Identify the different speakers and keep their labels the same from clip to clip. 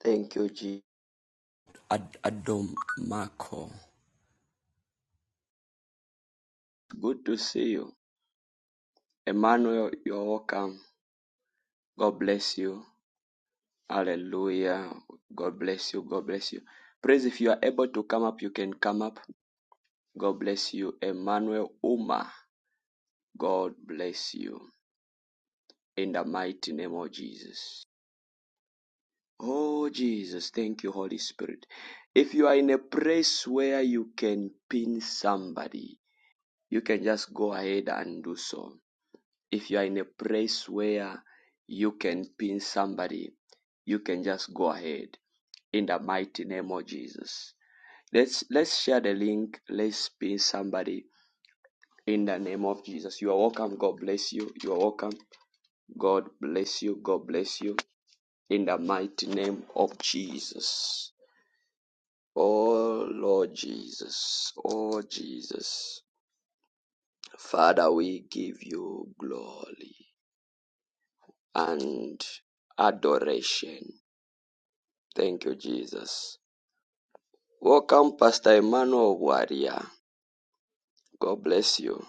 Speaker 1: Thank you, G. Ad- Adom Marco. Good to see you. Emmanuel, you're welcome. God bless you. Hallelujah. God bless you. God bless you. Praise if you are able to come up, you can come up. God bless you. Emmanuel Uma. God bless you. In the mighty name of Jesus. Oh, Jesus. Thank you, Holy Spirit. If you are in a place where you can pin somebody, you can just go ahead and do so. if you are in a place where you can pin somebody, you can just go ahead in the mighty name of Jesus. Let's let's share the link. Let's pin somebody in the name of Jesus. You are welcome. God bless you. You are welcome. God bless you. God bless you in the mighty name of Jesus. Oh Lord Jesus. Oh Jesus. Father, we give you glory and adoration Thank you, Jesus. Welcome, Pastor Emmanuel Warrior. God bless you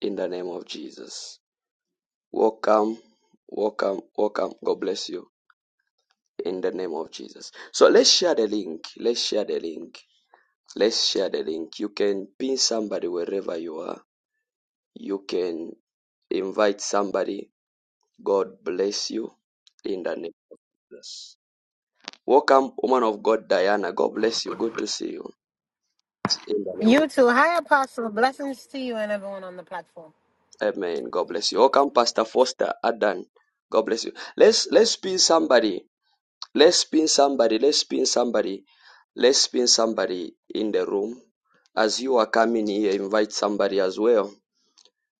Speaker 1: in the name of Jesus. Welcome, welcome, welcome. God bless you in the name of Jesus. So let's share the link. Let's share the link. Let's share the link. You can pin somebody wherever you are. You can invite somebody. God bless you in the name of Jesus. Welcome, woman of God, Diana. God bless you. Good to see you in the name of
Speaker 2: You too. Hi, Apostle. Blessings to you and everyone on the platform.
Speaker 1: Amen. God bless you. Welcome, Pastor Foster Adan. God bless you. Let's let's pin somebody. Let's pin somebody. Let's pin somebody. Let's pin somebody in the room. As you are coming here, invite somebody as well.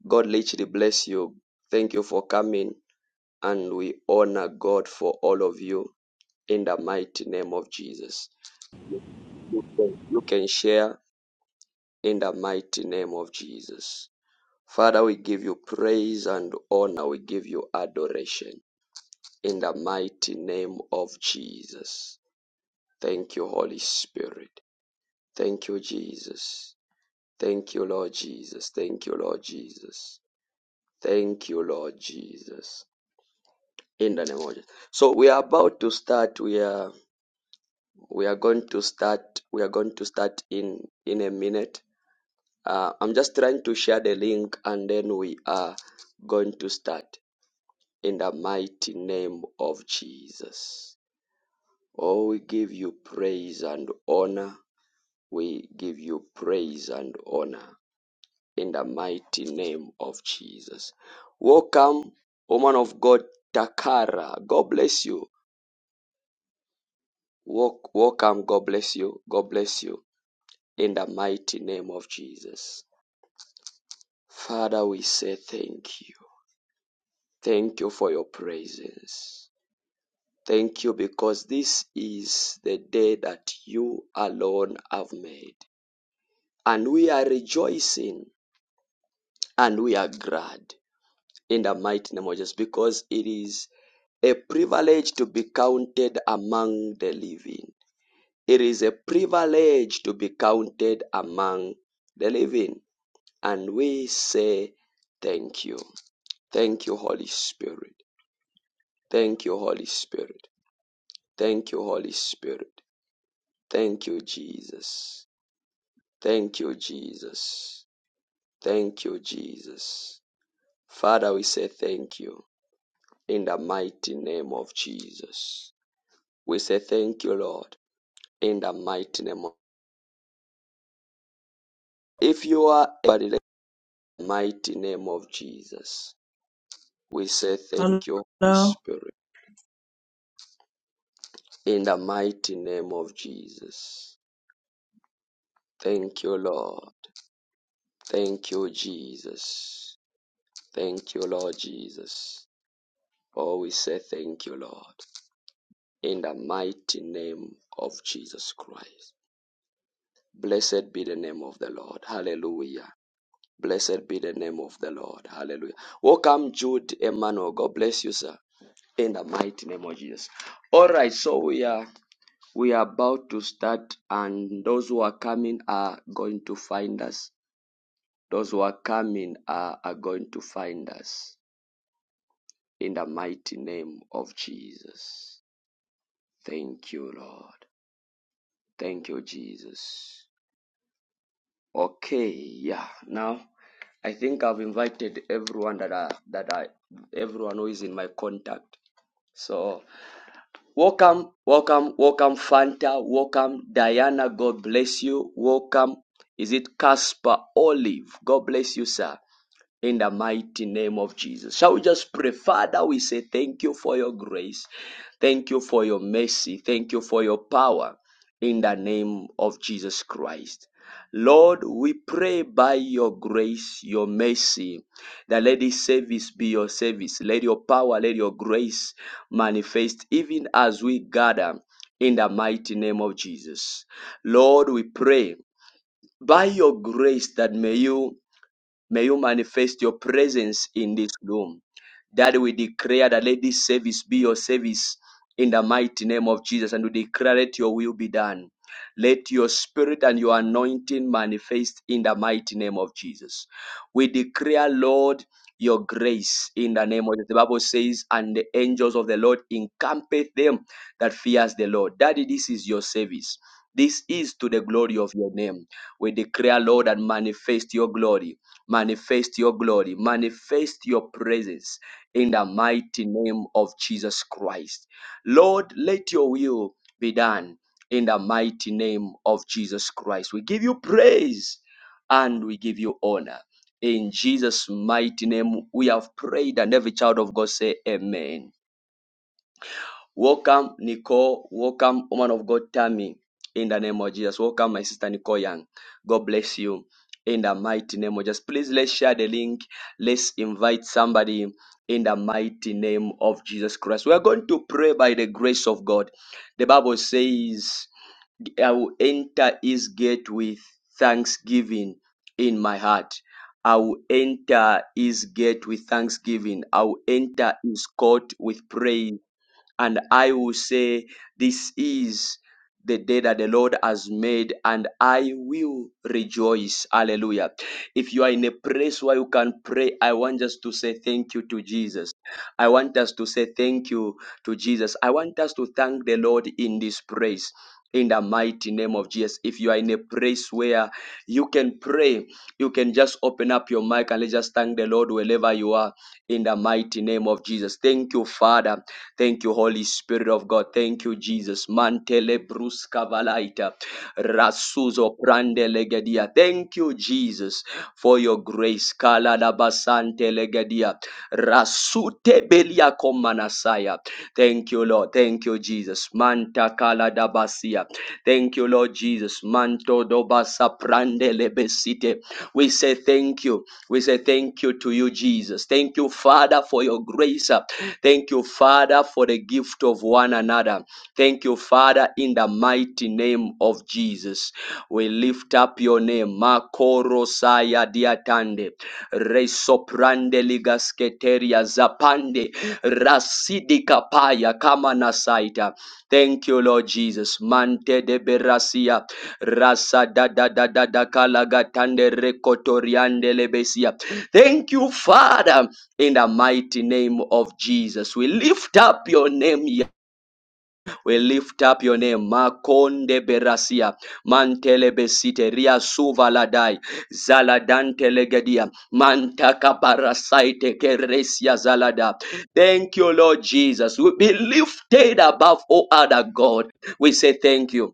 Speaker 1: God literally bless you. Thank you for coming, and we honor God for all of you in the mighty name of Jesus. You can you can share in the mighty name of Jesus. Father, we give you praise and honor. We give you adoration. in the mighty name of Jesus. Thank you, Holy Spirit. Thank you, Jesus. Thank you, Lord Jesus. Thank you, Lord Jesus. Thank you, Lord Jesus. In the name of Jesus. So we are about to start. We are we are going to start. We are going to start in in a minute. Uh, I'm just trying to share the link, and then we are going to start in the mighty name of Jesus. Oh, we give you praise and honor We give you praise and honor in the mighty name of Jesus. Welcome, woman of God, Takara. God bless you. Wel- Welcome, God bless you. God bless you in the mighty name of Jesus. Father, we say thank you. Thank you for your presence. Thank you because this is the day that you alone have made. And we are rejoicing and we are glad. in the mighty name of Jesus because it is a privilege to be counted among the living. It is a privilege to be counted among the living. And we say thank you. Thank you, Holy Spirit. Thank you, Holy Spirit. Thank you, Holy Spirit. Thank you, Jesus. Thank you, Jesus. Thank you, Jesus. Father, we say thank you in the mighty name of Jesus. We say thank you, Lord, in the mighty name of if you are in the mighty name of Jesus. We say thank you, Holy
Speaker 3: Hello.
Speaker 1: Spirit, in the mighty name of Jesus. Thank you, Lord. Thank you, Jesus. Thank you, Lord Jesus. Oh, we say thank you, Lord, in the mighty name of Jesus Christ. Blessed be the name of the Lord. Hallelujah. Blessed be the name of the Lord. Hallelujah. Welcome, Jude Emmanuel. God bless you, sir. In the mighty name of Jesus. All right, so we are we are about to start, and those who are coming are going to find us. Those who are coming are, are going to find us in the mighty name of Jesus. Thank you, Lord. Thank you, Jesus. Okay, yeah. Now I think I've invited everyone that are that I, everyone who is in my contact. So welcome, welcome, welcome Fanta, welcome Diana, God bless you. Welcome. Is it Casper Olive? God bless you, sir in the mighty name of Jesus. Shall we just pray, Father? We say thank you for your grace, thank you for your mercy, thank you for your power in the name of Jesus Christ. Lord, we pray by your grace, your mercy, that let this service be your service. Let your power, let your grace manifest even as we gather in the mighty name of Jesus. Lord, we pray by your grace that may you May you manifest your presence in this room. That we declare that let this service be your service in the mighty name of Jesus. And we declare that your will be done. Let your spirit and your anointing manifest in the mighty name of Jesus. We declare, Lord, your grace in the name of Jesus. The Bible says, and the angels of the Lord encampeth them that fears the Lord. Daddy, this is your service. This is to the glory of your name. We declare, Lord, and manifest your glory Manifest your glory, manifest your presence in the mighty name of Jesus Christ. Lord, let your will be done in the mighty name of Jesus Christ. We give you praise and we give you honor. In Jesus' mighty name, we have prayed, and every child of God say, Amen. Welcome, Nicole. Welcome, woman of God, Tammy. In the name of Jesus. Welcome, my sister Nicole Young. God bless you. In the mighty name of Jesus. Please let's share the link. Let's invite somebody in the mighty name of Jesus Christ. We are going to pray by the grace of God. The Bible says, I will enter his gate with thanksgiving in my heart. I will enter his gate with thanksgiving. I will enter his court with praise and I will say, This is the day that the Lord has made, and I will rejoice. Hallelujah. If you are in a place where you can pray, I want us to say thank you to Jesus. I want us to say thank you to Jesus. I want us to thank the Lord in this place. In the mighty name of Jesus. If you are in a place where you can pray, you can just open up your mic and let's just thank the Lord wherever you are. In the mighty name of Jesus. Thank you, Father. Thank you, Holy Spirit of God. Thank you, Jesus. Mantele bruska valaita. Rasuzo prande legedia. Thank you, Jesus, for your grace. Kala da basante legedia. Rasute belia komanasaya. Thank you, Lord. Thank you, Jesus. Manta kala da basia. Thank you, Lord Jesus. Manto do basa prande lebesite. We say thank you. We say thank you to you, Jesus. Thank you, Father, for your grace. Thank you, Father, for the gift of one another. Thank you, Father, in the mighty name of Jesus. We lift up your name. Makoro saya diatande. Resoprande ligasketeria zapande. Rasidi kapaya kama nasaita. Thank you, Lord Jesus. Mante de berasia. Rasa da da da da da kalagatande rekotoriande lebesia. Thank you, Father in the mighty name of Jesus. We lift up your name. Yah- We lift up your name. Makonde berasia. Mantele besite. Ria suvaladai. Zaladante legedia. Mantaka parasaite keresia zalada. Thank you, Lord Jesus. We be lifted above all other God. We say thank you.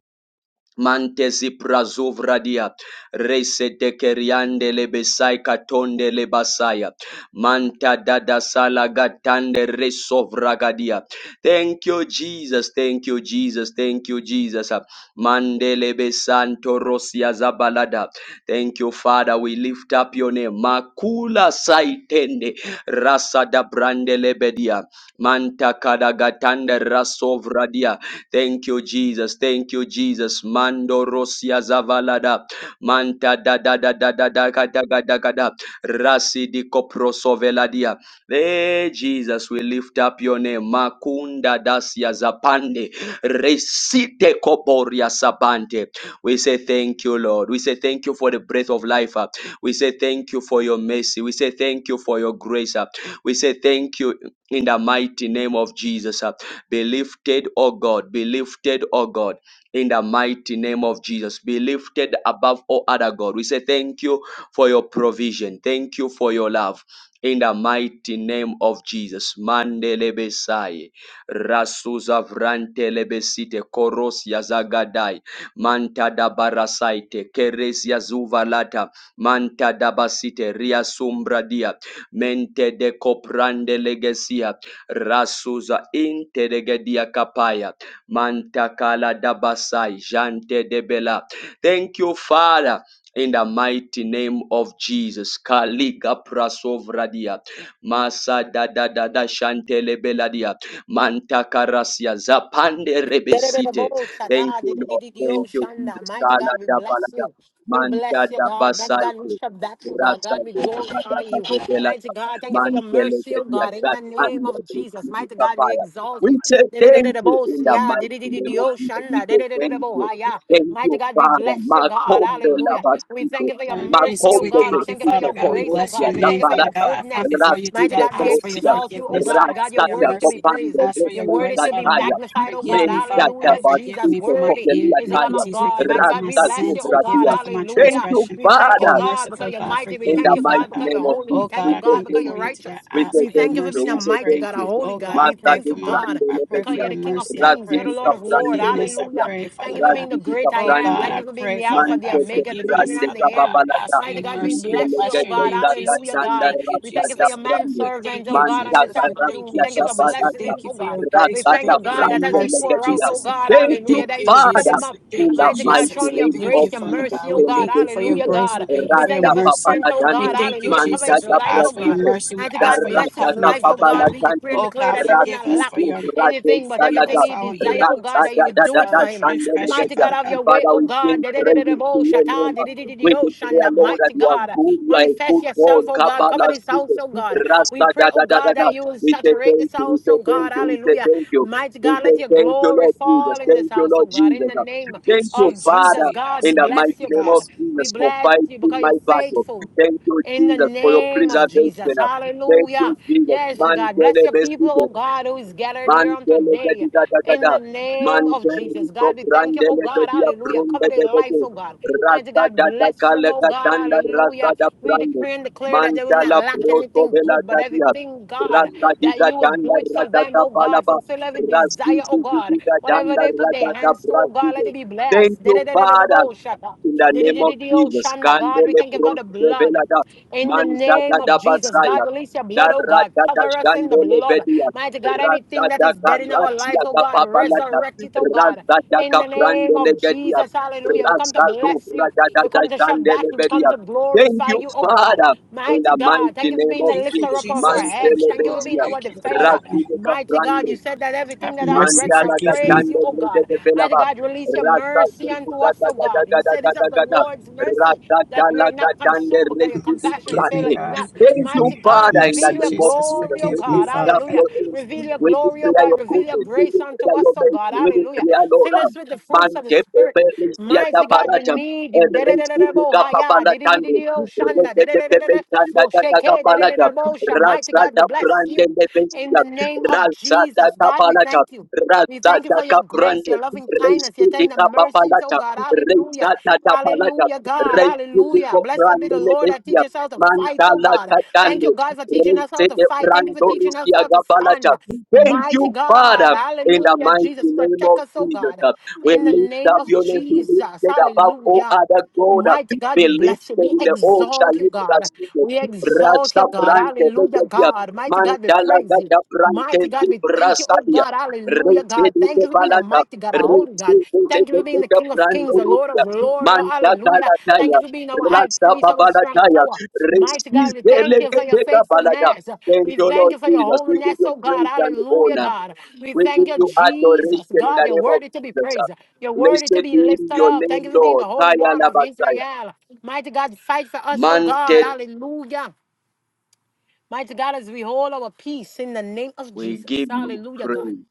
Speaker 1: Mantezi prazovradia rese dekeriande lebesai katonde lebasaya manta dada salagatande resovragadia. Thank you, Jesus. Thank you, Jesus. Thank you, Jesus. Mandele besanto rosia zabalada. Thank you, Father. We lift up your name. Makula saitende rasa da brande lebedia manta kadagatande rasovradia Thank you, Jesus. Thank you, Jesus. Mando rosia zavalada. Manta da da da da da da ga da ga da ga da. Rasi di koproso veladia. Hey, Jesus, we lift up your name. Makunda dasia zapande. Resite koporia sabante. We say thank you, Lord. We say thank you for the breath of life. uh. We say thank you for your mercy. We say thank you for your grace. uh. We say thank you in the mighty name of Jesus. Be lifted, O God. Be lifted, O God. In the mighty name of Jesus. Be lifted above all other God. We say thank you for your provision. Thank you for your love. In the mighty name of Jesus. Mandele besai. Rasuza vrante lebesite. Koros yazagadai. Manta da barasaite. Keres yazuvalata. Manta da basite. Ria sumbradia. Mente de coprande legesia rasuza interegedia kapaya mantakala dabasai jante debela. Thank you, Father. In the mighty name of Jesus, Kaliga prasovradia, Masa dada dada da da shantele beladia, Manta karasia zapande rebesite. Thank you, Lord. Thank you, Jesus.
Speaker 2: Mighty
Speaker 1: Kala
Speaker 2: God, we
Speaker 1: da
Speaker 2: bless
Speaker 1: balada,
Speaker 2: you. We
Speaker 1: Manta
Speaker 2: bless you,
Speaker 1: da
Speaker 2: God. Mighty God, we
Speaker 1: basaite,
Speaker 2: shall back you, God. God,
Speaker 1: Rasa
Speaker 2: we
Speaker 1: do brada
Speaker 2: glorify
Speaker 1: da
Speaker 2: you.
Speaker 1: bela
Speaker 2: Mighty God, thank you for your
Speaker 1: Manikele
Speaker 2: mercy, oh God. In
Speaker 1: Kediasat,
Speaker 2: the name
Speaker 1: and the
Speaker 2: of
Speaker 1: great
Speaker 2: Jesus,
Speaker 1: city
Speaker 2: mighty God, we
Speaker 1: Sapphire.
Speaker 2: exalt
Speaker 1: We
Speaker 2: you.
Speaker 1: say
Speaker 2: Mighty
Speaker 1: thank you in the mighty name of Jesus. We say thank you. Thank you,
Speaker 2: God, we
Speaker 1: Father.
Speaker 2: bless you, God.
Speaker 1: Makombe
Speaker 2: Hallelujah. We
Speaker 1: Labasite,
Speaker 2: thank you for your
Speaker 4: Lord
Speaker 2: mercy,
Speaker 4: Jesus,
Speaker 2: oh
Speaker 4: we
Speaker 1: Makombe
Speaker 2: God. We
Speaker 4: thank you,
Speaker 2: thank you for
Speaker 4: Father
Speaker 1: Besite,
Speaker 2: your
Speaker 4: God. We
Speaker 2: grace, oh
Speaker 4: bless your
Speaker 1: Korosia,
Speaker 2: God. We thank
Speaker 4: name,
Speaker 2: you for your
Speaker 4: Father God.
Speaker 1: Zaparata,
Speaker 4: I come
Speaker 2: goodness.
Speaker 4: before you
Speaker 2: Mighty
Speaker 4: today.
Speaker 1: Rasite,
Speaker 2: God,
Speaker 4: I
Speaker 2: we
Speaker 4: ask for your
Speaker 1: Korosia,
Speaker 2: exalt you, oh
Speaker 4: forgiveness. I
Speaker 2: God. God,
Speaker 4: ask for
Speaker 2: you're
Speaker 4: your
Speaker 1: Rasata,
Speaker 2: worthy to be
Speaker 4: mercy.
Speaker 2: praised.
Speaker 1: Kopande,
Speaker 4: I ask for
Speaker 2: You're
Speaker 4: your
Speaker 2: worthy
Speaker 1: Refusa,
Speaker 4: grace,
Speaker 2: to be
Speaker 4: Father God.
Speaker 1: Taya,
Speaker 2: magnified, oh
Speaker 4: Forgive
Speaker 2: God.
Speaker 4: me, Father
Speaker 1: Mendata,
Speaker 4: God.
Speaker 2: Hallelujah.
Speaker 4: Forgive
Speaker 2: Jesus,
Speaker 4: me
Speaker 1: Basite,
Speaker 4: for my
Speaker 2: worthy
Speaker 1: Kopelia,
Speaker 2: is the Lamb
Speaker 1: Taya,
Speaker 2: of
Speaker 4: iniquities.
Speaker 2: God.
Speaker 4: Forgive me
Speaker 2: Mighty
Speaker 4: for
Speaker 2: God,
Speaker 4: my
Speaker 2: we
Speaker 1: Rasta,
Speaker 2: bless you,
Speaker 4: sins.
Speaker 2: oh
Speaker 4: Forgive
Speaker 2: God.
Speaker 4: me
Speaker 1: Zubratia.
Speaker 4: for my
Speaker 1: Thank
Speaker 2: Hallelujah.
Speaker 1: you,
Speaker 4: transgression.
Speaker 2: We thank you,
Speaker 1: Father.
Speaker 4: Oh,
Speaker 2: God,
Speaker 4: merciful
Speaker 2: because you're
Speaker 4: God,
Speaker 2: mighty. We
Speaker 1: In
Speaker 4: forgive
Speaker 1: the
Speaker 2: thank
Speaker 4: me,
Speaker 2: you,
Speaker 1: mighty
Speaker 4: Father
Speaker 2: God,
Speaker 4: God.
Speaker 2: because you're
Speaker 1: name of
Speaker 2: holy. We
Speaker 1: Jesus,
Speaker 4: Oh,
Speaker 1: we
Speaker 2: thank
Speaker 4: God,
Speaker 2: you,
Speaker 4: I
Speaker 1: say
Speaker 4: come
Speaker 2: God, because
Speaker 1: thank
Speaker 2: you're
Speaker 4: before you
Speaker 1: you.
Speaker 4: today.
Speaker 2: righteous.
Speaker 4: I
Speaker 1: We
Speaker 4: ask
Speaker 1: say
Speaker 2: We
Speaker 4: for your
Speaker 2: thank
Speaker 1: thank
Speaker 2: you for
Speaker 1: you.
Speaker 2: being
Speaker 4: mercy.
Speaker 2: a
Speaker 4: I
Speaker 1: We say
Speaker 2: mighty
Speaker 4: pray.
Speaker 1: thank
Speaker 2: God, a
Speaker 1: you.
Speaker 2: holy
Speaker 4: Oh, God,
Speaker 2: God.
Speaker 4: I
Speaker 2: We
Speaker 1: Master
Speaker 4: pray
Speaker 2: thank
Speaker 4: for
Speaker 1: is
Speaker 2: you,
Speaker 4: my.
Speaker 1: grande,
Speaker 2: God,
Speaker 4: I
Speaker 1: Lord,
Speaker 4: pray
Speaker 2: because
Speaker 4: for
Speaker 2: you're
Speaker 4: your
Speaker 2: the King of
Speaker 4: mercy. I
Speaker 2: Kings.
Speaker 1: Rasi
Speaker 2: You're
Speaker 4: pray
Speaker 2: the
Speaker 1: is
Speaker 4: for
Speaker 1: a
Speaker 2: Lord of
Speaker 4: your
Speaker 1: grande,
Speaker 2: Lords.
Speaker 4: forgiveness. I
Speaker 2: Hallelujah.
Speaker 4: pray,
Speaker 2: Thank
Speaker 1: Lord,
Speaker 4: Father
Speaker 2: you for
Speaker 4: God.
Speaker 2: being
Speaker 1: Rasi
Speaker 2: the
Speaker 1: is
Speaker 2: great I
Speaker 4: Lord
Speaker 2: am.
Speaker 1: a
Speaker 4: God,
Speaker 2: Thank
Speaker 4: I
Speaker 2: you for being
Speaker 4: pray,
Speaker 2: the the
Speaker 4: Father
Speaker 2: Alpha, the
Speaker 4: God,
Speaker 1: Manchete
Speaker 2: Omega, the beginning
Speaker 4: forgiveness,
Speaker 1: grande
Speaker 2: and the
Speaker 4: Father
Speaker 2: end.
Speaker 4: God. Ask
Speaker 1: cababalata.
Speaker 4: for your
Speaker 2: Mighty God, we
Speaker 4: mercy. We
Speaker 2: bless you,
Speaker 4: Bless
Speaker 2: oh
Speaker 4: your
Speaker 1: Intelegete
Speaker 2: God.
Speaker 4: name,
Speaker 1: zaga
Speaker 2: Hallelujah,
Speaker 4: Jesus. We
Speaker 1: zanda
Speaker 2: God.
Speaker 4: thank you,
Speaker 2: We thank you
Speaker 1: rakata
Speaker 2: for your
Speaker 4: Jesus.
Speaker 1: grande.
Speaker 4: We
Speaker 2: manservant,
Speaker 4: thank
Speaker 2: oh
Speaker 4: you,
Speaker 2: God, on this
Speaker 1: Manchata
Speaker 4: Jesus. We
Speaker 2: afternoon.
Speaker 4: thank
Speaker 2: We
Speaker 4: you,
Speaker 2: thank you
Speaker 1: rakata
Speaker 2: for
Speaker 4: Jesus. We
Speaker 2: blessing
Speaker 1: balata.
Speaker 2: him,
Speaker 4: thank you
Speaker 2: oh
Speaker 4: for
Speaker 2: God.
Speaker 4: your
Speaker 2: We
Speaker 4: grace. We
Speaker 2: thank
Speaker 1: Rakata
Speaker 2: you,
Speaker 4: thank you for
Speaker 2: God,
Speaker 4: your
Speaker 2: that as
Speaker 1: grande
Speaker 2: he
Speaker 4: mercy,
Speaker 2: pour out,
Speaker 1: legedia.
Speaker 2: oh
Speaker 4: Jesus.
Speaker 2: God,
Speaker 4: We
Speaker 1: Thank you,
Speaker 2: hallelujah,
Speaker 4: thank
Speaker 2: that you
Speaker 4: you,
Speaker 2: will fill
Speaker 1: Father.
Speaker 2: him
Speaker 4: Jesus.
Speaker 2: up.
Speaker 4: We
Speaker 1: In
Speaker 4: thank
Speaker 1: the
Speaker 4: you,
Speaker 2: Mighty God,
Speaker 1: mighty
Speaker 4: Jesus.
Speaker 2: showing
Speaker 4: We
Speaker 2: your
Speaker 1: name
Speaker 4: thank
Speaker 1: of
Speaker 2: grace,
Speaker 4: you,
Speaker 2: your
Speaker 4: Father
Speaker 1: Jesus,
Speaker 4: God.
Speaker 2: mercy, oh
Speaker 4: We
Speaker 1: Holy
Speaker 2: God,
Speaker 4: thank you for your
Speaker 2: hallelujah,
Speaker 1: Spirit,
Speaker 4: grace. We
Speaker 2: God.
Speaker 4: thank you
Speaker 2: We
Speaker 4: for your
Speaker 2: thank
Speaker 1: Raja
Speaker 2: you for
Speaker 4: mercy.
Speaker 2: strength, oh
Speaker 4: We
Speaker 2: God,
Speaker 4: thank you,
Speaker 2: hallelujah. Cover his
Speaker 4: Jesus. We
Speaker 1: Manchata
Speaker 2: life, oh
Speaker 4: ask for your
Speaker 2: God.
Speaker 1: Prasite,
Speaker 4: mercy. We
Speaker 2: Mighty
Speaker 4: ask
Speaker 2: God,
Speaker 4: for your
Speaker 2: bless his
Speaker 1: Darata
Speaker 4: covenant,
Speaker 2: life, oh
Speaker 4: Father God.
Speaker 2: God.
Speaker 1: Papala
Speaker 2: We decree and
Speaker 4: Oh
Speaker 2: declare
Speaker 4: God,
Speaker 2: that he will not
Speaker 4: forgive
Speaker 1: Rasu
Speaker 4: us
Speaker 2: lack lack
Speaker 4: for your
Speaker 1: Raja
Speaker 2: anything but
Speaker 4: forgive
Speaker 1: Salada,
Speaker 2: everything
Speaker 4: us for
Speaker 2: he
Speaker 4: our
Speaker 2: desire, oh God,
Speaker 4: iniquities.
Speaker 2: that you
Speaker 1: Rasta
Speaker 4: Forgive
Speaker 2: would
Speaker 4: us
Speaker 2: do
Speaker 4: for
Speaker 2: it
Speaker 4: our
Speaker 1: Dada
Speaker 2: for him.
Speaker 4: transgression,
Speaker 2: Mighty
Speaker 1: Dada
Speaker 2: God,
Speaker 4: Father
Speaker 2: have
Speaker 4: God.
Speaker 2: your way,
Speaker 1: Father,
Speaker 2: oh
Speaker 1: we sing
Speaker 2: God.
Speaker 1: praises to
Speaker 2: Da-da-da-da-da-bo,
Speaker 1: your
Speaker 2: shata,
Speaker 1: name. We
Speaker 2: di-di-di-di-di-o,
Speaker 1: declare,
Speaker 2: shanda.
Speaker 1: Lord, that
Speaker 2: Mighty
Speaker 1: you are
Speaker 2: God,
Speaker 1: good, you are a
Speaker 2: manifest
Speaker 1: good God.
Speaker 2: yourself, oh God. Cover
Speaker 1: Kabbalah,
Speaker 2: this house, oh God. We
Speaker 1: Rasta, da,
Speaker 2: pray, oh
Speaker 1: da, da, da,
Speaker 2: God,
Speaker 1: da.
Speaker 2: that you will
Speaker 1: We say
Speaker 2: saturate
Speaker 1: thank
Speaker 2: this
Speaker 1: you, we
Speaker 2: house,
Speaker 1: say
Speaker 2: oh
Speaker 1: thank
Speaker 2: God.
Speaker 1: you, we say
Speaker 2: Hallelujah.
Speaker 1: thank you.
Speaker 2: Mighty
Speaker 1: We
Speaker 2: God,
Speaker 1: say
Speaker 2: let your
Speaker 1: thank you,
Speaker 2: glory
Speaker 1: Lord Jesus.
Speaker 2: fall in
Speaker 1: Thank
Speaker 2: this
Speaker 1: you,
Speaker 2: house, oh
Speaker 1: Lord
Speaker 2: God. In
Speaker 1: Jesus.
Speaker 2: the name
Speaker 1: Thank
Speaker 4: Yes,
Speaker 1: you,
Speaker 2: of
Speaker 4: Jesus,
Speaker 1: Father,
Speaker 2: Jesus,
Speaker 4: we
Speaker 2: God, we
Speaker 1: in
Speaker 4: ask for
Speaker 1: the
Speaker 4: your
Speaker 2: bless
Speaker 1: mighty
Speaker 2: you,
Speaker 1: name of
Speaker 2: God.
Speaker 4: forgiveness.
Speaker 2: We
Speaker 1: Jesus for
Speaker 2: bless you
Speaker 1: fighting
Speaker 2: because you're
Speaker 1: my battle.
Speaker 2: faithful.
Speaker 1: Thank you,
Speaker 2: In the
Speaker 1: Jesus, for your
Speaker 2: name of Jesus.
Speaker 1: preservation. Thank
Speaker 2: Hallelujah.
Speaker 1: you, Jesus.
Speaker 2: Yes,
Speaker 1: Man,
Speaker 2: God.
Speaker 1: tell
Speaker 2: Bless
Speaker 1: the
Speaker 2: your
Speaker 1: best
Speaker 2: people, oh
Speaker 1: people.
Speaker 2: God, who is gathered here on
Speaker 1: Mantele
Speaker 2: today.
Speaker 1: gadida
Speaker 2: In the
Speaker 1: gadada.
Speaker 2: name of
Speaker 1: Mantele
Speaker 2: Jesus.
Speaker 1: to
Speaker 2: God, we thank you, oh
Speaker 1: brandele
Speaker 2: God.
Speaker 1: gadia
Speaker 2: Hallelujah.
Speaker 1: brunde
Speaker 2: Cover their lives,
Speaker 1: gadede.
Speaker 2: oh God. Mighty
Speaker 1: Rasa
Speaker 2: God,
Speaker 1: da da
Speaker 2: bless them,
Speaker 1: kale
Speaker 2: oh God.
Speaker 1: gatanda rasa
Speaker 2: Hallelujah.
Speaker 1: da
Speaker 2: We
Speaker 1: brande.
Speaker 2: decree and declare that they will not
Speaker 1: Mantala
Speaker 2: lack
Speaker 1: proto
Speaker 2: anything
Speaker 1: vela
Speaker 2: good, but
Speaker 1: gadia.
Speaker 2: everything, God,
Speaker 1: Rasa di
Speaker 2: that you will
Speaker 1: gatanda
Speaker 2: do it for
Speaker 1: rasa
Speaker 2: them,
Speaker 1: da
Speaker 2: oh God.
Speaker 1: palaba.
Speaker 2: Fulfill every
Speaker 1: Rasi
Speaker 2: desire, oh
Speaker 1: si si
Speaker 2: God.
Speaker 1: di
Speaker 2: Whatever
Speaker 1: gatanda
Speaker 2: they put
Speaker 1: rasa
Speaker 2: their
Speaker 1: da
Speaker 2: hands to, oh God, let
Speaker 1: braside.
Speaker 2: it be
Speaker 1: Thank
Speaker 2: blessed.
Speaker 1: you, Father.
Speaker 2: Da-da-da-da-da-da-bo-shaka.
Speaker 1: In the name of
Speaker 2: Da-da-da-da-da-da-oh,
Speaker 1: Jesus,
Speaker 2: Shanda. God, we
Speaker 1: Candele
Speaker 2: thank you for the
Speaker 1: Proste
Speaker 2: blood.
Speaker 1: Velada,
Speaker 2: In the
Speaker 1: Manta
Speaker 2: name of
Speaker 1: da
Speaker 2: Jesus,
Speaker 1: Basaya,
Speaker 2: God, release your blood, oh
Speaker 1: Darra
Speaker 2: God.
Speaker 1: da
Speaker 2: Cover us in the
Speaker 1: Shandele
Speaker 2: blood.
Speaker 1: Vedia,
Speaker 2: Mighty
Speaker 1: Thank you,
Speaker 2: God, anything that is dead in our life, oh God, resurrect it, oh God. In the name of Jesus, hallelujah. We come to bless you. We come to shut back you. We come to glorify you, oh God.
Speaker 1: Father, in
Speaker 2: Mighty
Speaker 1: the
Speaker 2: God,
Speaker 1: mighty
Speaker 2: thank you for
Speaker 1: name
Speaker 2: being
Speaker 1: of
Speaker 2: the
Speaker 4: Thank you,
Speaker 2: lifter
Speaker 1: Jesus.
Speaker 2: up of our
Speaker 4: Jesus.
Speaker 1: Man
Speaker 2: heads.
Speaker 4: Thank you,
Speaker 2: Thank you for
Speaker 4: Lord.
Speaker 2: being
Speaker 1: telebetia,
Speaker 2: our
Speaker 4: Thank you, Father
Speaker 2: defender.
Speaker 4: God.
Speaker 1: Razide
Speaker 2: Mighty God,
Speaker 1: Caprande,
Speaker 2: you said that everything
Speaker 4: Have
Speaker 2: that I've
Speaker 4: mercy.
Speaker 2: breath shall
Speaker 1: Mandala
Speaker 4: Forgive me.
Speaker 2: praise
Speaker 1: Gachande
Speaker 2: you, oh
Speaker 1: Rede
Speaker 2: God.
Speaker 1: de
Speaker 2: Mighty
Speaker 1: Belaba,
Speaker 2: God, release your
Speaker 1: Rasta
Speaker 2: mercy unto us,
Speaker 1: Sulfugata
Speaker 2: oh
Speaker 1: Gada
Speaker 2: God. You
Speaker 1: Gada
Speaker 2: said it's of
Speaker 1: Gada
Speaker 2: the
Speaker 1: Gada,
Speaker 2: Lord's mercy
Speaker 1: Rasta
Speaker 2: that we are
Speaker 1: Chala
Speaker 2: not
Speaker 1: Gachande
Speaker 2: consumed because your
Speaker 1: Rede de
Speaker 2: compassion
Speaker 4: Forgive me,
Speaker 2: faileth
Speaker 1: Brande.
Speaker 4: God.
Speaker 2: not.
Speaker 1: Thank
Speaker 4: Forgive
Speaker 1: you,
Speaker 2: Mighty
Speaker 4: me. Have
Speaker 2: God,
Speaker 1: Father, in the
Speaker 4: mercy,
Speaker 2: reveal your
Speaker 1: name of
Speaker 4: Jesus.
Speaker 2: glory,
Speaker 1: Jesus.
Speaker 2: O
Speaker 1: We
Speaker 4: Forgive me,
Speaker 2: God.
Speaker 1: lift
Speaker 4: Father
Speaker 1: up
Speaker 4: God.
Speaker 2: Hallelujah.
Speaker 1: your
Speaker 2: Reveal
Speaker 1: name.
Speaker 2: your
Speaker 1: We
Speaker 2: glory, O
Speaker 1: declare
Speaker 2: God.
Speaker 1: your
Speaker 2: Reveal your
Speaker 1: goodness. We
Speaker 2: grace unto
Speaker 1: declare
Speaker 2: us,
Speaker 1: your
Speaker 2: O God.
Speaker 1: mercy. We
Speaker 2: Hallelujah.
Speaker 1: declare your
Speaker 2: Fill us
Speaker 1: love.
Speaker 2: with the fruits of the
Speaker 1: Mante
Speaker 2: Spirit.
Speaker 1: Pepe Ristia da
Speaker 2: Mighty God, we
Speaker 1: Barata.
Speaker 2: need you. Da-da-da-da-da, Bohaya, di-di-di-di-di, oh, Shanda, da-da-da-da-da-da, Bosheke, da-da-da-da, Bosha. Mighty God, we bless you in the name of Jesus. God, we thank you. We thank you for your grace, your loving kindness, your tender mercies, oh God. Hallelujah. Hallelujah, God. Hallelujah. Blessed be the Lord that teaches us how to fight, oh
Speaker 1: Mandala
Speaker 2: God. Thank you,
Speaker 1: Katane,
Speaker 2: God, for teaching us how
Speaker 1: Rete
Speaker 2: to fight. Thank you for
Speaker 1: Brando
Speaker 2: teaching us
Speaker 1: Rusia
Speaker 2: how to
Speaker 1: Gabalata.
Speaker 2: stand.
Speaker 1: Thank
Speaker 2: Mighty
Speaker 1: you,
Speaker 2: God.
Speaker 1: Father, in the
Speaker 2: Hallelujah.
Speaker 1: mighty
Speaker 2: Jesus,
Speaker 1: name
Speaker 2: protect
Speaker 1: of
Speaker 2: us, oh
Speaker 1: Jesus.
Speaker 2: God.
Speaker 1: We
Speaker 2: In the
Speaker 1: lift
Speaker 2: name
Speaker 1: up
Speaker 2: of
Speaker 1: your name. We lift
Speaker 2: Jesus.
Speaker 1: it above all
Speaker 2: Hallelujah.
Speaker 1: other God.
Speaker 2: Mighty God,
Speaker 1: Be
Speaker 2: we bless you.
Speaker 1: lifted
Speaker 2: We
Speaker 1: in the old
Speaker 2: exalt you,
Speaker 1: Shalika
Speaker 2: God.
Speaker 1: City.
Speaker 2: We exalt
Speaker 1: Rasa
Speaker 2: you, God.
Speaker 1: Brante,
Speaker 2: Hallelujah,
Speaker 1: Vegedia,
Speaker 2: God. Mighty God, we
Speaker 1: Mandala
Speaker 2: praise
Speaker 1: Gata
Speaker 2: you.
Speaker 1: Brante,
Speaker 2: Mighty God, we thank you, oh
Speaker 1: Brasadia,
Speaker 2: God, hallelujah,
Speaker 1: Rete
Speaker 2: God. Thank
Speaker 1: de
Speaker 2: you for being a
Speaker 1: Balata,
Speaker 2: mighty God, a
Speaker 1: Rete
Speaker 2: holy God.
Speaker 1: de de de
Speaker 2: Thank you for
Speaker 1: de
Speaker 2: being the
Speaker 1: de
Speaker 2: King of
Speaker 1: Brando
Speaker 2: Kings, the Lord
Speaker 1: Rupia,
Speaker 2: of Lords, oh, hallelujah. Thank
Speaker 1: Mandakalataya,
Speaker 2: you for being our high
Speaker 1: Rasa
Speaker 2: priest, our strong
Speaker 1: Babalataya,
Speaker 2: tower. Mighty
Speaker 1: Restis
Speaker 2: God, we thank you for your
Speaker 1: Delegate Balata.
Speaker 2: faithfulness.
Speaker 1: Thank
Speaker 2: We
Speaker 1: you,
Speaker 2: thank
Speaker 1: Lord
Speaker 2: you for your
Speaker 1: Jesus. We give
Speaker 2: holiness,
Speaker 1: you
Speaker 2: oh God,
Speaker 1: praise and
Speaker 2: hallelujah,
Speaker 1: honor.
Speaker 2: God. We
Speaker 1: We
Speaker 2: thank
Speaker 1: give
Speaker 2: you,
Speaker 1: you
Speaker 2: Jesus,
Speaker 1: adoration in the
Speaker 2: God, you're
Speaker 1: name of
Speaker 2: worthy to be
Speaker 1: Jesus.
Speaker 2: praised. You're worthy to
Speaker 1: Blessed
Speaker 2: be
Speaker 1: be
Speaker 2: lifted
Speaker 1: your
Speaker 2: up.
Speaker 1: name,
Speaker 2: Thank you for being
Speaker 1: Lord.
Speaker 2: the Holy
Speaker 1: Taya
Speaker 2: One of
Speaker 1: Labataya.
Speaker 2: Israel. Mighty God, fight for us, oh God,
Speaker 1: Manted,
Speaker 2: hallelujah. Mighty God, as we hold our peace in the name of
Speaker 1: we
Speaker 2: Jesus.
Speaker 1: give you
Speaker 2: Hallelujah, God.
Speaker 1: praise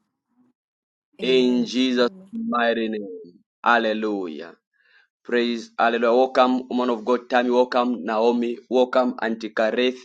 Speaker 1: in
Speaker 2: Amen.
Speaker 1: Jesus' mighty name. Hallelujah. Praise, hallelujah. Welcome, woman of God, Tammy. Welcome, Naomi. Welcome, Auntie Kareth.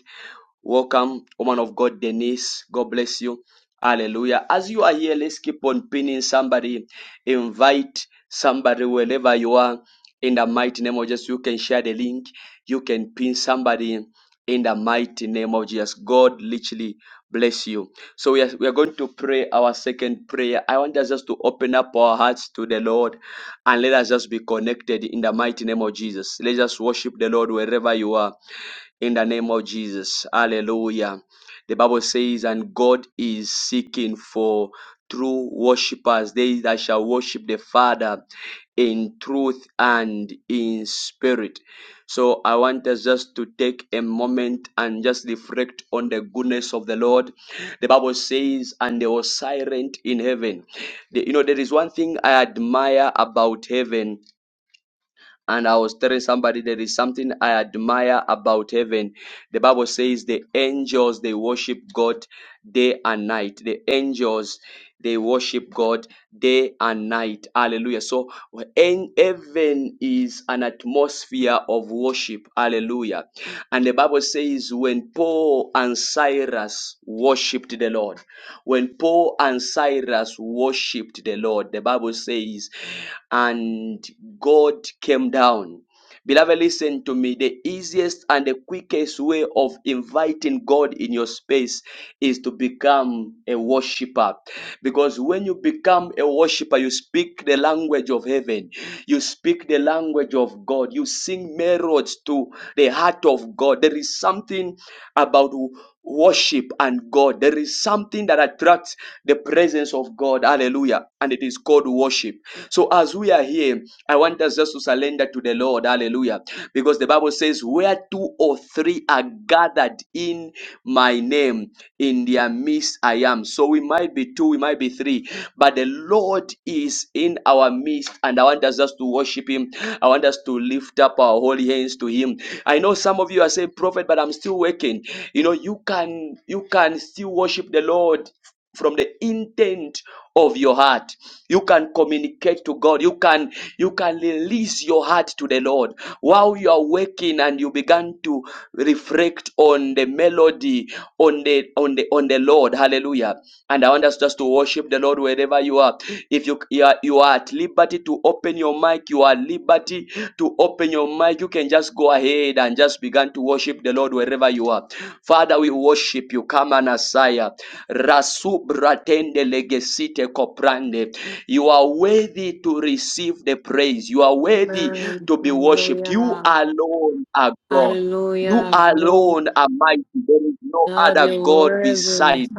Speaker 1: Welcome, woman of God, Denise. God bless you. Hallelujah. As you are here, let's keep on pinning somebody. Invite somebody wherever you are. In the mighty name of Jesus, you can share the link. You can pin somebody in the mighty name of Jesus. God literally bless you. So we are, we are going to pray our second prayer. I want us just to open up our hearts to the Lord and let us just be connected in the mighty name of Jesus. Let's just worship the Lord wherever you are in the name of Jesus. Hallelujah. The Bible says, and God is seeking for true worshippers, they that shall worship the Father in truth and in spirit. So I want us just to take a moment and just reflect on the goodness of the Lord. The Bible says, and they were silent in heaven. The- you know, there is one thing I admire about heaven. And I was telling somebody there is something I admire about heaven the Bible says the angels they worship God day and night. The angels they worship God day and night. Hallelujah. So en- heaven is an atmosphere of worship. Hallelujah. And the Bible says when Paul and Cyrus worshiped the Lord, when Paul and Cyrus worshiped the Lord, the Bible says, and God came down Beloved, listen to me. The easiest and the quickest way of inviting God in your space is to become a worshiper. Because when you become a worshiper, you speak the language of heaven, you speak the language of God, you sing melodies to the heart of God. There is something about worship and God. There is something that attracts the presence of God. Hallelujah. And it is called worship. So as we are here, I want us just to surrender to the Lord. Hallelujah. Because the Bible says, where two or three are gathered in my name, in their midst I am. So we might be two, we might be three, but the Lord is in our our midst and I want us just to worship him. I want us to lift up our holy hands to him. I know some of you are saying, Prophet, but I'm still working. You know, you can you can still worship the Lord from the intent of your heart you can communicate to god you can you can release your heart to the lord while you are working and you begin to reflect reflect on the melody, on the on the on the Lord. Hallelujah. And I want us just to worship the Lord wherever you are. If you, you are you are at liberty to open your mic, you are at liberty to open your mic. You can just go ahead and just begin to worship the Lord wherever you are. Father, we worship you. Come on, Asaya. Rasu bratende legesite koprande. You are worthy to receive the praise. You are worthy
Speaker 2: Amen.
Speaker 1: to be worshipped. You
Speaker 2: Hallelujah.
Speaker 1: alone are God. You
Speaker 2: Hallelujah. Glory
Speaker 1: alone are mighty. There is no
Speaker 2: to God,
Speaker 1: other
Speaker 2: you're
Speaker 1: God
Speaker 2: worthy.
Speaker 1: beside you.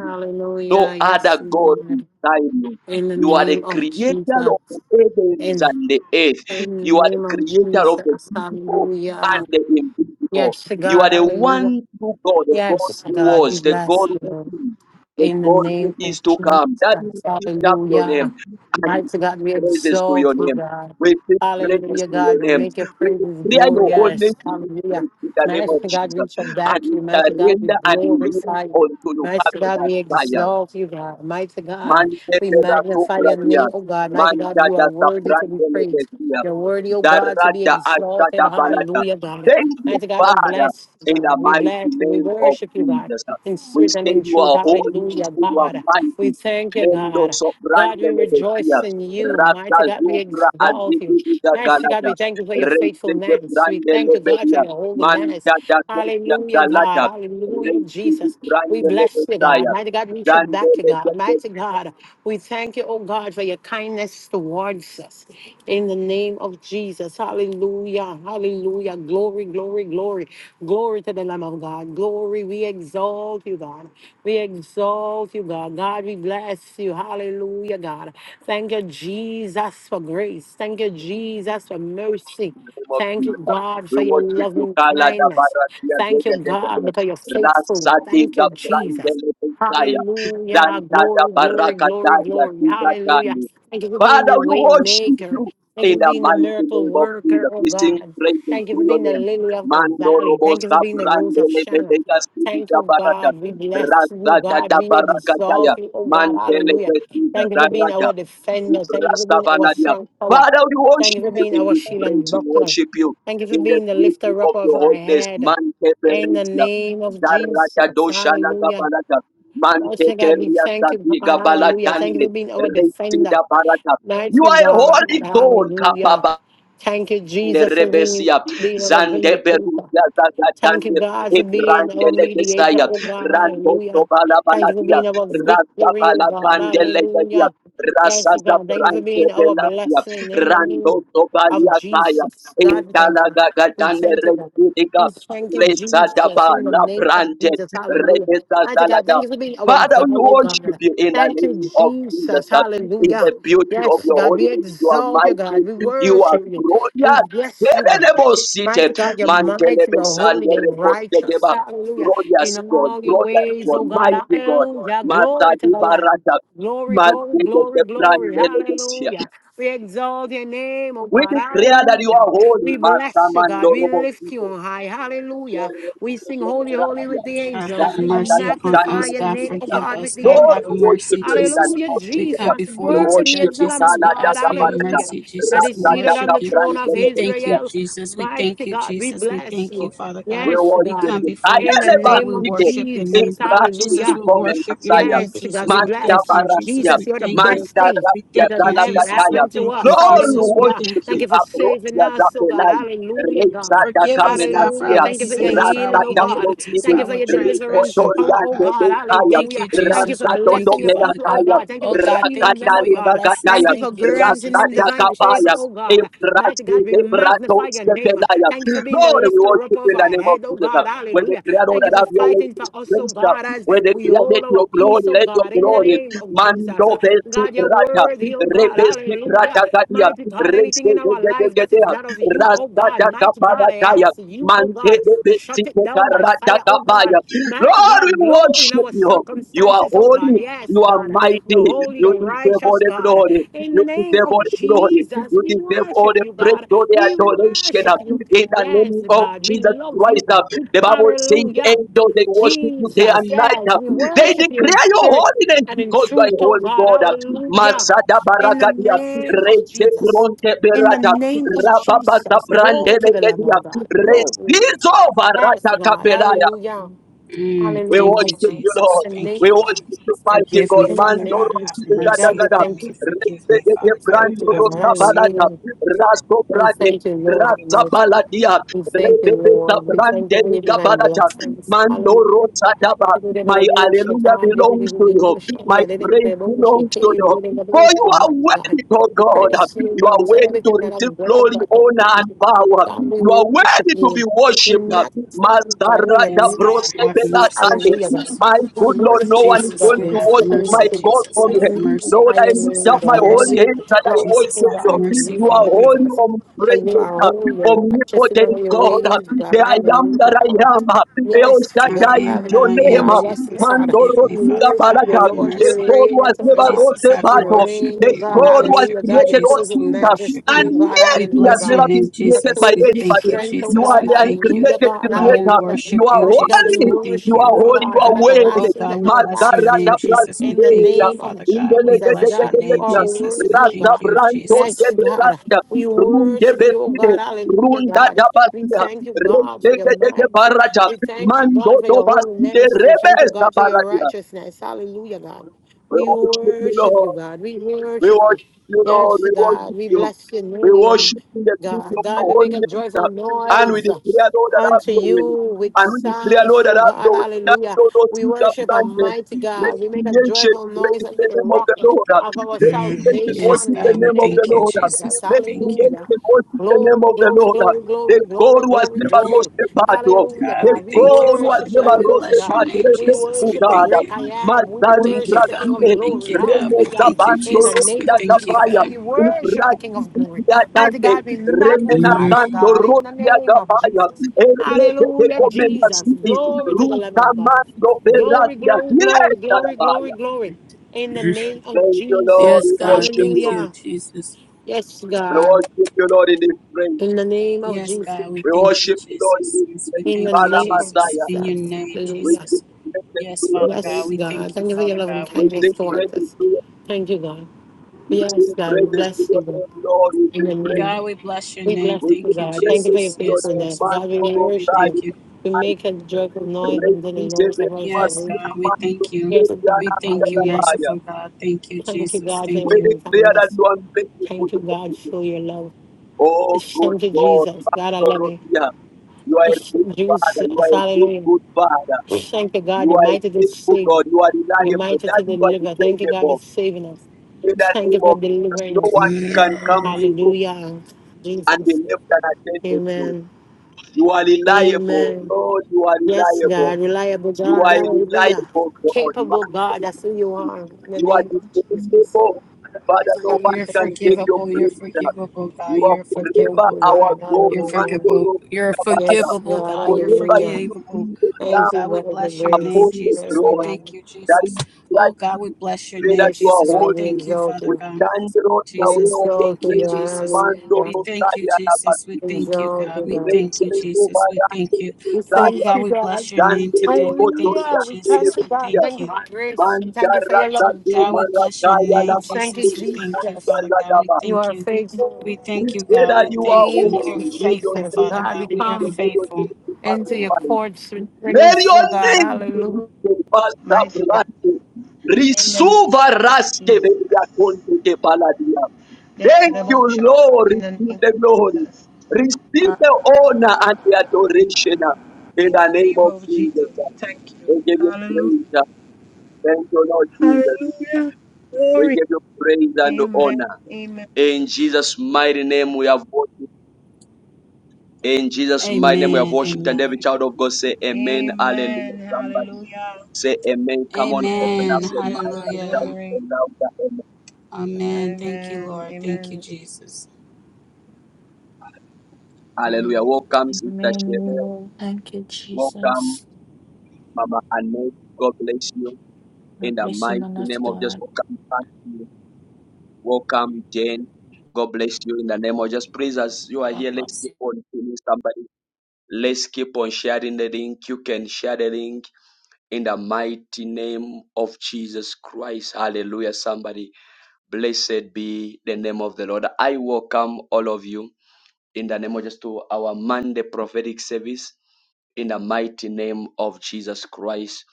Speaker 1: No other
Speaker 2: Yes,
Speaker 1: God
Speaker 2: Lord.
Speaker 1: beside you.
Speaker 2: In the
Speaker 1: You are the
Speaker 2: name of
Speaker 1: creator
Speaker 2: Jesus.
Speaker 1: of the heavens
Speaker 2: In,
Speaker 1: and the earth.
Speaker 2: in
Speaker 1: You
Speaker 2: the
Speaker 1: are the
Speaker 2: name of
Speaker 1: creator of the
Speaker 2: Jesus.
Speaker 1: visible and
Speaker 2: Hallelujah.
Speaker 1: the invisible.
Speaker 2: Yes,
Speaker 1: You are
Speaker 2: God.
Speaker 1: the
Speaker 2: Hallelujah.
Speaker 1: one true God, the God
Speaker 2: Yes,
Speaker 1: who
Speaker 2: God. We
Speaker 1: was, the
Speaker 2: bless
Speaker 1: God
Speaker 2: you.
Speaker 1: who
Speaker 2: Lord.
Speaker 1: is, the
Speaker 2: in the
Speaker 1: God who
Speaker 2: name
Speaker 1: is
Speaker 2: of
Speaker 1: to
Speaker 2: Jesus.
Speaker 1: come. That we lift up your
Speaker 2: Hallelujah.
Speaker 1: name and we sing
Speaker 2: Mighty God, we
Speaker 1: praises to
Speaker 2: exalt
Speaker 1: your
Speaker 2: you,
Speaker 1: name.
Speaker 2: God.
Speaker 1: We sing praises
Speaker 2: Hallelujah,
Speaker 1: to your
Speaker 2: God. We
Speaker 1: name.
Speaker 2: make your
Speaker 1: We
Speaker 2: praises
Speaker 1: declare your holiness
Speaker 2: glorious.
Speaker 1: in this
Speaker 2: Hallelujah.
Speaker 1: place in the name of
Speaker 2: Mighty God, we shall
Speaker 1: Jesus. And
Speaker 2: back
Speaker 1: we
Speaker 2: you. Mighty God, we
Speaker 1: surrender and we yield
Speaker 2: glorify you.
Speaker 1: unto your
Speaker 2: Mighty
Speaker 1: covenant
Speaker 2: God, we
Speaker 1: fire.
Speaker 2: exalt you, God. Mighty God,
Speaker 1: Mante
Speaker 2: we
Speaker 1: pela
Speaker 2: magnify
Speaker 1: supra
Speaker 2: your name,
Speaker 1: dias.
Speaker 2: oh God. Mighty God,
Speaker 1: Manta
Speaker 2: you
Speaker 1: da
Speaker 2: are worthy to be
Speaker 1: saprande
Speaker 2: praised.
Speaker 1: legesia.
Speaker 2: You're worthy, oh God, to be
Speaker 1: Zarada asta
Speaker 2: exalted.
Speaker 1: da balada.
Speaker 2: Hallelujah, God.
Speaker 1: Thank you,
Speaker 2: Mighty God, we
Speaker 1: Father,
Speaker 2: bless you,
Speaker 1: in the
Speaker 2: God. We
Speaker 1: mighty
Speaker 2: bless you. We
Speaker 1: name of
Speaker 2: worship you, God,
Speaker 1: Jesus.
Speaker 2: in
Speaker 1: We
Speaker 2: spirit and
Speaker 1: say
Speaker 2: in
Speaker 1: you
Speaker 2: truth.
Speaker 1: are holy, we
Speaker 2: Hallelujah,
Speaker 1: say you are
Speaker 2: God. We
Speaker 1: mighty.
Speaker 2: thank you,
Speaker 1: Mendo
Speaker 2: God. God,
Speaker 1: soprande
Speaker 2: we
Speaker 1: legesia.
Speaker 2: rejoice in you.
Speaker 1: Rata
Speaker 2: Mighty God, we
Speaker 1: zubra
Speaker 2: exalt you.
Speaker 1: azibidi da
Speaker 2: Mighty God,
Speaker 1: galata.
Speaker 2: we thank you for your
Speaker 1: Reise de
Speaker 2: faithfulness. We
Speaker 1: prande
Speaker 2: thank you, God, for
Speaker 1: lebedia.
Speaker 2: your holiness.
Speaker 1: Manta da soprande
Speaker 2: Hallelujah, God.
Speaker 1: galata.
Speaker 2: Hallelujah,
Speaker 1: Reise de
Speaker 2: Jesus. We
Speaker 1: prande
Speaker 2: bless you, God.
Speaker 1: lebesaya.
Speaker 2: Mighty God, we shall back you, God. Mighty God, we thank you, oh God, for your kindness towards us in the name of Jesus. Hallelujah. Hallelujah. Glory, glory, glory. Glory to the Lamb of God. Glory. We exalt you, God. We exalt you, God. God, we bless you. Hallelujah, God. Thank you, Jesus, for grace. Thank you, Jesus, for mercy.
Speaker 1: name of
Speaker 2: Thank you,
Speaker 1: Jesus.
Speaker 2: God,
Speaker 1: We
Speaker 2: for your
Speaker 1: worship you,
Speaker 2: loving
Speaker 1: Kala da
Speaker 2: kindness.
Speaker 1: Baratia,
Speaker 2: Thank you, God, because you're faithful.
Speaker 1: Rasadi
Speaker 2: Thank
Speaker 1: da
Speaker 2: you, Jesus.
Speaker 1: Brandele Messiah,
Speaker 2: Hallelujah.
Speaker 1: Danta da
Speaker 2: Glory, glory, glory,
Speaker 1: Barakataya,
Speaker 2: glory. Hallelujah.
Speaker 1: Tigatani.
Speaker 2: Thank you for being
Speaker 1: Father,
Speaker 2: the
Speaker 1: we
Speaker 2: way
Speaker 1: worship
Speaker 2: maker.
Speaker 1: you
Speaker 2: Thank you
Speaker 1: in
Speaker 2: for
Speaker 1: the
Speaker 2: being the
Speaker 1: mighty
Speaker 2: miracle
Speaker 1: name of
Speaker 2: worker,
Speaker 1: Jesus.
Speaker 2: oh
Speaker 1: We sing
Speaker 2: God.
Speaker 1: praise to
Speaker 2: Thank you for
Speaker 1: your
Speaker 2: being the
Speaker 1: name.
Speaker 2: lily of the
Speaker 1: Mando
Speaker 2: valley. Thank you for
Speaker 1: Robosa
Speaker 2: being the rose of
Speaker 1: Brandele
Speaker 2: Sharon. Thank
Speaker 1: Messiah,
Speaker 2: you,
Speaker 1: Baraka,
Speaker 2: God. We bless you,
Speaker 1: Rasada
Speaker 2: God.
Speaker 1: da
Speaker 2: We
Speaker 1: Barakataya,
Speaker 2: exalt you, oh God.
Speaker 1: Mantele
Speaker 2: Hallelujah.
Speaker 1: Messiah,
Speaker 2: Thank you for being
Speaker 1: Zarata.
Speaker 2: our defender. Thank you for being our
Speaker 1: Rastabaladia.
Speaker 2: strong power.
Speaker 1: Father, we
Speaker 2: Thank you
Speaker 1: worship
Speaker 2: for
Speaker 5: Remember
Speaker 1: you
Speaker 2: being
Speaker 1: and
Speaker 2: our
Speaker 1: we
Speaker 2: shield
Speaker 1: pray
Speaker 2: and
Speaker 1: to
Speaker 2: buckler.
Speaker 1: worship you
Speaker 2: Thank you for
Speaker 1: in the
Speaker 2: being the
Speaker 1: beauty
Speaker 2: lifter up
Speaker 1: of
Speaker 2: of
Speaker 1: your
Speaker 2: our
Speaker 1: holiness.
Speaker 2: head.
Speaker 1: Man
Speaker 2: In the
Speaker 1: keferitia,
Speaker 2: name of
Speaker 1: darata
Speaker 2: Jesus.
Speaker 1: doshana
Speaker 2: Hallelujah.
Speaker 1: gabalata, man
Speaker 2: Mighty God, we
Speaker 1: kekeria
Speaker 2: thank you, God.
Speaker 1: sabiga
Speaker 2: Hallelujah. Thank you
Speaker 1: balatande,
Speaker 2: for being our defender.
Speaker 1: retida barata. You
Speaker 2: Mighty
Speaker 1: are a
Speaker 2: God.
Speaker 1: holy
Speaker 2: Hallelujah.
Speaker 1: God,
Speaker 2: Thank you, Jesus. We,
Speaker 1: Rebesia,
Speaker 2: we have a
Speaker 1: Zande
Speaker 2: vindicator.
Speaker 1: Berusia,
Speaker 2: Thank you,
Speaker 1: Zagadande,
Speaker 2: God, for being
Speaker 1: Ebrande
Speaker 2: our mediator,
Speaker 1: Lebesaya,
Speaker 2: oh God,
Speaker 1: Rando
Speaker 2: hallelujah.
Speaker 1: Sobala
Speaker 2: Thank you for
Speaker 1: Banadia,
Speaker 2: being our
Speaker 1: Rasa
Speaker 2: victory, oh God,
Speaker 1: Balabande Legadia,
Speaker 2: hallelujah.
Speaker 1: Rasa
Speaker 2: Yes, God, thank you for
Speaker 1: Zabrante
Speaker 2: being our
Speaker 1: Belasia,
Speaker 2: blessing in the name
Speaker 1: Rando
Speaker 2: of
Speaker 1: Sobalia Kaya,
Speaker 2: Jesus. God, we thank you. We
Speaker 1: Intalagatane
Speaker 2: thank you, God.
Speaker 1: Rebidica,
Speaker 2: We thank you,
Speaker 1: Resa
Speaker 2: Jesus,
Speaker 1: Daba,
Speaker 2: in the
Speaker 1: La
Speaker 2: name of
Speaker 1: Brante,
Speaker 2: Jesus, hallelujah.
Speaker 1: Rebesa
Speaker 2: Thank you, God, thank
Speaker 1: Zalaga.
Speaker 2: you for being our
Speaker 1: Father,
Speaker 2: God,
Speaker 1: we
Speaker 2: oh
Speaker 1: worship
Speaker 2: God.
Speaker 1: you in the
Speaker 2: Thank you,
Speaker 1: name of
Speaker 2: Jesus,
Speaker 1: Jesus. In
Speaker 2: hallelujah.
Speaker 1: the beauty of
Speaker 2: Yes,
Speaker 1: your
Speaker 2: God, we
Speaker 1: holiness, you are
Speaker 2: exalt you, God. We
Speaker 1: mighty, you are
Speaker 2: worship you. We
Speaker 1: glorious.
Speaker 2: bless you, God.
Speaker 1: Kelelebosite,
Speaker 2: Mighty God, you're mighty, you're
Speaker 1: mantelebesande
Speaker 2: holy and righteous.
Speaker 1: rekotegeba.
Speaker 2: Hallelujah.
Speaker 1: Glorious
Speaker 2: In
Speaker 1: God,
Speaker 2: all your
Speaker 1: glorious
Speaker 2: ways,
Speaker 1: God,
Speaker 2: oh God.
Speaker 1: mighty God,
Speaker 2: Hallelujah.
Speaker 1: Master
Speaker 2: Glory to the Lamb.
Speaker 1: Barata,
Speaker 2: Glory,
Speaker 1: Master
Speaker 2: glory, glory,
Speaker 1: the Brand
Speaker 2: glory.
Speaker 1: Elegesia.
Speaker 2: Hallelujah. We exalt your name, oh
Speaker 1: we
Speaker 2: God.
Speaker 1: declare that you
Speaker 2: Hallelujah.
Speaker 1: are holy,
Speaker 2: We
Speaker 1: Master
Speaker 2: bless you, God. We
Speaker 1: Mandorobo.
Speaker 2: lift you on high.
Speaker 6: Thank you.
Speaker 2: Hallelujah. We sing holy, holy with the
Speaker 4: Uh, have
Speaker 2: angels. We
Speaker 4: mercy upon
Speaker 2: magnify
Speaker 4: us,
Speaker 2: your
Speaker 4: God.
Speaker 2: name, oh
Speaker 4: Forgive
Speaker 2: God, with
Speaker 4: us,
Speaker 2: the
Speaker 4: God.
Speaker 1: Lord,
Speaker 4: Have
Speaker 1: we
Speaker 2: angels.
Speaker 1: worship
Speaker 4: mercy,
Speaker 1: you in the
Speaker 4: Jesus.
Speaker 1: name
Speaker 2: Hallelujah.
Speaker 1: of
Speaker 4: We
Speaker 1: Jesus.
Speaker 4: come
Speaker 2: Jesus,
Speaker 4: before
Speaker 1: We
Speaker 4: you
Speaker 2: worthy
Speaker 4: today,
Speaker 1: worship
Speaker 2: is the
Speaker 1: you,
Speaker 2: Lamb
Speaker 4: Jesus.
Speaker 2: of
Speaker 4: We
Speaker 1: Kala
Speaker 2: God.
Speaker 4: ask
Speaker 1: Daga
Speaker 4: for your
Speaker 1: Barata,
Speaker 2: Hallelujah.
Speaker 4: mercy,
Speaker 2: That
Speaker 4: Jesus.
Speaker 2: is
Speaker 4: We
Speaker 1: Rasta
Speaker 2: seated
Speaker 4: worship
Speaker 1: Daga
Speaker 2: on the
Speaker 4: you.
Speaker 2: throne of
Speaker 4: We thank
Speaker 1: Brand
Speaker 4: you,
Speaker 2: Israel.
Speaker 4: Jesus. We
Speaker 2: Mighty
Speaker 4: thank you,
Speaker 2: God, we
Speaker 4: Jesus. We
Speaker 2: bless
Speaker 4: thank you,
Speaker 2: you.
Speaker 4: Father God.
Speaker 1: We
Speaker 2: Yes,
Speaker 4: We
Speaker 1: worship
Speaker 2: God.
Speaker 4: come
Speaker 1: him. I
Speaker 4: before you
Speaker 2: In the
Speaker 4: today.
Speaker 1: never
Speaker 2: name
Speaker 4: We
Speaker 1: see
Speaker 2: of
Speaker 1: it.
Speaker 4: worship your
Speaker 1: If
Speaker 2: Jesus.
Speaker 4: name,
Speaker 1: Rasi
Speaker 4: Jesus.
Speaker 2: Hallelujah.
Speaker 4: We
Speaker 1: become an
Speaker 4: worship your
Speaker 1: Messiah,
Speaker 4: name,
Speaker 2: Yes, God,
Speaker 4: Jesus.
Speaker 2: we
Speaker 4: We
Speaker 1: Manta
Speaker 4: thank
Speaker 2: bless
Speaker 4: you,
Speaker 2: you.
Speaker 4: Jesus.
Speaker 1: Barakia,
Speaker 2: Jesus,
Speaker 4: We
Speaker 2: you're the
Speaker 4: thank you.
Speaker 2: best
Speaker 1: Manta
Speaker 2: thing
Speaker 4: We
Speaker 1: Rakia,
Speaker 2: that
Speaker 4: thank
Speaker 2: has
Speaker 4: you,
Speaker 2: ever
Speaker 4: Jesus. We
Speaker 1: Dalagataya.
Speaker 2: happened to
Speaker 4: thank you,
Speaker 2: us.
Speaker 1: Lord, we
Speaker 4: Jesus. We
Speaker 2: Hallelujah.
Speaker 1: worship
Speaker 4: thank you.
Speaker 1: you,
Speaker 2: Thank you for saving
Speaker 1: Kabrosia,
Speaker 2: us, oh God.
Speaker 1: Zapelai,
Speaker 2: Hallelujah,
Speaker 1: Reza,
Speaker 2: God.
Speaker 4: Forgive us, God, for
Speaker 2: Hallelujah.
Speaker 1: Dakamenakia,
Speaker 4: our
Speaker 2: Thank you for your
Speaker 4: sins, for
Speaker 1: Rasta,
Speaker 4: our
Speaker 2: healing, oh God.
Speaker 4: iniquities, for
Speaker 1: Kabrosini,
Speaker 2: Thank you for
Speaker 4: our
Speaker 2: your deliverance
Speaker 4: transgression,
Speaker 1: Ricotoria,
Speaker 2: power,
Speaker 4: Father
Speaker 2: oh
Speaker 4: God.
Speaker 2: God.
Speaker 4: We
Speaker 1: Nebekaya,
Speaker 4: thank
Speaker 2: Hallelujah.
Speaker 4: you,
Speaker 2: Thank you
Speaker 4: Jesus.
Speaker 2: for
Speaker 1: Rasta,
Speaker 4: We thank
Speaker 2: blessing
Speaker 4: you,
Speaker 2: your
Speaker 4: Father
Speaker 2: people, oh
Speaker 4: God.
Speaker 1: Dodomenakaya,
Speaker 2: God. Thank you
Speaker 4: Oh,
Speaker 2: for
Speaker 4: God,
Speaker 2: shielding
Speaker 4: thank you
Speaker 2: them,
Speaker 4: for
Speaker 2: oh
Speaker 1: Rakatali,
Speaker 4: your
Speaker 2: God.
Speaker 4: blessings.
Speaker 2: Thank
Speaker 1: Bagataya,
Speaker 2: you for
Speaker 4: Thank you,
Speaker 2: granting
Speaker 1: Rasta,
Speaker 4: Jesus.
Speaker 2: them
Speaker 4: Thank you,
Speaker 2: divine favor,
Speaker 1: Dakabaya,
Speaker 2: oh
Speaker 4: Jesus.
Speaker 1: If
Speaker 2: God. Mighty
Speaker 1: Rasi,
Speaker 2: God, we
Speaker 1: If
Speaker 2: magnify
Speaker 1: Ratos,
Speaker 2: your name. Thank you for being the
Speaker 1: Lord, we
Speaker 2: lifter up
Speaker 1: worship you
Speaker 2: of
Speaker 1: in the
Speaker 2: our
Speaker 1: name of
Speaker 2: head, oh
Speaker 1: Jesus.
Speaker 2: God.
Speaker 1: When they
Speaker 2: Hallelujah.
Speaker 1: create all
Speaker 2: Thank
Speaker 1: that
Speaker 2: you for
Speaker 1: have your way, in
Speaker 2: fighting for
Speaker 1: this
Speaker 2: us, oh
Speaker 1: place up.
Speaker 2: God, as
Speaker 1: When they
Speaker 2: we
Speaker 1: create,
Speaker 2: hold
Speaker 1: let
Speaker 2: our
Speaker 1: your
Speaker 2: peace,
Speaker 1: glory,
Speaker 2: oh
Speaker 1: let your
Speaker 2: God, in the
Speaker 1: glory.
Speaker 2: name of Jesus.
Speaker 1: Mando besi
Speaker 2: God, your word
Speaker 1: rata,
Speaker 2: worthy, oh God.
Speaker 1: rebesi
Speaker 2: Hallelujah.
Speaker 1: rata gadia,
Speaker 2: Mighty God,
Speaker 1: rese
Speaker 2: anything in our life that is
Speaker 1: gedegedea,
Speaker 2: not of you, oh
Speaker 1: rasta
Speaker 2: God.
Speaker 1: da
Speaker 2: Mighty God, I
Speaker 1: kaparataya,
Speaker 2: ask you, oh
Speaker 1: mante
Speaker 2: God,
Speaker 1: de
Speaker 2: to shut
Speaker 1: besi
Speaker 2: it down by
Speaker 1: rata
Speaker 2: fire, oh
Speaker 1: kabaya.
Speaker 2: God. Mighty
Speaker 1: Lord, we
Speaker 2: God, blow in
Speaker 1: worship
Speaker 2: our
Speaker 1: you. You are
Speaker 2: circumstances, oh God.
Speaker 1: holy.
Speaker 2: Yes,
Speaker 1: You are
Speaker 2: God, the
Speaker 1: mighty.
Speaker 2: holy
Speaker 1: You
Speaker 2: and
Speaker 1: deserve all
Speaker 2: righteous
Speaker 1: the
Speaker 2: God.
Speaker 1: glory.
Speaker 2: In
Speaker 1: You
Speaker 2: the name
Speaker 1: deserve
Speaker 2: of
Speaker 1: all the glory.
Speaker 2: Jesus,
Speaker 1: You
Speaker 2: we
Speaker 1: deserve all
Speaker 2: worship
Speaker 1: the
Speaker 2: you,
Speaker 1: praise,
Speaker 2: God.
Speaker 1: all the
Speaker 2: We
Speaker 1: adoration.
Speaker 2: worship
Speaker 1: In
Speaker 2: you.
Speaker 1: the
Speaker 2: Yes,
Speaker 1: name of
Speaker 2: God, we
Speaker 1: Jesus
Speaker 2: love you,
Speaker 1: Christ,
Speaker 2: God.
Speaker 1: the Bible says,
Speaker 2: Hallelujah.
Speaker 1: angels, they worship you day
Speaker 2: Jesus,
Speaker 1: and night.
Speaker 2: yes, we
Speaker 1: They
Speaker 2: worship you in
Speaker 1: declare your
Speaker 2: spirit
Speaker 1: holiness
Speaker 2: and in
Speaker 1: because you are
Speaker 2: truth,
Speaker 1: a
Speaker 2: oh
Speaker 1: holy
Speaker 2: God.
Speaker 1: God.
Speaker 2: Hallelujah.
Speaker 1: Masada
Speaker 2: In the
Speaker 1: baragadia,
Speaker 2: name of
Speaker 1: rete
Speaker 2: Jesus.
Speaker 1: bronte
Speaker 2: In the
Speaker 1: berata,
Speaker 2: name of
Speaker 1: rababata
Speaker 2: Jesus.
Speaker 1: brande
Speaker 2: Glory to the Lamb
Speaker 1: legedia,
Speaker 2: of God. Glory.
Speaker 1: resizo
Speaker 2: Yes, God.
Speaker 1: barata
Speaker 2: Hallelujah.
Speaker 4: Mm,
Speaker 1: we
Speaker 4: thank
Speaker 2: Hallelujah.
Speaker 4: you,
Speaker 1: worship you,
Speaker 2: In
Speaker 4: Jesus.
Speaker 1: Lord.
Speaker 2: the
Speaker 4: Thank
Speaker 2: name
Speaker 4: you,
Speaker 1: We
Speaker 2: of
Speaker 4: Lord.
Speaker 1: worship
Speaker 2: Jesus.
Speaker 1: you, mighty
Speaker 4: Forgive me,
Speaker 1: God.
Speaker 2: In the
Speaker 4: Father
Speaker 1: Mando
Speaker 2: name
Speaker 4: God.
Speaker 2: of
Speaker 4: Have
Speaker 1: rosi
Speaker 2: Jesus.
Speaker 1: gada
Speaker 2: God,
Speaker 4: mercy
Speaker 2: we
Speaker 1: gada.
Speaker 4: upon
Speaker 2: thank
Speaker 4: me.
Speaker 2: you.
Speaker 4: Forgive
Speaker 1: Rete
Speaker 4: me,
Speaker 2: We
Speaker 1: deke
Speaker 4: Father God.
Speaker 2: thank you,
Speaker 1: brando
Speaker 4: Have
Speaker 2: God.
Speaker 1: rosa
Speaker 4: mercy.
Speaker 1: balata.
Speaker 2: Hallelujah.
Speaker 1: Rasko
Speaker 2: We
Speaker 1: brate.
Speaker 2: thank you, Lord
Speaker 1: Rasa
Speaker 2: Almighty.
Speaker 1: baladia.
Speaker 2: We thank you,
Speaker 1: Rete deke
Speaker 2: Lord. We thank you
Speaker 1: brande
Speaker 2: for your
Speaker 1: liga
Speaker 2: divine
Speaker 1: balata.
Speaker 2: blessings.
Speaker 1: Mando
Speaker 2: Hallelujah.
Speaker 1: rosa daba.
Speaker 2: My
Speaker 1: My
Speaker 2: God,
Speaker 1: hallelujah belongs to you. My praise belongs to you. For you are worthy, oh
Speaker 2: we
Speaker 1: God.
Speaker 2: praise you,
Speaker 1: You
Speaker 2: God.
Speaker 1: are
Speaker 2: We said
Speaker 1: worthy to
Speaker 2: everything that
Speaker 1: receive
Speaker 2: I've read
Speaker 1: glory,
Speaker 2: about, God, I
Speaker 1: honor,
Speaker 2: praise
Speaker 1: and
Speaker 2: you.
Speaker 1: power.
Speaker 2: God, we
Speaker 1: You are
Speaker 2: worship
Speaker 1: worthy to be
Speaker 2: you. We
Speaker 1: worshipped.
Speaker 2: magnify you, God, in
Speaker 1: Mazarada
Speaker 2: the
Speaker 4: Yes,
Speaker 2: midst
Speaker 4: God.
Speaker 2: of
Speaker 4: Have
Speaker 2: Jesus.
Speaker 4: mercy,
Speaker 1: brosepelatane.
Speaker 2: Hallelujah, God.
Speaker 4: Jesus.
Speaker 1: My
Speaker 2: We
Speaker 1: good Lord, no
Speaker 2: worship
Speaker 1: one
Speaker 2: you,
Speaker 1: is
Speaker 4: Jesus,
Speaker 1: going
Speaker 2: God,
Speaker 4: we
Speaker 1: to
Speaker 2: in
Speaker 4: have
Speaker 2: spirit
Speaker 1: worship
Speaker 2: and in
Speaker 1: my
Speaker 4: mercy,
Speaker 2: truth.
Speaker 1: God
Speaker 4: Jesus.
Speaker 1: for
Speaker 2: We
Speaker 1: me.
Speaker 4: Have mercy,
Speaker 1: Lord,
Speaker 2: magnify your
Speaker 1: I lift
Speaker 4: Jesus.
Speaker 2: name,
Speaker 1: up
Speaker 4: Have
Speaker 1: my
Speaker 2: God. God,
Speaker 1: holy
Speaker 2: we
Speaker 4: mercy.
Speaker 1: hands that I
Speaker 2: exalt
Speaker 4: Jesus,
Speaker 2: you,
Speaker 1: worship
Speaker 4: have
Speaker 2: God,
Speaker 1: you.
Speaker 2: in the
Speaker 4: mercy,
Speaker 2: name
Speaker 1: You are
Speaker 4: Father
Speaker 2: of
Speaker 4: God.
Speaker 1: holy,
Speaker 2: Jesus. For you
Speaker 1: omnipresent,
Speaker 2: are
Speaker 1: uh,
Speaker 2: holy, you're righteous in
Speaker 1: omnipotent
Speaker 2: all your
Speaker 1: God. uh,
Speaker 2: ways,
Speaker 1: The
Speaker 2: God.
Speaker 1: I am that I
Speaker 2: Hallelujah.
Speaker 1: am. uh, El
Speaker 2: Yes,
Speaker 4: I
Speaker 2: God.
Speaker 1: Shaddai is
Speaker 4: am that
Speaker 1: your
Speaker 4: I
Speaker 1: name.
Speaker 2: Hallelujah.
Speaker 4: am.
Speaker 1: uh,
Speaker 2: Yes,
Speaker 4: Jesus,
Speaker 2: God.
Speaker 1: Mando
Speaker 4: forgive me.
Speaker 2: We
Speaker 1: Rosita
Speaker 4: Father God,
Speaker 2: worship you,
Speaker 1: Barata.
Speaker 4: have
Speaker 2: Lord.
Speaker 1: The
Speaker 2: You
Speaker 4: mercy.
Speaker 1: God
Speaker 2: reign,
Speaker 1: was
Speaker 2: oh
Speaker 1: never
Speaker 2: God.
Speaker 1: wrote
Speaker 4: Jesus,
Speaker 1: a
Speaker 4: I've
Speaker 2: You
Speaker 1: battle.
Speaker 2: reign,
Speaker 4: worshiped
Speaker 1: The
Speaker 2: oh
Speaker 4: you. We
Speaker 2: God.
Speaker 1: God was
Speaker 4: worship
Speaker 2: Hallelujah.
Speaker 4: you,
Speaker 2: God, you're
Speaker 1: created all
Speaker 4: Jesus.
Speaker 2: clothed
Speaker 4: We
Speaker 2: in
Speaker 1: things.
Speaker 4: worship
Speaker 1: uh,
Speaker 2: majesty,
Speaker 1: And
Speaker 2: oh
Speaker 4: you.
Speaker 2: God.
Speaker 1: yet
Speaker 4: We
Speaker 1: he
Speaker 2: Hallelujah,
Speaker 1: has
Speaker 4: bless your
Speaker 1: never
Speaker 2: God.
Speaker 1: been
Speaker 4: name,
Speaker 2: You're
Speaker 1: created
Speaker 4: Jesus.
Speaker 1: by
Speaker 2: clothed
Speaker 4: We
Speaker 2: in
Speaker 1: anybody.
Speaker 4: thank you,
Speaker 2: strength, oh
Speaker 1: You
Speaker 4: Jesus.
Speaker 1: are
Speaker 2: God.
Speaker 4: We
Speaker 1: the
Speaker 4: thank you.
Speaker 2: Hallelujah,
Speaker 1: uncreated
Speaker 2: God.
Speaker 4: God, we
Speaker 1: creator.
Speaker 2: Hallelujah.
Speaker 1: You
Speaker 4: worship
Speaker 1: are
Speaker 4: you,
Speaker 2: Mighty God, we
Speaker 4: Jesus. We
Speaker 1: holy.
Speaker 4: thank
Speaker 1: You
Speaker 2: worship
Speaker 4: you,
Speaker 1: are
Speaker 2: you, oh
Speaker 1: holy.
Speaker 4: Father
Speaker 1: You
Speaker 2: God,
Speaker 1: are
Speaker 4: God.
Speaker 2: from
Speaker 4: Oh
Speaker 1: worthy.
Speaker 2: everlasting to
Speaker 4: God, we bless your
Speaker 1: Mazarata
Speaker 4: name,
Speaker 2: everlasting.
Speaker 4: Jesus. We
Speaker 2: In the
Speaker 4: thank
Speaker 1: Brasileia.
Speaker 4: you,
Speaker 2: name of
Speaker 4: Father God. We
Speaker 2: Jesus,
Speaker 4: bless your
Speaker 2: God, you
Speaker 4: name,
Speaker 2: are
Speaker 1: Indelegedegedegedia.
Speaker 4: Jesus. We
Speaker 2: worthy, oh
Speaker 1: Rasa
Speaker 4: thank
Speaker 2: God.
Speaker 4: you,
Speaker 1: branto
Speaker 4: Jesus.
Speaker 1: de
Speaker 2: Yes, God.
Speaker 1: rasta.
Speaker 2: We
Speaker 1: Runde
Speaker 2: worship you, oh
Speaker 1: beside.
Speaker 2: God. Hallelujah,
Speaker 1: Runda
Speaker 2: God.
Speaker 1: da
Speaker 2: We
Speaker 1: basia.
Speaker 2: thank you, God, for your
Speaker 1: Rendegedege
Speaker 2: might.
Speaker 1: barata.
Speaker 2: We thank you,
Speaker 1: Mando
Speaker 2: God, for
Speaker 1: do
Speaker 2: your
Speaker 1: baside
Speaker 2: holiness. We thank you,
Speaker 1: rebesa
Speaker 2: God, for your
Speaker 1: baratia.
Speaker 2: righteousness. Hallelujah, God.
Speaker 1: We
Speaker 2: We
Speaker 1: worship you,
Speaker 2: worship
Speaker 1: Lord.
Speaker 2: you, God. We
Speaker 1: We
Speaker 2: worship you.
Speaker 1: worship you, Lord.
Speaker 2: Yes,
Speaker 1: We
Speaker 2: God.
Speaker 1: worship
Speaker 2: We
Speaker 1: you.
Speaker 2: bless your
Speaker 1: We
Speaker 2: name,
Speaker 1: worship in the beauty
Speaker 2: God.
Speaker 1: of the
Speaker 2: God, we make
Speaker 1: holy
Speaker 2: a
Speaker 1: name, God.
Speaker 2: joyful
Speaker 1: and we
Speaker 2: noise
Speaker 1: declare, Lord, that have
Speaker 2: unto
Speaker 1: your way.
Speaker 2: you with
Speaker 1: And we declare,
Speaker 2: psalms,
Speaker 1: Lord, that
Speaker 2: oh
Speaker 1: have
Speaker 2: God.
Speaker 1: your way. That
Speaker 2: Hallelujah.
Speaker 1: Lord, those
Speaker 2: We
Speaker 1: seek up
Speaker 2: worship a
Speaker 1: blindness.
Speaker 2: mighty
Speaker 1: Let
Speaker 2: God. We make a
Speaker 1: creation
Speaker 2: joyful noise
Speaker 1: praise
Speaker 2: unto
Speaker 1: the
Speaker 2: the
Speaker 1: name of
Speaker 2: rock
Speaker 1: the
Speaker 2: of,
Speaker 1: Lord.
Speaker 2: of our
Speaker 1: Let
Speaker 4: Mm,
Speaker 1: creation
Speaker 4: Yes,
Speaker 1: worship
Speaker 2: salvation
Speaker 1: the
Speaker 4: God,
Speaker 2: in
Speaker 4: we
Speaker 2: the
Speaker 1: name of the
Speaker 2: name
Speaker 4: thank you,
Speaker 2: of
Speaker 1: Lord.
Speaker 4: Jesus.
Speaker 2: Jesus.
Speaker 4: We
Speaker 1: Let
Speaker 4: thank
Speaker 1: creation
Speaker 4: you.
Speaker 2: Hallelujah.
Speaker 1: worship the name
Speaker 2: Glory,
Speaker 1: of the
Speaker 2: glory,
Speaker 1: Lord.
Speaker 2: glory,
Speaker 1: The
Speaker 2: glory,
Speaker 1: God
Speaker 2: glory,
Speaker 1: who has
Speaker 2: glory,
Speaker 1: never
Speaker 2: glory.
Speaker 1: lost a battle.
Speaker 2: Hallelujah,
Speaker 4: God,
Speaker 1: The
Speaker 4: we
Speaker 2: God. We
Speaker 4: thank you,
Speaker 1: God who has
Speaker 4: Father
Speaker 2: worship you,
Speaker 4: God.
Speaker 1: never
Speaker 2: Holy
Speaker 4: We
Speaker 1: lost
Speaker 2: Ghost,
Speaker 1: a
Speaker 4: bless your
Speaker 2: God.
Speaker 1: battle.
Speaker 4: name,
Speaker 1: The
Speaker 2: We
Speaker 4: Jesus.
Speaker 1: faithful
Speaker 2: worship
Speaker 4: We
Speaker 2: the
Speaker 1: God.
Speaker 4: thank
Speaker 2: great
Speaker 4: you.
Speaker 2: I am. We
Speaker 4: We
Speaker 1: Mazari
Speaker 4: thank you,
Speaker 2: worship the
Speaker 4: God.
Speaker 2: King
Speaker 4: We
Speaker 2: of
Speaker 1: Brazil.
Speaker 4: thank
Speaker 2: glory.
Speaker 4: you, God.
Speaker 1: Rene
Speaker 4: We
Speaker 2: Hallelujah.
Speaker 4: thank you,
Speaker 1: Sabando
Speaker 2: In the
Speaker 4: Jesus. We
Speaker 2: name of
Speaker 4: thank you,
Speaker 1: Rosia
Speaker 2: Jesus,
Speaker 4: God.
Speaker 2: we worship the King of glory. Mighty
Speaker 1: Ubrasikiadande,
Speaker 2: God, we magnify
Speaker 4: Mm.
Speaker 2: your
Speaker 1: Remenatando,
Speaker 2: God in the
Speaker 1: Rotia
Speaker 2: name of
Speaker 1: Gabaya,
Speaker 2: Jesus.
Speaker 1: Errete de
Speaker 2: Hallelujah, Jesus.
Speaker 1: Comendasini,
Speaker 2: Glory to the Lamb
Speaker 1: Ruta
Speaker 2: of God.
Speaker 1: Mando,
Speaker 2: Glory,
Speaker 1: Veratia,
Speaker 2: glory, glory,
Speaker 1: Yes,
Speaker 2: glory, glory,
Speaker 1: Arabaya.
Speaker 2: glory. In the name of
Speaker 1: Thank you, Lord.
Speaker 4: Yes,
Speaker 1: We
Speaker 2: Jesus.
Speaker 4: God.
Speaker 1: worship
Speaker 4: Thank
Speaker 1: you.
Speaker 4: you,
Speaker 2: Hallelujah.
Speaker 4: Jesus.
Speaker 2: Yes,
Speaker 1: We
Speaker 2: God.
Speaker 1: worship you, Lord, in this praise.
Speaker 2: In the name of
Speaker 4: Yes,
Speaker 2: Jesus.
Speaker 4: God. We
Speaker 1: We
Speaker 4: thank you,
Speaker 1: worship you, Lord, in
Speaker 4: Jesus.
Speaker 1: this
Speaker 4: Yes, we
Speaker 1: praise.
Speaker 2: In the
Speaker 4: thank you,
Speaker 2: name of
Speaker 4: Jesus.
Speaker 1: Palamazaya.
Speaker 4: In
Speaker 2: Jesus.
Speaker 4: your name,
Speaker 1: We
Speaker 2: Hallelujah.
Speaker 1: give
Speaker 4: Jesus.
Speaker 1: praises to
Speaker 4: Yes,
Speaker 1: your
Speaker 4: Father God.
Speaker 2: Yes,
Speaker 1: name.
Speaker 4: We
Speaker 2: God.
Speaker 4: thank you,
Speaker 2: Thank you for your
Speaker 4: Father
Speaker 2: love and
Speaker 4: God. We
Speaker 1: We
Speaker 2: kindness
Speaker 1: give
Speaker 4: thank you.
Speaker 2: towards
Speaker 1: praises
Speaker 2: us.
Speaker 1: to your name.
Speaker 2: Thank you, God.
Speaker 1: We
Speaker 2: Yes,
Speaker 1: sing
Speaker 2: God. We
Speaker 1: praises to
Speaker 2: bless you,
Speaker 1: your
Speaker 2: God.
Speaker 1: name, Lord. We
Speaker 2: In
Speaker 1: sing
Speaker 2: the name.
Speaker 1: praises.
Speaker 4: God, we bless your
Speaker 2: We
Speaker 4: name.
Speaker 2: bless
Speaker 1: We
Speaker 2: you,
Speaker 4: Thank
Speaker 1: give
Speaker 4: you,
Speaker 2: God. Thank you for
Speaker 1: praises
Speaker 2: your
Speaker 4: Jesus.
Speaker 1: to your
Speaker 4: Yes,
Speaker 1: name.
Speaker 2: faithfulness.
Speaker 1: Man,
Speaker 4: merciful
Speaker 2: God, we
Speaker 4: God.
Speaker 1: Lord,
Speaker 4: We
Speaker 2: worship you.
Speaker 4: thank you.
Speaker 2: We make a joyful noise unto the Lord of our
Speaker 4: Yes,
Speaker 2: salvation.
Speaker 4: God. We thank you.
Speaker 2: Yes,
Speaker 4: We
Speaker 2: God.
Speaker 4: thank you,
Speaker 2: Hallelujah.
Speaker 4: merciful God. Thank you,
Speaker 2: Thank you,
Speaker 4: Jesus.
Speaker 2: God, for
Speaker 1: We
Speaker 2: your
Speaker 4: Thank you.
Speaker 2: love and
Speaker 1: declare that
Speaker 2: kindness.
Speaker 1: you are thankful for
Speaker 2: Thank
Speaker 1: the
Speaker 2: you, God,
Speaker 1: people.
Speaker 2: for your love.
Speaker 1: Oh, good
Speaker 2: Thank you,
Speaker 1: God,
Speaker 2: Jesus. God, I
Speaker 1: Master
Speaker 2: love you.
Speaker 1: Rosia, you are a good
Speaker 2: Jesus.
Speaker 1: father. You are a good,
Speaker 2: Hallelujah.
Speaker 1: good father.
Speaker 2: Thank you,
Speaker 1: You
Speaker 2: God. You're
Speaker 1: are a
Speaker 2: mighty to
Speaker 1: faithful
Speaker 2: save.
Speaker 1: God. You are
Speaker 2: You're
Speaker 1: reliable.
Speaker 2: mighty
Speaker 1: That
Speaker 2: to
Speaker 1: you are
Speaker 2: deliver. Thank you, God, for
Speaker 1: dependable.
Speaker 2: saving us.
Speaker 1: In the
Speaker 2: Thank you
Speaker 1: name
Speaker 2: for
Speaker 1: of Jesus,
Speaker 2: delivering
Speaker 1: no
Speaker 2: us.
Speaker 1: one
Speaker 4: You're
Speaker 1: can come to you
Speaker 2: Hallelujah.
Speaker 1: and be
Speaker 2: Jesus.
Speaker 1: left unattended to.
Speaker 2: Amen.
Speaker 1: You are reliable.
Speaker 2: Amen.
Speaker 1: Lord, you are
Speaker 2: Yes,
Speaker 1: reliable.
Speaker 2: God. Reliable
Speaker 1: You are
Speaker 2: God.
Speaker 1: a
Speaker 2: Hallelujah.
Speaker 1: reliable God. You
Speaker 2: Capable
Speaker 1: are,
Speaker 2: God. That's who you
Speaker 1: faithful.
Speaker 2: are. In the
Speaker 1: you are
Speaker 2: name of Jesus.
Speaker 1: dependable. Father, no
Speaker 2: God, we
Speaker 1: one can
Speaker 2: thank
Speaker 1: take
Speaker 2: you.
Speaker 1: your
Speaker 4: forgivable. You're
Speaker 1: place.
Speaker 4: forgivable, God.
Speaker 1: You are
Speaker 4: You're
Speaker 2: We thank
Speaker 1: forever
Speaker 4: forgivable,
Speaker 2: you,
Speaker 1: our
Speaker 4: God.
Speaker 2: God.
Speaker 1: God.
Speaker 4: You're
Speaker 2: Hallelujah.
Speaker 4: forgivable.
Speaker 1: Mandoro
Speaker 4: You're
Speaker 1: Kabaya.
Speaker 2: Yes,
Speaker 4: forgivable,
Speaker 2: God.
Speaker 4: God. You're
Speaker 1: Forever
Speaker 2: Hallelujah.
Speaker 1: you be
Speaker 4: forgivable.
Speaker 1: the
Speaker 4: Oh
Speaker 2: Thank
Speaker 1: Lamb
Speaker 2: you,
Speaker 4: God, we
Speaker 2: God, for
Speaker 4: bless your name,
Speaker 1: upon
Speaker 2: grace.
Speaker 1: the
Speaker 4: Jesus.
Speaker 2: Thank
Speaker 4: We
Speaker 2: you,
Speaker 1: throne.
Speaker 4: thank
Speaker 2: God.
Speaker 4: you,
Speaker 1: That
Speaker 4: Jesus.
Speaker 1: is
Speaker 4: Oh
Speaker 1: that
Speaker 4: God, we
Speaker 1: you
Speaker 4: bless your name,
Speaker 1: that you
Speaker 2: Yes,
Speaker 1: are
Speaker 4: Jesus. We
Speaker 2: God. We
Speaker 1: holy.
Speaker 4: thank you,
Speaker 2: exalt
Speaker 4: Father
Speaker 1: We
Speaker 2: you.
Speaker 4: God.
Speaker 1: stand on the
Speaker 2: We
Speaker 1: way
Speaker 4: Jesus, we
Speaker 1: of your
Speaker 2: exalt
Speaker 4: thank
Speaker 2: you,
Speaker 4: you,
Speaker 2: God.
Speaker 1: presence.
Speaker 4: Jesus.
Speaker 2: Hallelujah.
Speaker 4: We
Speaker 1: Mandoro
Speaker 4: thank you, Jesus. We
Speaker 1: Kabaya.
Speaker 4: thank you, God.
Speaker 2: Exalted
Speaker 4: We
Speaker 2: God.
Speaker 4: thank you,
Speaker 1: Rechezo
Speaker 4: Jesus. We
Speaker 1: varante
Speaker 4: thank you.
Speaker 1: de
Speaker 2: We
Speaker 4: Oh
Speaker 1: Zaya,
Speaker 2: thank
Speaker 4: God,
Speaker 2: you,
Speaker 4: we
Speaker 2: God.
Speaker 4: bless your name
Speaker 1: Zande
Speaker 4: today. We thank you,
Speaker 2: Hallelujah.
Speaker 1: Recotoria
Speaker 2: We thank
Speaker 4: Jesus.
Speaker 2: you,
Speaker 4: We
Speaker 2: God.
Speaker 1: Teresia,
Speaker 4: thank
Speaker 2: Thank you
Speaker 4: you.
Speaker 2: for grace. We thank you for your love
Speaker 1: Mandarata
Speaker 2: and
Speaker 1: de
Speaker 4: God, we
Speaker 2: kindness.
Speaker 4: bless your
Speaker 1: Marataya
Speaker 2: We
Speaker 1: la
Speaker 4: name,
Speaker 2: thank you,
Speaker 4: Jesus. We thank you,
Speaker 1: Mantecoria
Speaker 2: Jesus.
Speaker 4: Father
Speaker 1: la
Speaker 4: God. We
Speaker 1: Daba.
Speaker 2: You
Speaker 4: thank
Speaker 2: are
Speaker 4: you.
Speaker 2: faithful
Speaker 4: We
Speaker 1: We
Speaker 4: thank you,
Speaker 1: say
Speaker 2: in
Speaker 4: God.
Speaker 1: that
Speaker 4: We
Speaker 2: the
Speaker 1: you are
Speaker 4: thank you.
Speaker 2: name
Speaker 1: holy.
Speaker 4: You're
Speaker 2: of
Speaker 4: faithful,
Speaker 2: Jesus.
Speaker 4: Father
Speaker 2: God, we
Speaker 4: God. You're
Speaker 2: come
Speaker 4: faithful.
Speaker 2: into your courts with
Speaker 1: May your name be lifted. May your name be magnified. May
Speaker 2: praise to
Speaker 1: your
Speaker 2: God.
Speaker 1: name be
Speaker 2: Hallelujah.
Speaker 1: lifted. Basta
Speaker 2: Mighty God,
Speaker 1: Brante.
Speaker 2: in the name
Speaker 1: Risuva
Speaker 2: of
Speaker 1: Raske Velia
Speaker 2: Jesus.
Speaker 1: Conte de Paladia.
Speaker 2: Let it get
Speaker 1: Thank
Speaker 2: a
Speaker 1: you,
Speaker 2: bow shot.
Speaker 1: Lord.
Speaker 2: In the
Speaker 1: Receive
Speaker 2: name
Speaker 1: the
Speaker 2: of
Speaker 1: glory.
Speaker 2: Jesus.
Speaker 1: Receive the honor and the adoration uh, in
Speaker 2: In
Speaker 1: the
Speaker 2: the
Speaker 1: name
Speaker 2: name
Speaker 1: of
Speaker 2: of Jesus,
Speaker 1: Jesus. uh.
Speaker 2: we thank
Speaker 1: We
Speaker 2: you.
Speaker 1: give you
Speaker 2: Hallelujah.
Speaker 1: praise. uh. Thank you, Lord Jesus.
Speaker 2: Hallelujah.
Speaker 1: We
Speaker 2: Glory.
Speaker 1: give you praise and
Speaker 2: Amen.
Speaker 1: honor.
Speaker 2: Amen.
Speaker 1: In Jesus' mighty name we have worshiped. In Jesus' mighty name we have
Speaker 4: Amen.
Speaker 1: worshiped. And every
Speaker 4: Amen.
Speaker 1: child of God say amen. Hallelujah.
Speaker 2: Amen.
Speaker 1: Somebody
Speaker 2: Hallelujah.
Speaker 1: say amen. Come on, open
Speaker 4: Amen.
Speaker 1: up your mind
Speaker 2: Hallelujah.
Speaker 1: and
Speaker 4: Hallelujah.
Speaker 1: shout it
Speaker 2: Glory.
Speaker 1: louder. Amen.
Speaker 4: Amen. Thank you,
Speaker 2: Amen.
Speaker 4: Lord. Thank you,
Speaker 2: Amen.
Speaker 4: Jesus.
Speaker 1: Hallelujah.
Speaker 4: Mm,
Speaker 1: Welcome, Sister
Speaker 7: Amen. We
Speaker 1: Sherry.
Speaker 7: will Thank you,
Speaker 1: Welcome,
Speaker 7: Jesus.
Speaker 1: Mama Annette. God bless you.
Speaker 7: We
Speaker 1: In the
Speaker 7: bless you, man
Speaker 1: mighty
Speaker 7: of
Speaker 1: name of Jesus,
Speaker 7: God.
Speaker 1: welcome, Frankie. welcome, Jane. God bless you in the name of just Please, as you are
Speaker 4: God
Speaker 1: here, let's
Speaker 4: bless
Speaker 1: keep
Speaker 4: you.
Speaker 1: on pinging somebody. Let's keep on sharing the link. You can share the link in the mighty name of Jesus Christ. Hallelujah. Somebody, blessed be the name of the Lord. I welcome all of you in the name of just to our Monday prophetic service. In the mighty name of Jesus Christ,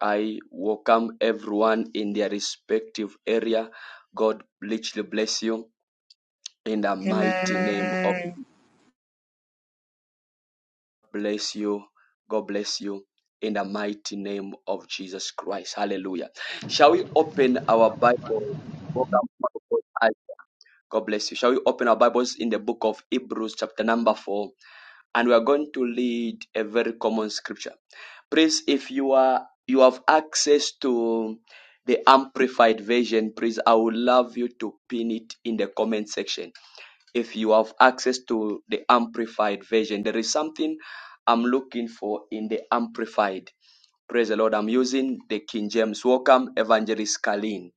Speaker 1: I welcome everyone in their respective area. God richly bless you. In the mighty name of
Speaker 2: Amen.
Speaker 1: bless you. God bless you. In the mighty name of Jesus Christ. Hallelujah. Shall we open our Bible? God bless you. Shall we open our Bibles in the book of Hebrews, chapter number four? and we are going to read a very common scripture. Please, if you are you have access to the amplified version, please I would love you to pin it in the comment section. If you have access to the amplified version, there is something I'm looking for in the amplified. Praise the Lord. I'm using the King James. Welcome, Evangelist Kalin.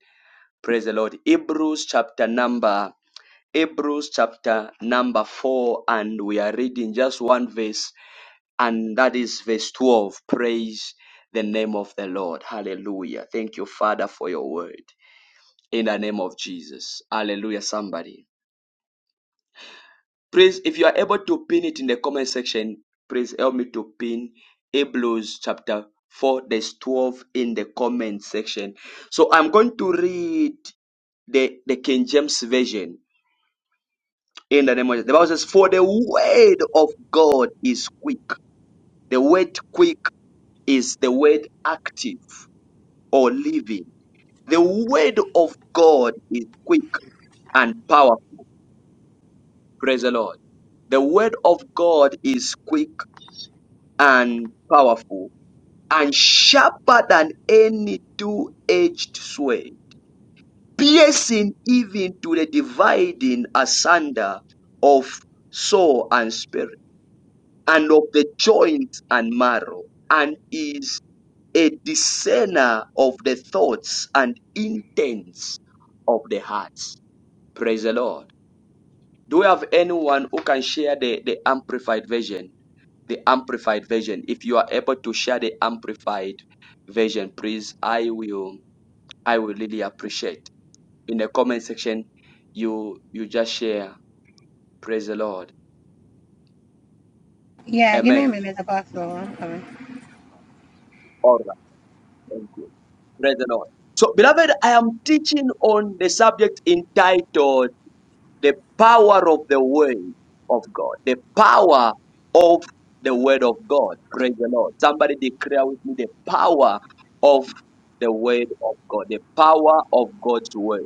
Speaker 1: Praise the Lord. Hebrews chapter number Hebrews chapter number four, and we are reading just one verse and that is verse 12 praise the name of the lord hallelujah thank you father for your word in the name of jesus hallelujah somebody please if you are able to pin it in the comment section please help me to pin hebrews chapter 4 verse 12 in the comment section so i'm going to read the the king james version in the name of Jesus. the bible says for the word of god is quick the word quick is the word active or living The word of God is quick and powerful. Praise the Lord. The word of God is quick and powerful and sharper than any two-edged sword, piercing even to the dividing asunder of soul and spirit and of the joints and marrow and is a discerner of the thoughts and intents of the hearts. Praise the Lord. Do we have anyone who can share the, the amplified version? The amplified version. If you are able to share the amplified version, please, I will I will really appreciate. In the comment section, you you just share. Praise the Lord.
Speaker 2: Yeah, give me a
Speaker 1: Amen.
Speaker 2: minute, Apostle. I'm coming.
Speaker 1: All right. Thank you. Praise the Lord. So, beloved, I am teaching on the subject entitled the power of the word of God, the power of the word of God. Praise the Lord. Somebody declare with me the power of the word of God, the power of God's word,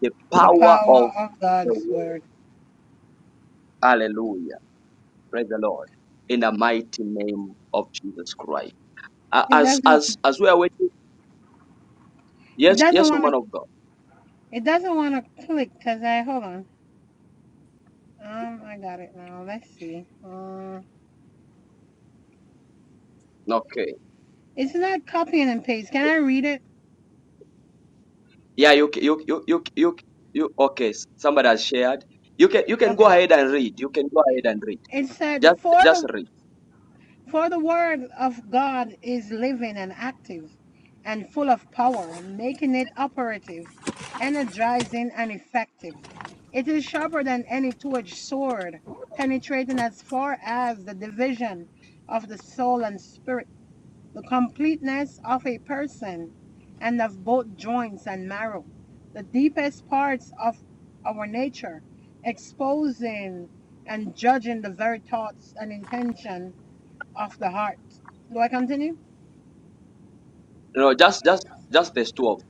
Speaker 1: the
Speaker 2: The
Speaker 1: power of
Speaker 2: power of
Speaker 1: the
Speaker 2: God's
Speaker 1: word.
Speaker 2: word.
Speaker 1: Hallelujah. Praise the Lord. In the mighty name of Jesus Christ. A-
Speaker 2: It
Speaker 1: As
Speaker 2: doesn't.
Speaker 1: as as we are waiting,
Speaker 2: It
Speaker 1: yes,
Speaker 2: doesn't
Speaker 1: yes,
Speaker 2: want to.
Speaker 1: woman of God.
Speaker 2: It doesn't want to click. Cause I hold on. Um, I got it now. Let's see. Um,
Speaker 1: Okay.
Speaker 2: it's not copying and paste. Can I read it?
Speaker 1: Yeah, you ca- you you you you, you okay. Somebody has shared. You can you can go
Speaker 2: Okay.
Speaker 1: ahead and read. You can go ahead and read.
Speaker 2: It said
Speaker 1: just
Speaker 2: for
Speaker 1: just
Speaker 2: the
Speaker 1: read.
Speaker 2: For the word of God is living and active and full of power, making it operative, energizing, and effective. It is sharper than any two edged sword, penetrating as far as the division of the soul and spirit, the completeness of a person, and of both joints and marrow, the deepest parts of our nature, exposing and judging the very thoughts and intention of the heart. Do I continue?
Speaker 1: No, just just just the twelve.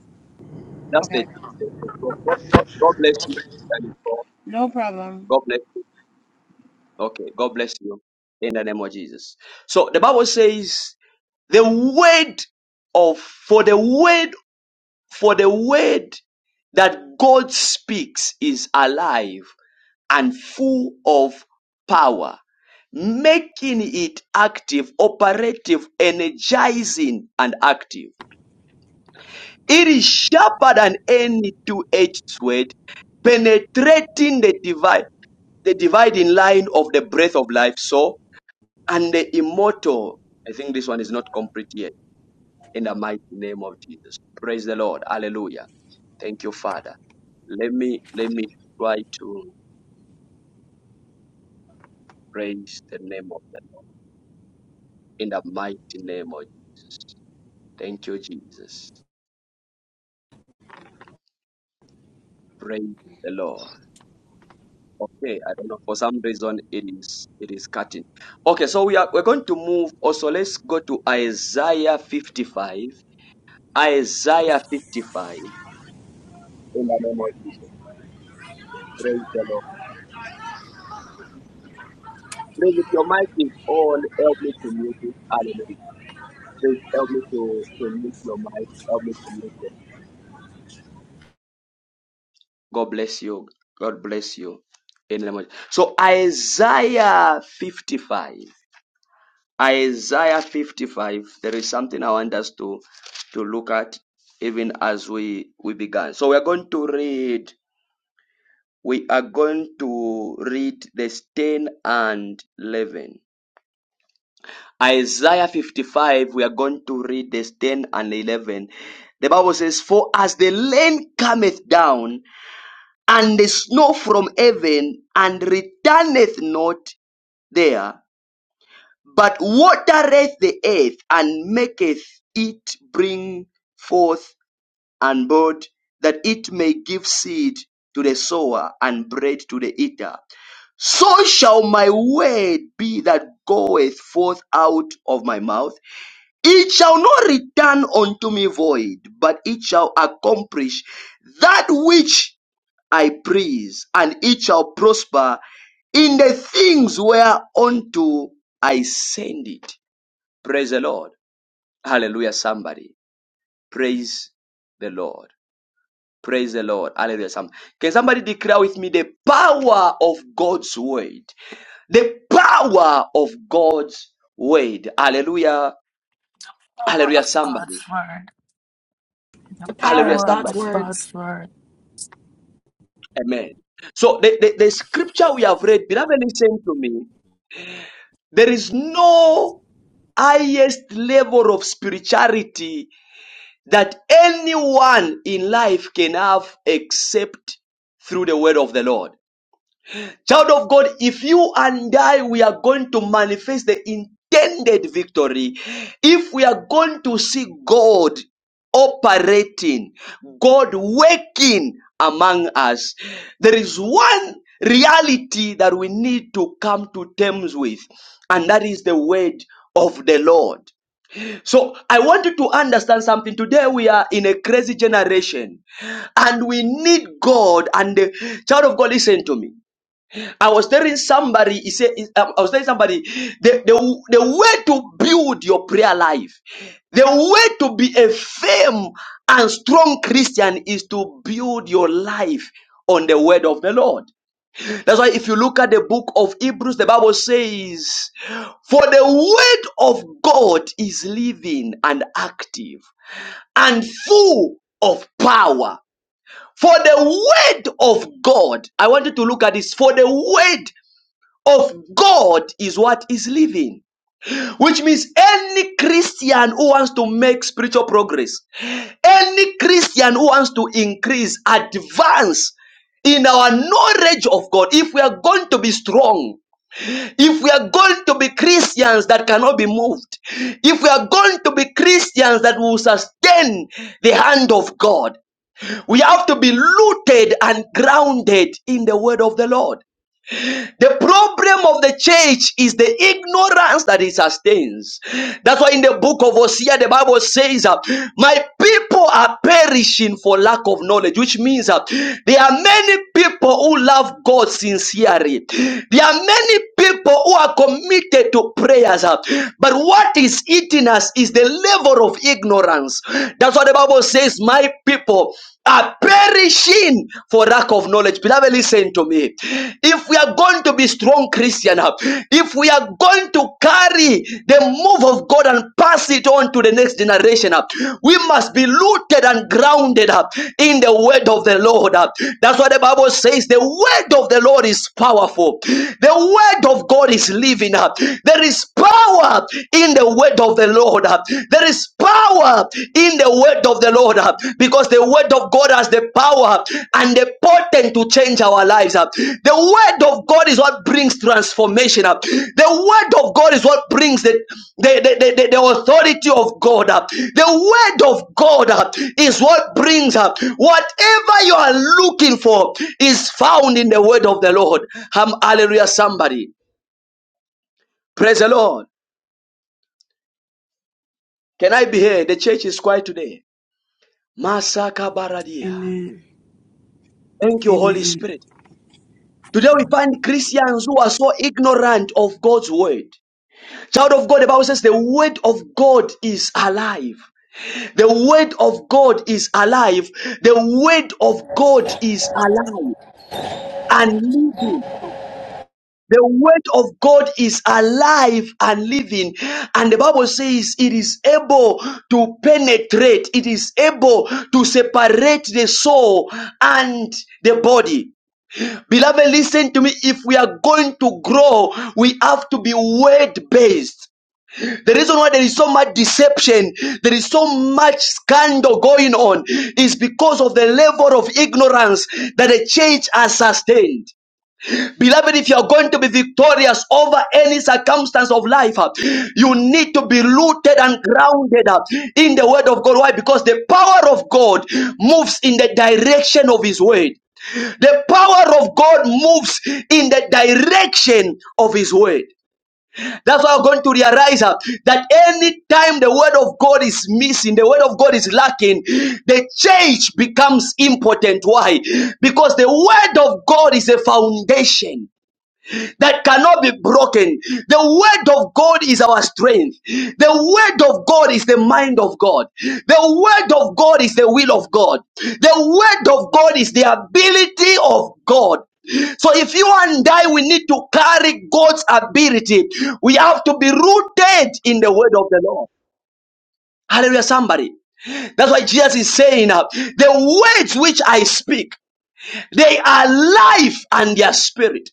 Speaker 1: Just the,
Speaker 2: Okay.
Speaker 1: the, the 12. God God bless you. and God
Speaker 2: No problem.
Speaker 1: God bless you. Okay, God bless you in the name of Jesus. So the Bible says the word of for the word for the word that God speaks is alive and full of power, making it active, operative, energizing, and active. It is sharper than any two-edged sword, penetrating the divide, the dividing line of the breath of life, so and the immortal. I think this one is not complete yet. In the mighty name of Jesus, praise the Lord, Hallelujah. Thank you, Father. Let me let me try to praise the name of the Lord in the mighty name of Jesus. Thank you, Jesus. Praise the Lord. Okay, I don't know. For some reason, it is it is cutting. Okay, so we are we're going to move. Also, let's go to Isaiah 55. Isaiah 55. In the name of Jesus, praise the Lord. Praise if your mic is on. Help me to mute it. Hallelujah. Please help me to to mute your mic. Help me to mute it. God bless you. God bless you. In the name of So Isaiah 55. Isaiah 55, there is something I want us to, to look at even as we, we began. So we are going to read, we are going to read the 10 and 11. Isaiah 55, we are going to read the 10 and 11. The Bible says, For as the rain cometh down, and the snow from heaven, and returneth not there, but watereth the earth and maketh it bring forth and bud, that it may give seed to the sower and bread to the eater. So shall my word be that goeth forth out of my mouth. It shall not return unto me void, but it shall accomplish that which I please, and it shall prosper in the things whereunto I send it. Praise the Lord. Hallelujah, somebody. Praise the Lord. Praise the Lord. Hallelujah. Somebody, can somebody declare with me the power of God's word? The power of God's word. Hallelujah.
Speaker 7: Power
Speaker 1: Hallelujah,
Speaker 7: of God's
Speaker 1: somebody.
Speaker 7: word. The
Speaker 4: The power
Speaker 1: Hallelujah,
Speaker 4: of
Speaker 7: power
Speaker 4: God's
Speaker 1: somebody.
Speaker 7: of
Speaker 4: words.
Speaker 7: God's word.
Speaker 1: Amen. So the, the, the scripture we have read, beloved, listen to me. There is no highest level of spirituality that anyone in life can have except through the word of the Lord. Child of God, if you and I, we are going to manifest the intended victory, if we are going to see God operating, God working among us, there is one reality that we need to come to terms with, and that is the word of the Lord. So I want you to understand something. Today we are in a crazy generation and we need God and the child of God listen to me. I was telling somebody, he said, um, I was telling somebody the, the, the way to build your prayer life, the way to be a firm and strong Christian is to build your life on the word of the Lord. That's why if you look at the book of Hebrews, the Bible says, For the word of God is living and active and full of power. For the word of God, I want you to look at this. For the word of God is what is living, which means any Christian who wants to make spiritual progress, any Christian who wants to increase, advance in our knowledge of God, if we are going to be strong, if we are going to be Christians that cannot be moved, if we are going to be Christians that will sustain the hand of God, we have to be rooted and grounded in the word of the Lord. The problem of the church is the ignorance that it sustains. That's why in the book of Hosea, the Bible says, uh, My people are perishing for lack of knowledge, which means uh, there are many people who love God sincerely. There are many people who are committed to prayers. uh, but what is eating us is the level of ignorance. That's what the Bible says, My people. are." are perishing for lack of knowledge. Beloved, listen to me. If we are going to be strong Christian, if we are going to carry the move of God and pass it on to the next generation, we must be rooted and grounded in the word of the Lord. That's what the Bible says the word of the Lord is powerful. The word of God is living. There is power in the word of the Lord. There is power in the word of the Lord uh, because the word of God has the power and the potent to change our lives. uh. The word of God is what brings transformation. uh. The word of God is what brings the, the, the, the, the- authority of God. uh. The word of God uh, is what brings up uh, whatever you are looking for is found in the word of the Lord. Hum- Hallelujah, somebody. Praise the Lord. Can I be here? The church is quiet today. Masaka baradia.
Speaker 4: Amen.
Speaker 1: Thank you, Holy
Speaker 4: Amen.
Speaker 1: Spirit. Today we find Christians who are so ignorant of God's word. Child of God, the Bible says the word of God is alive. The word of God is alive. The word of God is alive and living. The word of God is alive and living. And the Bible says it is able to penetrate, it is able to separate the soul and the body. Beloved, listen to me. If we are going to grow, we have to be word based. The reason why there is so much deception, there is so much scandal going on, is because of the level of ignorance that the church has sustained. Beloved, if you are going to be victorious over any circumstance of life, uh, you need to be rooted and grounded uh, in the word of God. Why? Because the power of God moves in the direction of his word. The power of God moves in the direction of His word. That's why I'm going to realize uh, that any time the word of God is missing, the word of God is lacking, the church becomes important. Why? Because the word of God is a foundation that cannot be broken. The word of God is our strength. The word of God is the mind of God. The word of God is the will of God. The word of God is the ability of God. So if you and I, we need to carry God's ability. We have to be rooted in the word of the Lord. Hallelujah, somebody. That's why Jesus is saying, uh, the words which I speak, they are life and their spirit,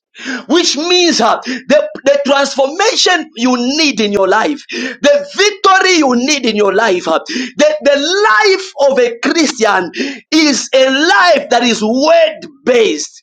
Speaker 1: which means uh, the, the transformation you need in your life, the victory you need in your life, uh, the, the life of a Christian is a life that is word based.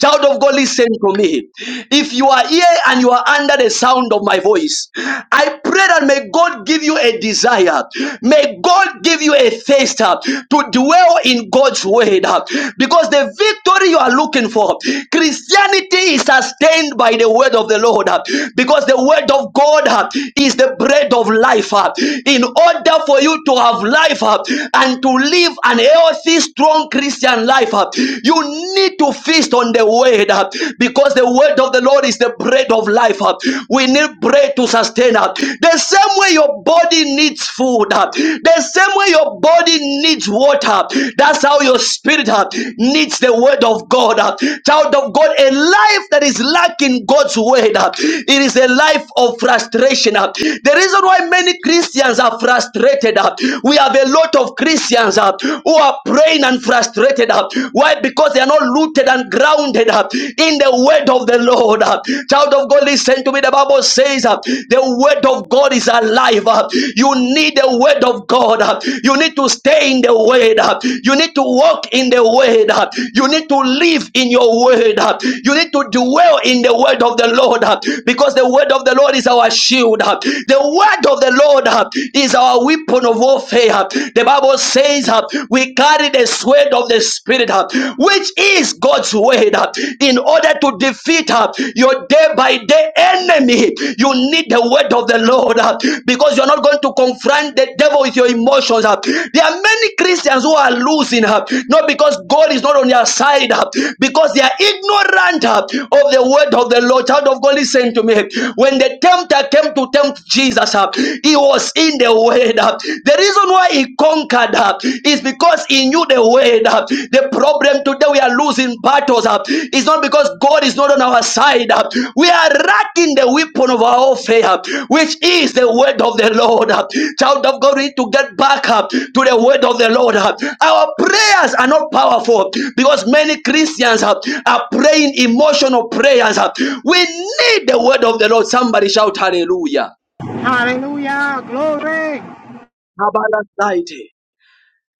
Speaker 1: Child of God, listen to me. If you are here and you are under the sound of my voice, I pray that may God give you a desire. May God give you a thirst uh, to dwell in God's word. uh, Because the victory you are looking for, Christianity is sustained by the word of the Lord. uh, Because the word of God uh, is the bread of life. uh, In order for you to have life uh, and to live an healthy, strong Christian life, uh, you need to feast on the word uh, because the word of the Lord is the bread of life. uh. We need bread to sustain us. The same way your body needs food, uh, the same way your body needs water, that's how your spirit uh, needs the word of God. uh. Child of God, a life that is lacking God's word, uh, it is a life of frustration. uh. The reason why many Christians are frustrated, uh, we have a lot of Christians uh, who are are praying and frustrated. uh, Why? Because they are not rooted and grounded uh, in the word of the Lord. uh. Child of God, listen to me. The Bible says uh, the word of God is alive. uh. You need the word of God. uh. You need to stay in the word. uh. You need to walk in the word. uh. You need to live in your word. uh. You need to dwell in the word of the Lord uh, because the word of the Lord is our shield. uh. The word of the Lord uh, is our weapon of warfare. uh. The Bible says uh, we carry the sword of the Spirit, uh, which is God's word, uh, in order to defeat uh, your day by day enemy. You need the word of the Lord uh, because you're not going to confront the devil with your emotions. uh. There are many Christians who are losing, uh, not because God is not on their side, uh, because they are ignorant uh, of the word of the Lord. Child of God, listen to me. When the tempter came to tempt Jesus, uh, he was in the word. The reason why he conquered uh, is because he knew the word. uh. The problem today we are losing battles uh, is not because God is not on our side. uh. We are lacking the weapon of our warfare, uh, which is the word of the Lord. uh. Child of God, we need to get back up to the word of the Lord. uh. Our prayers are not powerful because many Christians uh, are praying emotional prayers. uh. We need the word of the Lord. Somebody shout hallelujah.
Speaker 2: Hallelujah. Glory.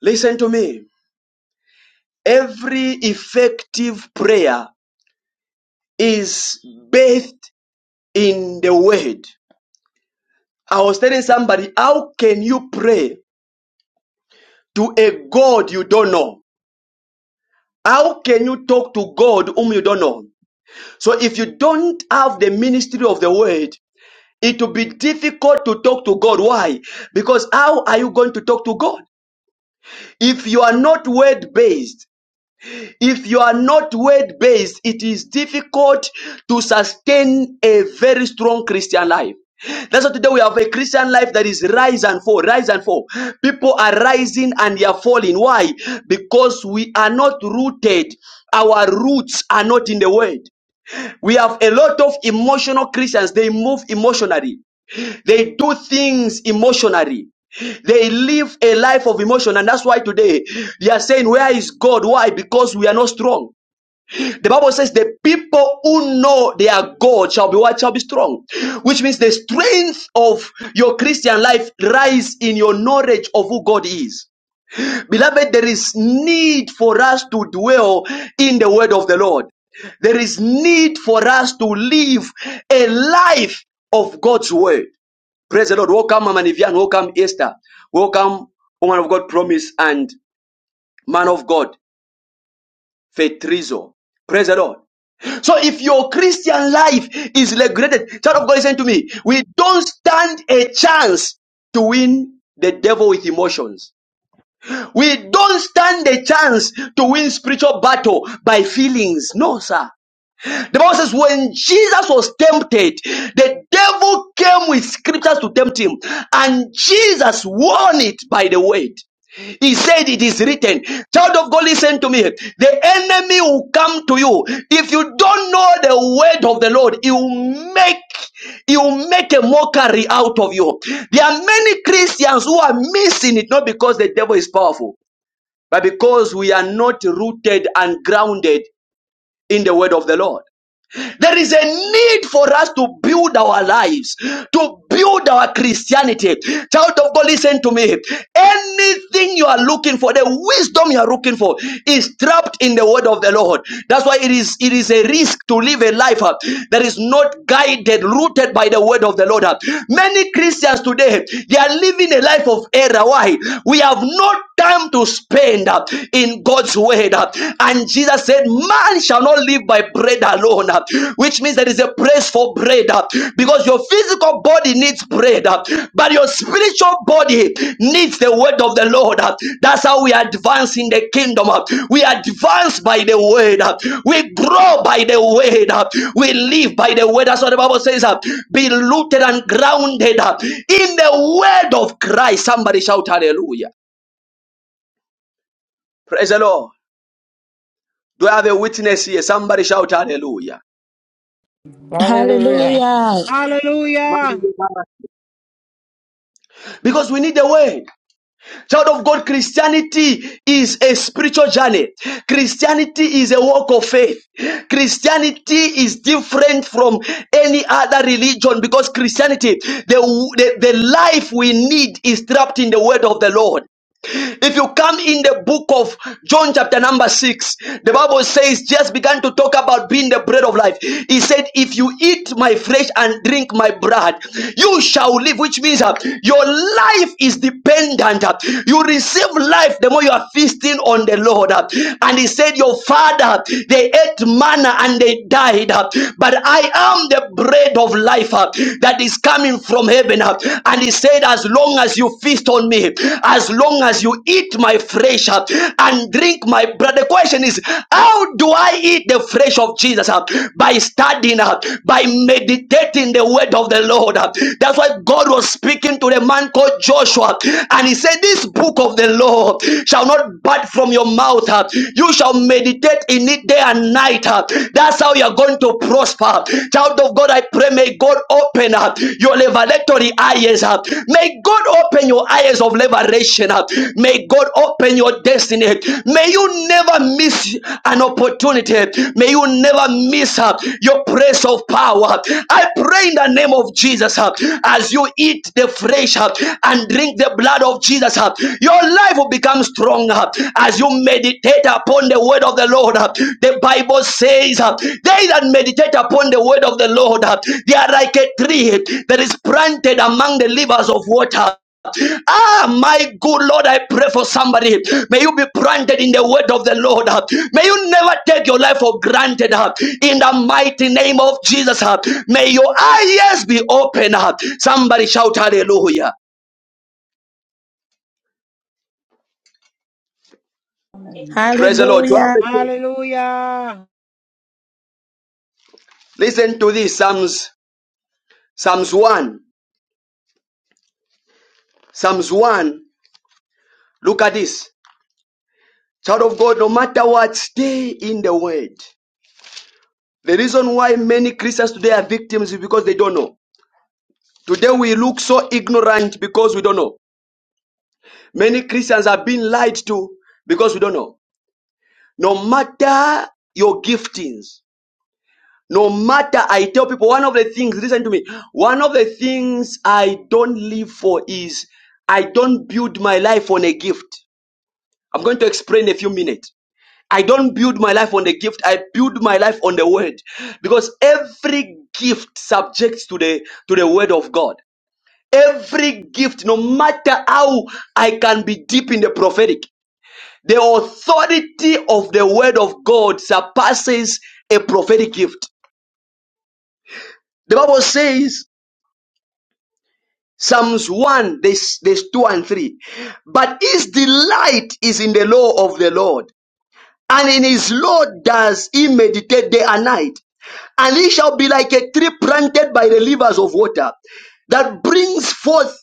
Speaker 1: Listen to me. Every effective prayer is bathed in the word. I was telling somebody, how can you pray to a God you don't know? How can you talk to God whom you don't know? So if you don't have the ministry of the word, it will be difficult to talk to God. Why? Because how are you going to talk to God? If you are not word based, If you are not word based, it is difficult to sustain a very strong Christian life. That's why today we have a Christian life that is rise and fall, rise and fall. People are rising and they are falling. Why? Because we are not rooted. Our roots are not in the word. We have a lot of emotional Christians. They move emotionally. They do things emotionally. They live a life of emotion. And that's why today they are saying, where is God? Why? Because we are not strong. The Bible says the people who know their God shall be what shall be strong, which means the strength of your Christian life lies in your knowledge of who God is. Beloved, there is need for us to dwell in the word of the Lord. There is need for us to live a life of God's word. Praise the Lord. Welcome, Mama Nivian. Welcome, Esther. Welcome, woman of God, promise, and man of God, Fetrizo. Praise the Lord. So if your Christian life is regretted, child of God, listen to me. We don't stand a chance to win the devil with emotions. We don't stand a chance to win spiritual battle by feelings. No, sir. The Bible says when Jesus was tempted, the devil came with scriptures to tempt him, and Jesus won it by the word. He said it is written. Child of God, listen to me. The enemy will come to you. If you don't know the word of the Lord, he will make he will make a mockery out of you. There are many Christians who are missing it, not because the devil is powerful, but because we are not rooted and grounded in the word of the Lord. There is a need for us to build our lives, to build our Christianity. Child of God, listen to me. Anything you are looking for, the wisdom you are looking for, is trapped in the word of the Lord. That's why it is it is a risk to live a life uh, that is not guided, rooted by the word of the Lord. uh. Many Christians today they are living a life of error. Why? We have not time to spend uh, in God's word. uh. And Jesus said, Man shall not live by bread alone, uh, which means there is a praise for bread uh, because your physical body needs bread, uh, but your spiritual body needs the word of the Lord. uh. That's how we advance in the kingdom. uh. We advance by the word, uh. we grow by the word, uh. we live by the word. That's what the Bible says uh, be rooted and grounded uh, in the word of Christ. Somebody shout hallelujah. Praise the Lord. Do I have a witness here? Somebody shout hallelujah.
Speaker 8: Hallelujah.
Speaker 9: Hallelujah.
Speaker 2: Hallelujah.
Speaker 1: Because we need the word. Child of God, Christianity is a spiritual journey. Christianity is a walk of faith. Christianity is different from any other religion because Christianity, the, the, the life we need is trapped in the word of the Lord. If you come in the book of John, chapter number six, the Bible says, just began to talk about being the bread of life. He said, If you eat my flesh and drink my blood, you shall live, which means uh, your life is dependent. uh, you receive life the more you are feasting on the Lord. uh. and he said, Your father, they ate manna and they died, uh, but I am the bread of life uh, that is coming from heaven. uh. and he said, As long as you feast on me, as long as you eat my flesh uh, and drink my blood. The question is, how do I eat the flesh of Jesus? uh? By studying, uh, by meditating the word of the Lord. uh. That's why God was speaking to the man called Joshua, and he said, This book of the law shall not depart from your mouth. uh. You shall meditate in it day and night. uh. That's how you're going to prosper. Child of God, I pray, may God open up uh, your revelatory eyes. uh. May God open your eyes highest of liberation. May God open your destiny. May you never miss an opportunity. May you never miss uh, your place of power. I pray in the name of Jesus uh, as you eat the flesh uh, and drink the blood of Jesus, uh, your life will become stronger as you meditate upon the word of the Lord. uh, The Bible says, uh, They that meditate upon the word of the Lord, uh, they are like a tree that is planted among the rivers of water. Ah, my good Lord, I pray for somebody. May you be planted in the word of the Lord. ah. May you never take your life for granted. ah. In the mighty name of Jesus, ah. may your eyes be open. ah. Somebody shout hallelujah. Praise the Lord. You have
Speaker 9: Hallelujah.
Speaker 1: a-
Speaker 2: Hallelujah.
Speaker 1: Listen to this Psalms, Psalms 1. Psalms 1. Look at this. Child of God, no matter what, stay in the word. The reason why many Christians today are victims is because they don't know. Today we look so ignorant because we don't know. Many Christians are being lied to because we don't know. No matter your giftings, no matter, I tell people one of the things, listen to me, one of the things I don't live for is I don't build my life on a gift. I'm going to explain in a few minutes. I don't build my life on the gift, I build my life on the word. Because every gift subjects to the to the word of God. Every gift, no matter how I can be deep in the prophetic, the authority of the word of God surpasses a prophetic gift. The Bible says, Psalms 1, this, this 2 and 3. But his delight is in the law of the Lord, and in his law does he meditate day and night and he shall be like a tree planted by the rivers of water that brings forth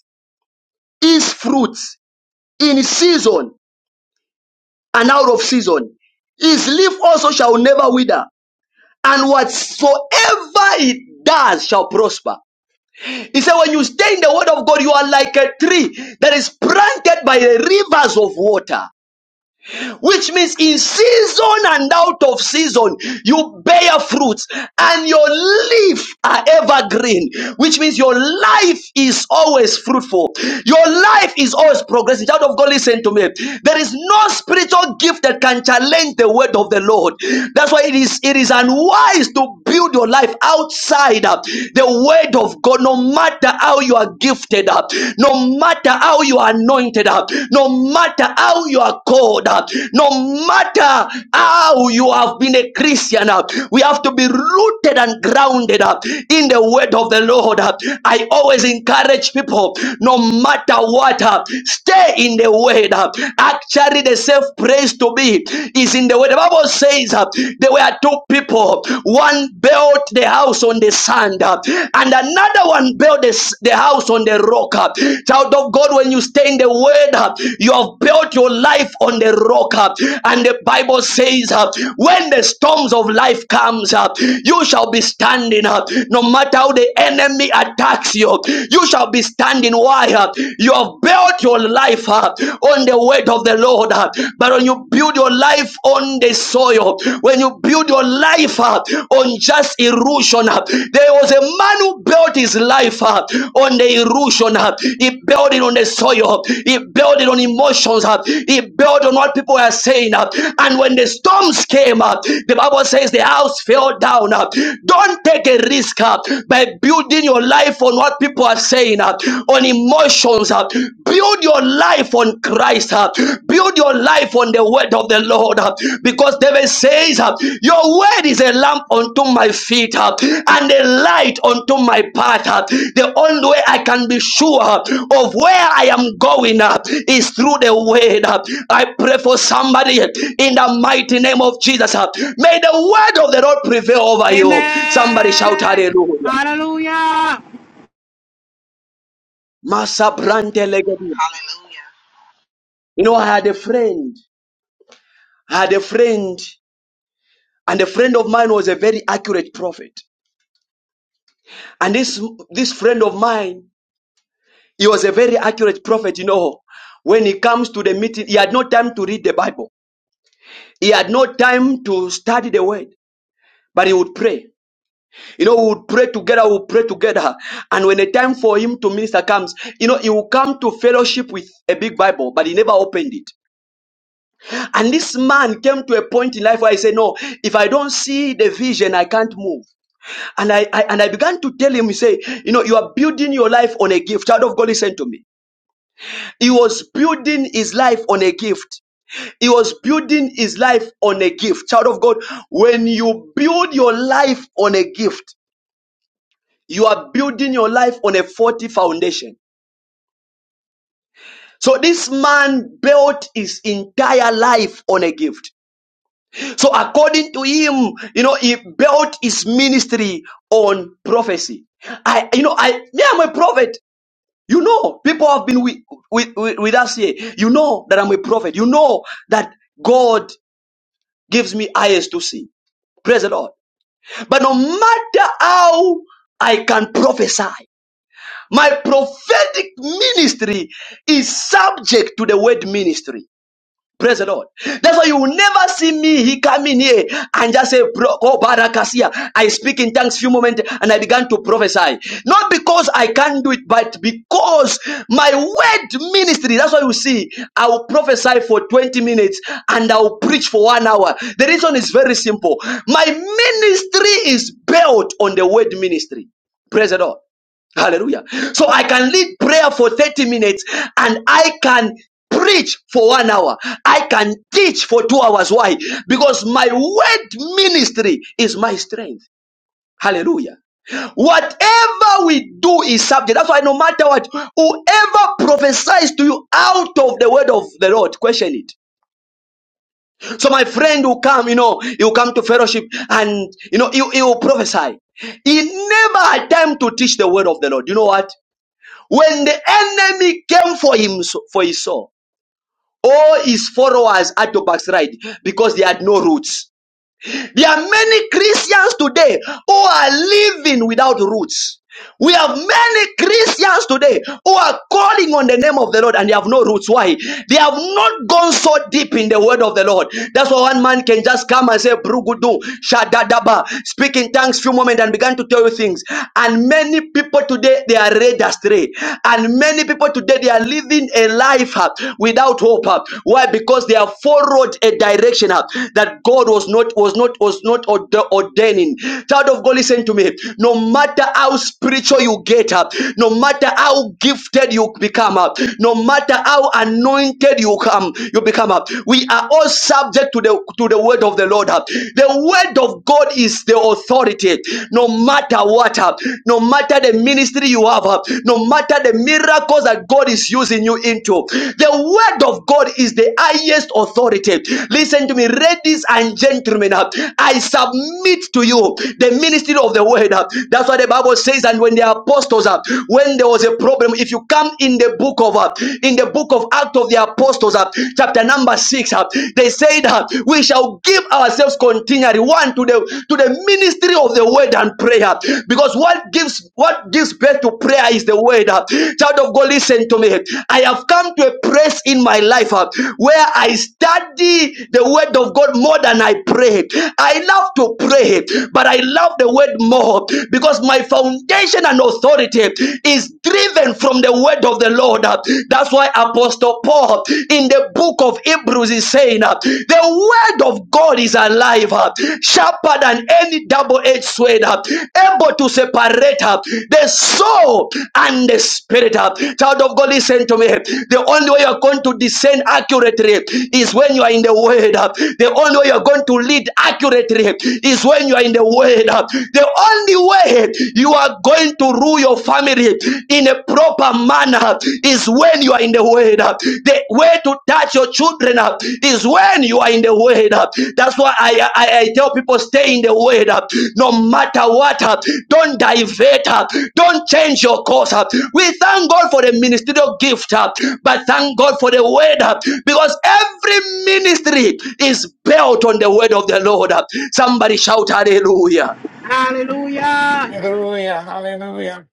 Speaker 1: his fruits in season. and out of season. His leaf also shall never wither, and whatsoever it does shall prosper. He said, When you stay in the word of God, you are like a tree that is planted by the rivers of water which means in season and out of season, you bear fruits and your leaf are evergreen, which means your life is always fruitful. Your life is always progressing. Child of God, listen to me. There is no spiritual gift that can challenge the word of the Lord. That's why it is it is unwise to build your life outside uh, the word of God, no matter how you are gifted, uh, no matter how you are anointed, uh, no matter how you are called, uh, no matter how you have been a Christian, uh, we have to be rooted and grounded uh, in the word of the Lord. uh. I always encourage people, no matter what, uh, stay in the word. uh. Actually, the safe place to be is in the word. The Bible says uh, there were two people, one built the house house on the sand, uh, and another one built this, the house on the rock. uh. Child of God, when you stay in the word, uh, you have built your life on the rock. uh, And the Bible says, uh, when the storms of life comes uh, you shall be standing uh. No matter how the enemy attacks you, you shall be standing. Why? uh, You have built your life uh, on the word of the Lord. uh, But when you build your life life on the soil, when you build your life uh, on just erosion, uh, there was a man who built his life uh, on the erosion. uh, He built it on the soil. He built it on emotions. uh, He built on what people are saying. uh, And when the storms came up, the Bible says the house fell down. uh. Don't take a risk uh, by building your life on what people are saying, uh, on emotions. uh. Build your life on Christ. huh? Build your life on the word of the Lord. huh? Because David says, huh, Your word is a lamp unto my feet huh, and a light unto my path. huh." The only way I can be sure huh, of where I am going huh, is through the word. huh. I pray for somebody in the mighty name of Jesus. huh. May the word of the Lord prevail over you. Somebody shout hallelujah. Masa Brante Legedi.
Speaker 10: Hallelujah.
Speaker 1: You know, I had a friend. I had a friend, and a friend of mine was a very accurate prophet. And this this friend of mine, he was a very accurate prophet. You know, when he comes to the meeting, he had no time to read the Bible. He had no time to study the word, but he would pray. You know, we would pray together, we would pray together. And when the time for him to minister comes, you know, he will come to fellowship with a big Bible, but he never opened it. And this man came to a point in life where he said, No, if I don't see the vision, I can't move. And I, I and I began to tell him, he say, you know, you are building your life on a gift. Child of God, listen to me. He was building his life on a gift. He was building his life on a gift. Child of God, when you build your life on a gift, you are building your life on a faulty foundation. So this man built his entire life on a gift. So according to him, you know, he built his ministry on prophecy. I, you know, I, me, I'm a prophet. You know, people have been with, with, with, with us here. You know that I'm a prophet. You know that God gives me eyes to see. Praise the Lord. But no matter how I can prophesy, my prophetic ministry is subject to the word ministry. Praise the Lord. That's why you will never see me he come in here and just say, oh, Barakasia. I speak in tongues few moments and I began to prophesy. Not because I can't do it, but because my word ministry. That's why you see, I will prophesy for 20 minutes and I will preach for one hour. The reason is very simple. My ministry is built on the word ministry. Praise the Lord. Hallelujah. So I can lead prayer for 30 minutes and I can preach for one hour. I can teach for two hours. Why? Because my word ministry is my strength. Hallelujah. Whatever we do is subject. That's why no matter what, whoever prophesies to you out of the word of the Lord, question it. So my friend will come, you know, he'll come to fellowship and, you know, he he will prophesy. He never had time to teach the word of the Lord. You know what? When the enemy came for him so, for his soul, all his followers had to backslide because they had no roots. There are many Christians today who are living without roots. We have many Christians today who are calling on the name of the Lord and they have no roots. Why? They have not gone so deep in the word of the Lord. That's why one man can just come and say, Brugudu, Shadadaba, speak in tongues few moments and began to tell you things. And many people today, they are led astray. And many people today, they are living a life uh, without hope. uh. Why? Because they have followed a direction uh, that God was not, was not, was not orde- ordaining. Child of God, listen to me. No matter how how spiritual you get up, no matter how gifted you become up, no matter how anointed you come, you become up. We are all subject to the to the word of the Lord. uh. The word of God is the authority. No matter what, uh, no matter the ministry you have, uh, no matter the miracles that God is using you into, the word of God is the highest authority. Listen to me, ladies and gentlemen. uh, I submit to you the ministry of the word. uh, That's that's why the Bible says, and when the apostles are, when there was a problem, if you come in the book of uh, in the book of Act of the Apostles, uh, chapter number six, uh, they said, uh, "We shall give ourselves continually one to the to the ministry of the word and prayer, because what gives what gives birth to prayer is the word." uh. Child of God, listen to me. I have come to a place in my life uh, where I study the word of God more than I pray. I love to pray, but I love the word more. God because my foundation and authority is driven from the word of the Lord. That's why Apostle Paul in the book of Hebrews is saying, uh, The word of God is alive, uh, sharper than any double edged sword, uh, able to separate uh, the soul and the spirit. uh." Child of God, listen to me. The only way you're going to discern accurately is when you are in the word. uh. The only way you're going to lead accurately is when you are in the word. uh. The the only way you are going to rule your family in a proper manner is when you are in the word. The way to touch your children is when you are in the word. That's why I, I, I tell people stay in the word no matter what. Don't divert. Don't change your course. We thank God for the ministerial gift, but thank God for the word because every ministry is built on the word of the Lord. Somebody shout hallelujah.
Speaker 2: Hallelujah.
Speaker 8: Hallelujah, hallelujah.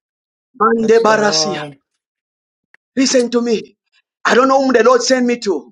Speaker 1: Mande
Speaker 8: Bless the
Speaker 1: Barasia.
Speaker 8: Lord.
Speaker 1: Listen to me. I don't know whom the Lord sent me to.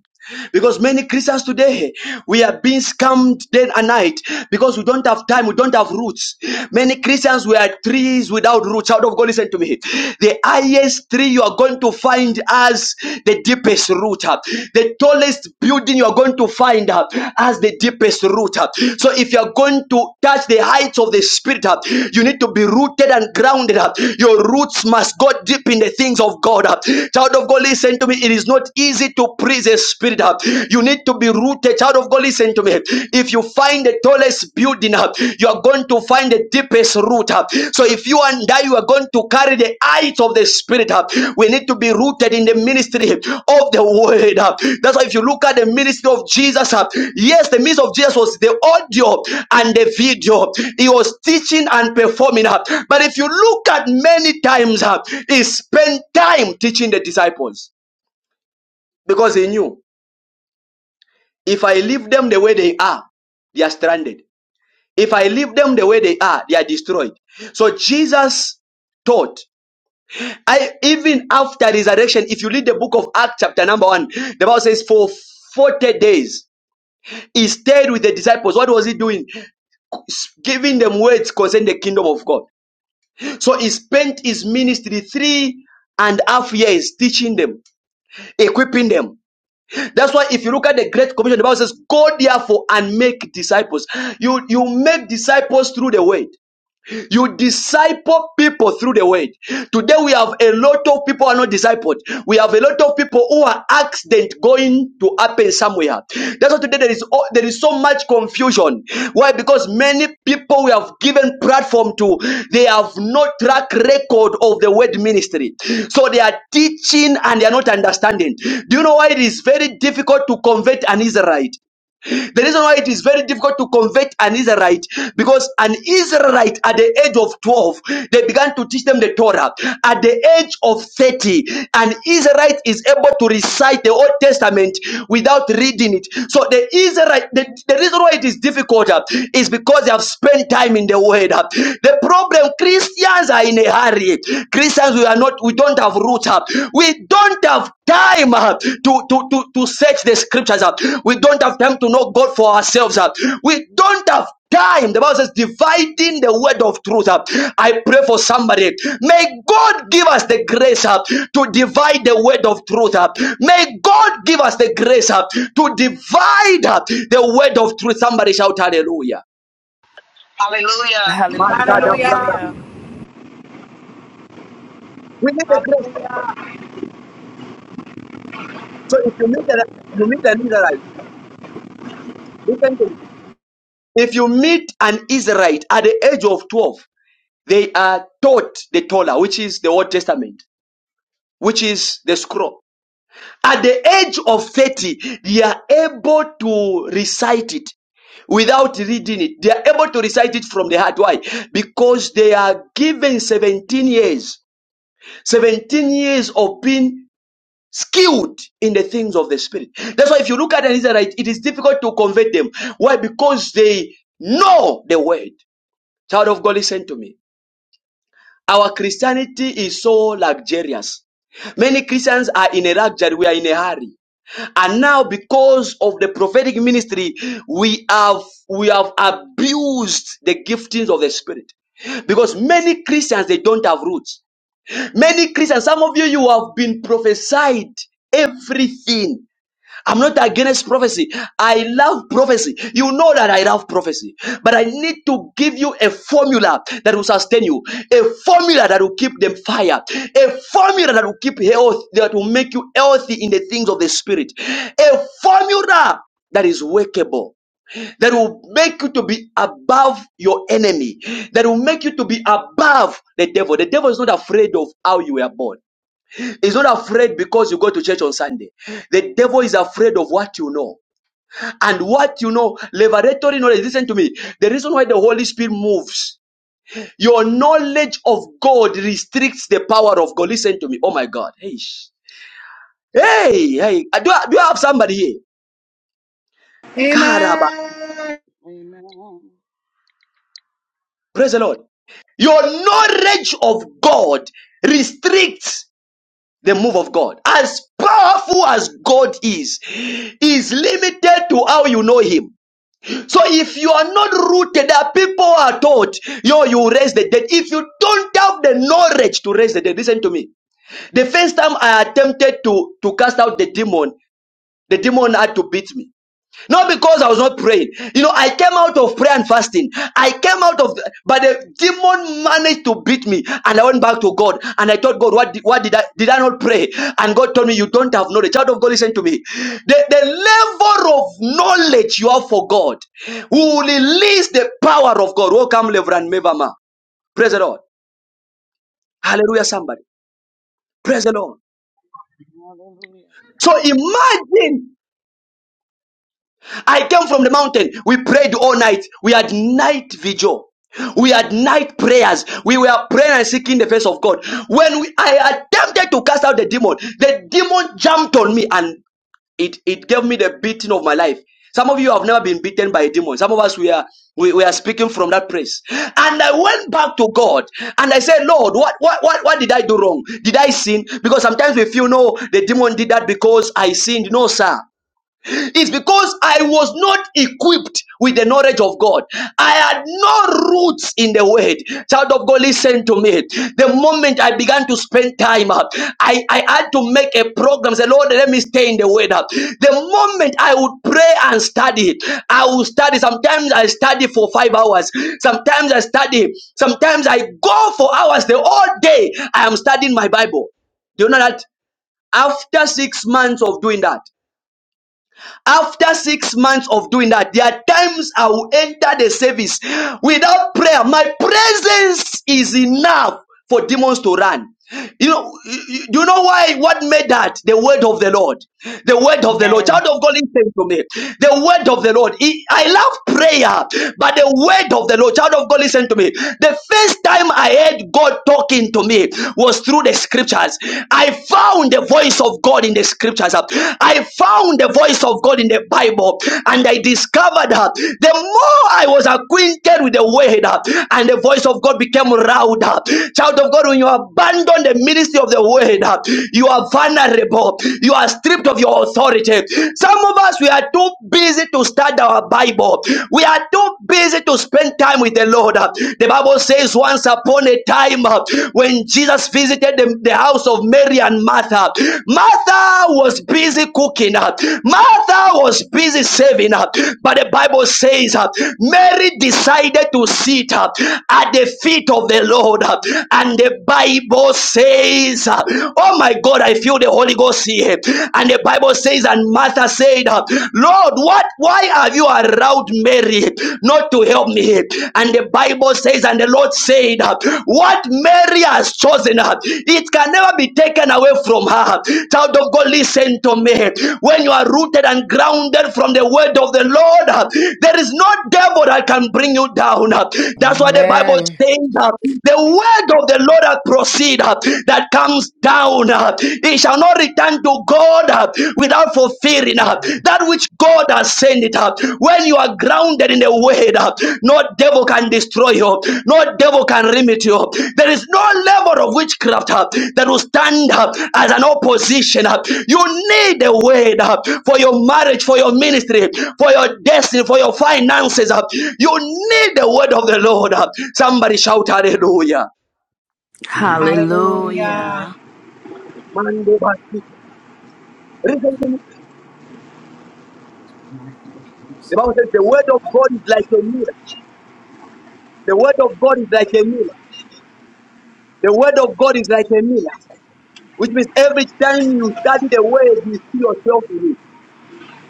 Speaker 1: Because many Christians today, we are being scammed day and night because we don't have time, we don't have roots. Many Christians, we are trees without roots. Child of God, listen to me. The highest tree you are going to find as the deepest root. uh, The tallest building you are going to find uh, as the deepest root. uh. So if you are going to touch the heights of the spirit, uh, you need to be rooted and grounded. uh. Your roots must go deep in the things of God. uh. Child of God, listen to me. It is not easy to praise the spirit up. You need to be rooted. Child of God, listen to me. If you find the tallest building up, you are going to find the deepest root up. So if you and I, you are going to carry the height of the spirit up. We need to be rooted in the ministry of the word up. That's why if you look at the ministry of Jesus up, yes, the ministry of Jesus was the audio and the video. He was teaching and performing up. But if you look at many times up, he spent time teaching the disciples because he knew if I leave them the way they are, they are stranded. If I leave them the way they are, they are destroyed. So Jesus taught. I even after resurrection, if you read the book of Acts, chapter number one, the Bible says, For 40 days he stayed with the disciples. What was he doing? S- Giving them words concerning the kingdom of God. So he spent his ministry three and a half years teaching them, equipping them. That's why if you look at the Great Commission, the Bible says, Go therefore and make disciples. You you make disciples through the word. You disciple people through the word. Today we have a lot of people who are not discipled. We have a lot of people who are accident going to happen somewhere. That's why today there is oh, there is so much confusion. Why? Because many people we have given platform to, they have no track record of the word ministry. So they are teaching and they are not understanding. Do you know why it is very difficult to convert an Israelite? The reason why it is very difficult to convert an Israelite because an Israelite at the age of 12, they began to teach them the Torah. At the age of 30, an Israelite is able to recite the Old Testament without reading it. So the Israelite, the, the reason why it is difficult uh, is because they have spent time in the Word. uh. The problem Christians are in a hurry. Christians, we are not, we don't have roots. uh, We don't have time uh, to, to, to, to search the scriptures. uh, We don't have time to know God for ourselves. uh, We don't have time. The Bible says, dividing the word of truth. uh, I pray for somebody. May God give us the grace uh, to divide the word of truth. uh, May God give us the grace uh, to divide uh, the word of truth. Somebody shout hallelujah.
Speaker 10: Hallelujah.
Speaker 11: Hallelujah.
Speaker 4: Yeah.
Speaker 11: Hallelujah.
Speaker 1: We need the grace. So if you need the you need the need the right? You can do If you meet an Israelite at the age of 12, they are taught the Torah, which is the Old Testament, which is the scroll. At the age of 30, they are able to recite it without reading it. They are able to recite it from the heart. Why? Because they are given 17 years, 17 years of being skilled in the things of the spirit. That's why if you look at an Israelite, it is difficult to convert them. Why? Because they know the word. Child of God, listen to me. Our Christianity is so luxurious. Many Christians are in a luxury, we are in a hurry. And now, because of the prophetic ministry, we have we have abused the giftings of the spirit. Because many Christians they don't have roots. Many Christians, some of you you have been prophesied everything I'm not against prophecy. I love prophecy. You know that I love prophecy. But I need to give you a formula that will sustain you, a formula that will keep them fire, a formula that will keep health, that will make you healthy in the things of the spirit, a formula that is workable. That will make you to be above your enemy. That will make you to be above the devil. The devil is not afraid of how you were born. He's not afraid because you go to church on Sunday. The devil is afraid of what you know. And what you know, revelatory knowledge, listen to me. The reason why the Holy Spirit moves, your knowledge of God restricts the power of God. Listen to me. Oh my God. Hey, sh- hey, hey. Uh, Do I, do I have somebody here? Karaba.
Speaker 2: Amen.
Speaker 12: Amen. Hallelujah.
Speaker 1: Praise the Lord. Your knowledge of God restricts the move of God. As powerful as God is, is limited to how you know Him. So if you are not rooted, there are people who are taught, yo, you raise the dead. If you don't have the knowledge to raise the dead, listen to me. The first time I attempted to, to cast out the demon, the demon had to beat me. Not because I was not praying. You know, I came out of prayer and fasting. I came out of, the, but the demon managed to beat me, and I went back to God. And I told God, "What? Did, what did I? Did I not pray?" And God told me, "You don't have knowledge." Child of God, listen to me. The, the level of knowledge you have for God will release the power of God. Welcome, Reverend Mevama. Praise the Lord. Hallelujah. Somebody. Praise the Lord.
Speaker 12: Yes,
Speaker 1: So imagine. I came from the mountain. We prayed all night. We had night vigil. We had night prayers. We were praying and seeking the face of God. When we, I attempted to cast out the demon, the demon jumped on me and it, it gave me the beating of my life. Some of you have never been beaten by a demon. Some of us we are we, we are speaking from that place. And I went back to God and I said, Lord, what, what what what did I do wrong? Did I sin? Because sometimes we feel no, the demon did that because I sinned. No, sir. It's because I was not equipped with the knowledge of God. I had no roots in the word. Child of God, listen to me. The moment I began to spend time up, I, I had to make a program. Say, Lord, let me stay in the word up. The moment I would pray and study, I would study. Sometimes I study for five hours. Sometimes I study. Sometimes I go for hours. The whole day I am studying my Bible. Do you know that? After six months of doing that, after six months of doing that, there are times I will enter the service without prayer. My presence is enough for demons to run. You know, you know why? What made that? The word of the Lord. The word of the Lord. Child
Speaker 8: Amen.
Speaker 1: of God, listen to me. The word of the Lord. He- I love prayer, but the word of the Lord. Child of God, listen to me. The first time I heard God talking to me was through the scriptures. I found the voice of God in the scriptures. I found the voice of God in the Bible and I discovered her. The more I was acquainted with the word uh, and the voice of God became louder. Child of God, when you abandon the ministry of the word, uh, you are vulnerable. You are stripped of your authority. Some of us, we are too busy to study our Bible. We are too busy to spend time with the Lord. Uh, The Bible Bible says, once upon a time, uh, when Jesus visited the, the house of Mary and Martha, Martha was busy cooking, uh, Martha was busy serving, uh, but the Bible says, uh, Mary decided to sit uh, at the feet of the Lord, uh, and the Bible says, uh, Oh my God, I feel the Holy Ghost here. And the Bible says, and Martha said, uh, Lord, what? Why why have you allowed Mary not to help me? And the Bible says, and the Lord said, What Mary has chosen, it can never be taken away from her. Child of God, listen to me. When you are rooted and grounded from the word of the Lord, there is no devil that can bring you down. That's why the Bible
Speaker 8: Amen.
Speaker 1: says uh, the word of the Lord that proceed uh, that comes down. uh, It shall not return to God uh, without fulfilling uh, that which God has sent it. uh. When you are grounded in the word, uh, no devil can destroy you, no devil can limit you. There is no level of witchcraft uh, that will stand up as an opposition. uh. You need the word uh, for your marriage, for your ministry, for your destiny, for your finances. uh. You need the word of the Lord. uh. Somebody shout hallelujah.
Speaker 11: Hallelujah.
Speaker 1: Man, The Bible says the word of God is like a mirror. The word of God is like a mirror. The word of God is like a mirror, which means every time you study the word, you see yourself in it.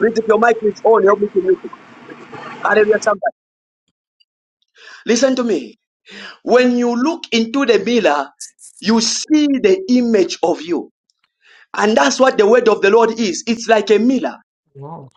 Speaker 1: Please, if your mic is on, help me to mute it. Hallelujah, somebody. Listen to me. When you look into the mirror, you see the image of you. And that's what the word of the Lord is. It's like a mirror.
Speaker 8: Lord.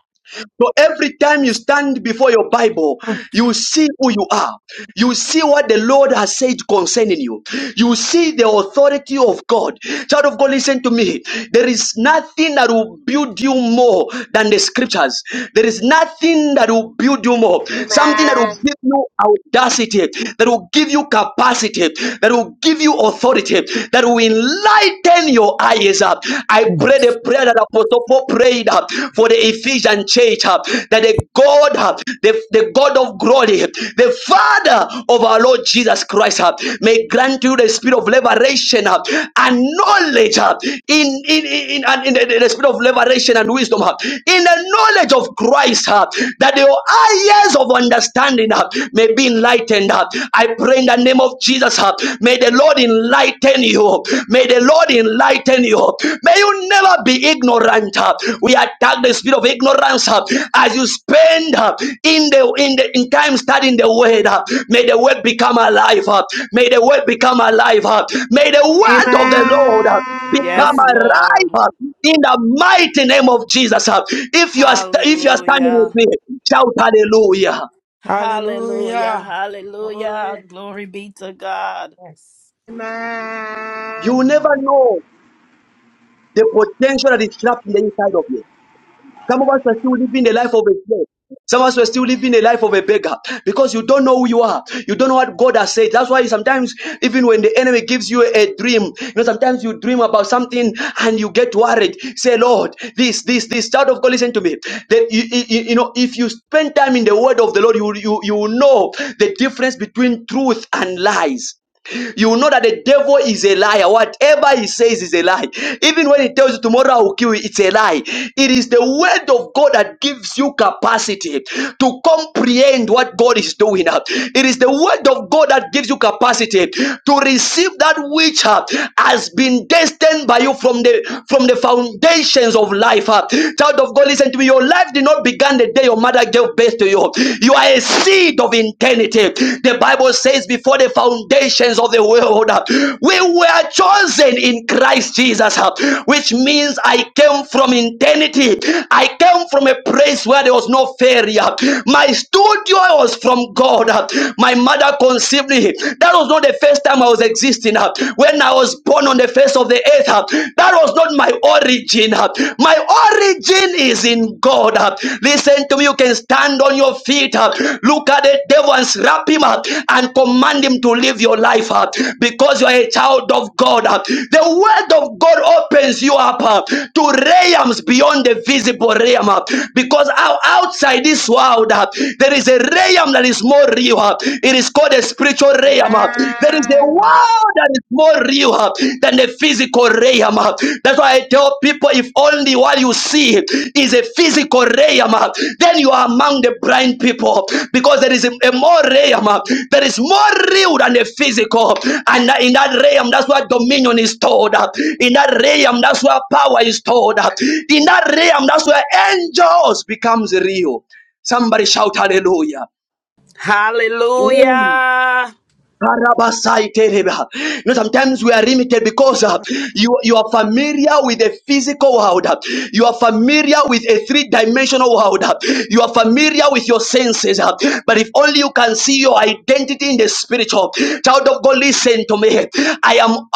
Speaker 1: So every time you stand before your Bible, you see who you are. You see what the Lord has said concerning you. You see the authority of God. Child of God, listen to me. There is nothing that will build you more than the scriptures. There is nothing that will build you more. Something that will give you audacity, that will give you capacity, that will give you authority, that will enlighten your eyes up. I pray the prayer that Apostle Paul prayed uh, for the Ephesian church uh, that the God, uh, the, the God of glory, the Father of our Lord Jesus Christ, uh, may grant you the spirit of liberation uh, and knowledge uh, in, in, in, and in the, the spirit of liberation and wisdom uh, in the knowledge of Christ, uh, that your eyes of understanding uh, may be enlightened. uh. I pray in the name of Jesus. uh, May the Lord enlighten you. May the Lord enlighten you. May you never be ignorant. We attack the spirit of ignorance uh, as you spend uh, in the in the in time studying the word. Uh, May the word become alive. Uh, May the word become alive. Uh, May the word of the Lord uh, become
Speaker 11: Yes,
Speaker 2: Amen.
Speaker 11: Lord.
Speaker 1: alive uh, in the mighty name of Jesus. Uh, If you are st- if you are standing with
Speaker 11: Hallelujah.
Speaker 1: me, shout hallelujah.
Speaker 11: Hallelujah.
Speaker 8: Hallelujah.
Speaker 11: Hallelujah.
Speaker 8: Glory.
Speaker 11: Glory be to God.
Speaker 8: Yes.
Speaker 1: You will
Speaker 8: Hallelujah.
Speaker 1: never know the potential that is trapped in the inside of you. Some of us are still living the life of a slave. Some of us are still living the life of a beggar because you don't know who you are. You don't know what God has said. That's why sometimes, even when the enemy gives you a dream, you know, sometimes you dream about something and you get worried. Say, Lord, this, this, this. Child of God, listen to me. That you, you, you know, if you spend time in the Word of the Lord, you you you will know the difference between truth and lies you will know that the devil is a liar. Whatever he says is a lie. Even when he tells you tomorrow I will kill you, it's a lie. It is the word of God that gives you capacity to comprehend what God is doing. It is the word of God that gives you capacity to receive that which uh, has been destined by you from the from the foundations of life. uh. Child of God, listen to me. Your life did not begin the day your mother gave best to you. You are a seed of eternity. The Bible says, before the foundations of the world, uh, we were chosen in Christ Jesus, uh, which means I came from eternity. I came from a place where there was no failure. My studio was from God. uh, My mother conceived me. That was not the first time I was existing. uh, When I was born on the face of the earth, uh, that was not my my origin. uh, My origin is in God. uh. Listen to me. You can stand on your feet. uh, Look at the devil and slap him up and command him to live your life up because you are a child of God. uh. The word of God opens you up uh, to realms beyond the visible realm uh, because out- outside this world uh, there is a realm that is more real. uh. It is called a spiritual realm. There is a
Speaker 2: Amen.
Speaker 1: world that is more real uh, than the physical realm. uh. That's why I tell people if only what you see is a physical realm, uh, then you are among the blind people because there is a, a more realm uh, that is more real than the physical. And that- in that realm, that's where dominion is stored up. In that realm, that's where power is stored up. In that realm, that's where angels becomes real. Somebody shout hallelujah.
Speaker 11: Hallelujah.
Speaker 1: Karabasaitereba. You know, sometimes we are limited because uh, you, you are familiar with the physical world. uh, You are familiar with a three dimensional world. uh, You are familiar with your senses. uh, But if only you can see your identity in the spiritual, child of God, listen to me. I am I am a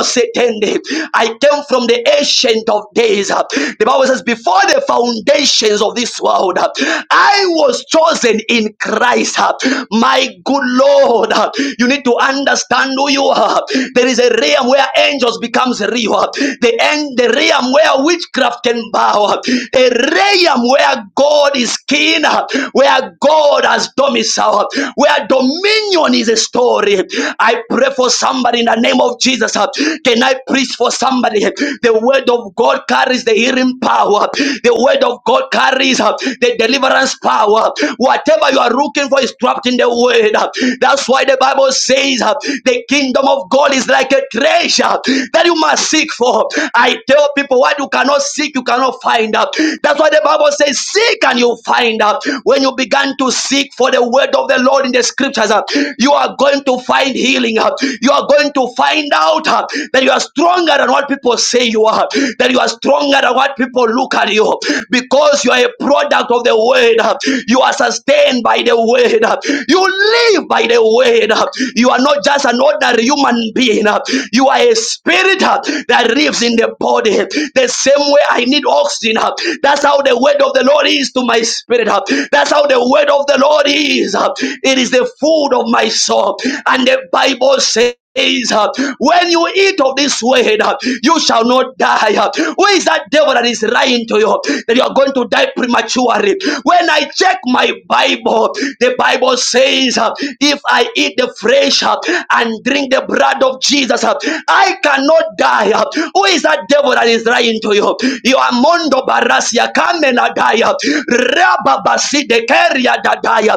Speaker 1: Ayalabosetende. I came from the ancient of days. uh, The Bible says, before the foundations of this world, uh, I was was chosen in Christ. uh, My good Lord, uh, you need to understand who you are. There is a realm where angels becomes real. uh, The end, the realm where witchcraft can bow. uh, A realm where God is king, uh, where God has domicile, uh, where dominion is a story. I pray for somebody in the name of Jesus. uh, Can I preach for somebody? The word of God carries the the healing power. The word of God carries uh, the deliverance power. Whatever you are looking for is trapped in the word. Uh, That's why the Bible says uh, the kingdom of God is like a treasure uh, that you must seek for. I tell people what you cannot seek, you cannot find out. That's why the Bible says, Seek and you find out. When you began to seek for the word of the Lord in the scriptures, uh, you are going to find healing. uh, You are going to find out out uh, that you are stronger than what people say you are, that you are stronger than what people look at you, because you are a product of the word. uh, You are sustained by the word. uh, You live by the word. uh, You are not just an ordinary human being. uh, You are a spirit uh, that lives in the body. The same way I need oxygen. uh, That's how the word of the Lord is to my spirit. uh, That's how the word of the Lord is. uh, It is the food of my soul. And the Bible says days. uh, When you eat of this word, uh, you shall not die. uh. Who is that devil that is lying to you that you are going to die prematurely? When I check my Bible, the Bible says, uh, If I eat the flesh uh, and drink the blood of Jesus, uh, I cannot die. uh. Who is that devil that is lying to you? You are Mondo Barasia, Kamenadaya, Rababasi, de Keri. Maria Dadaya,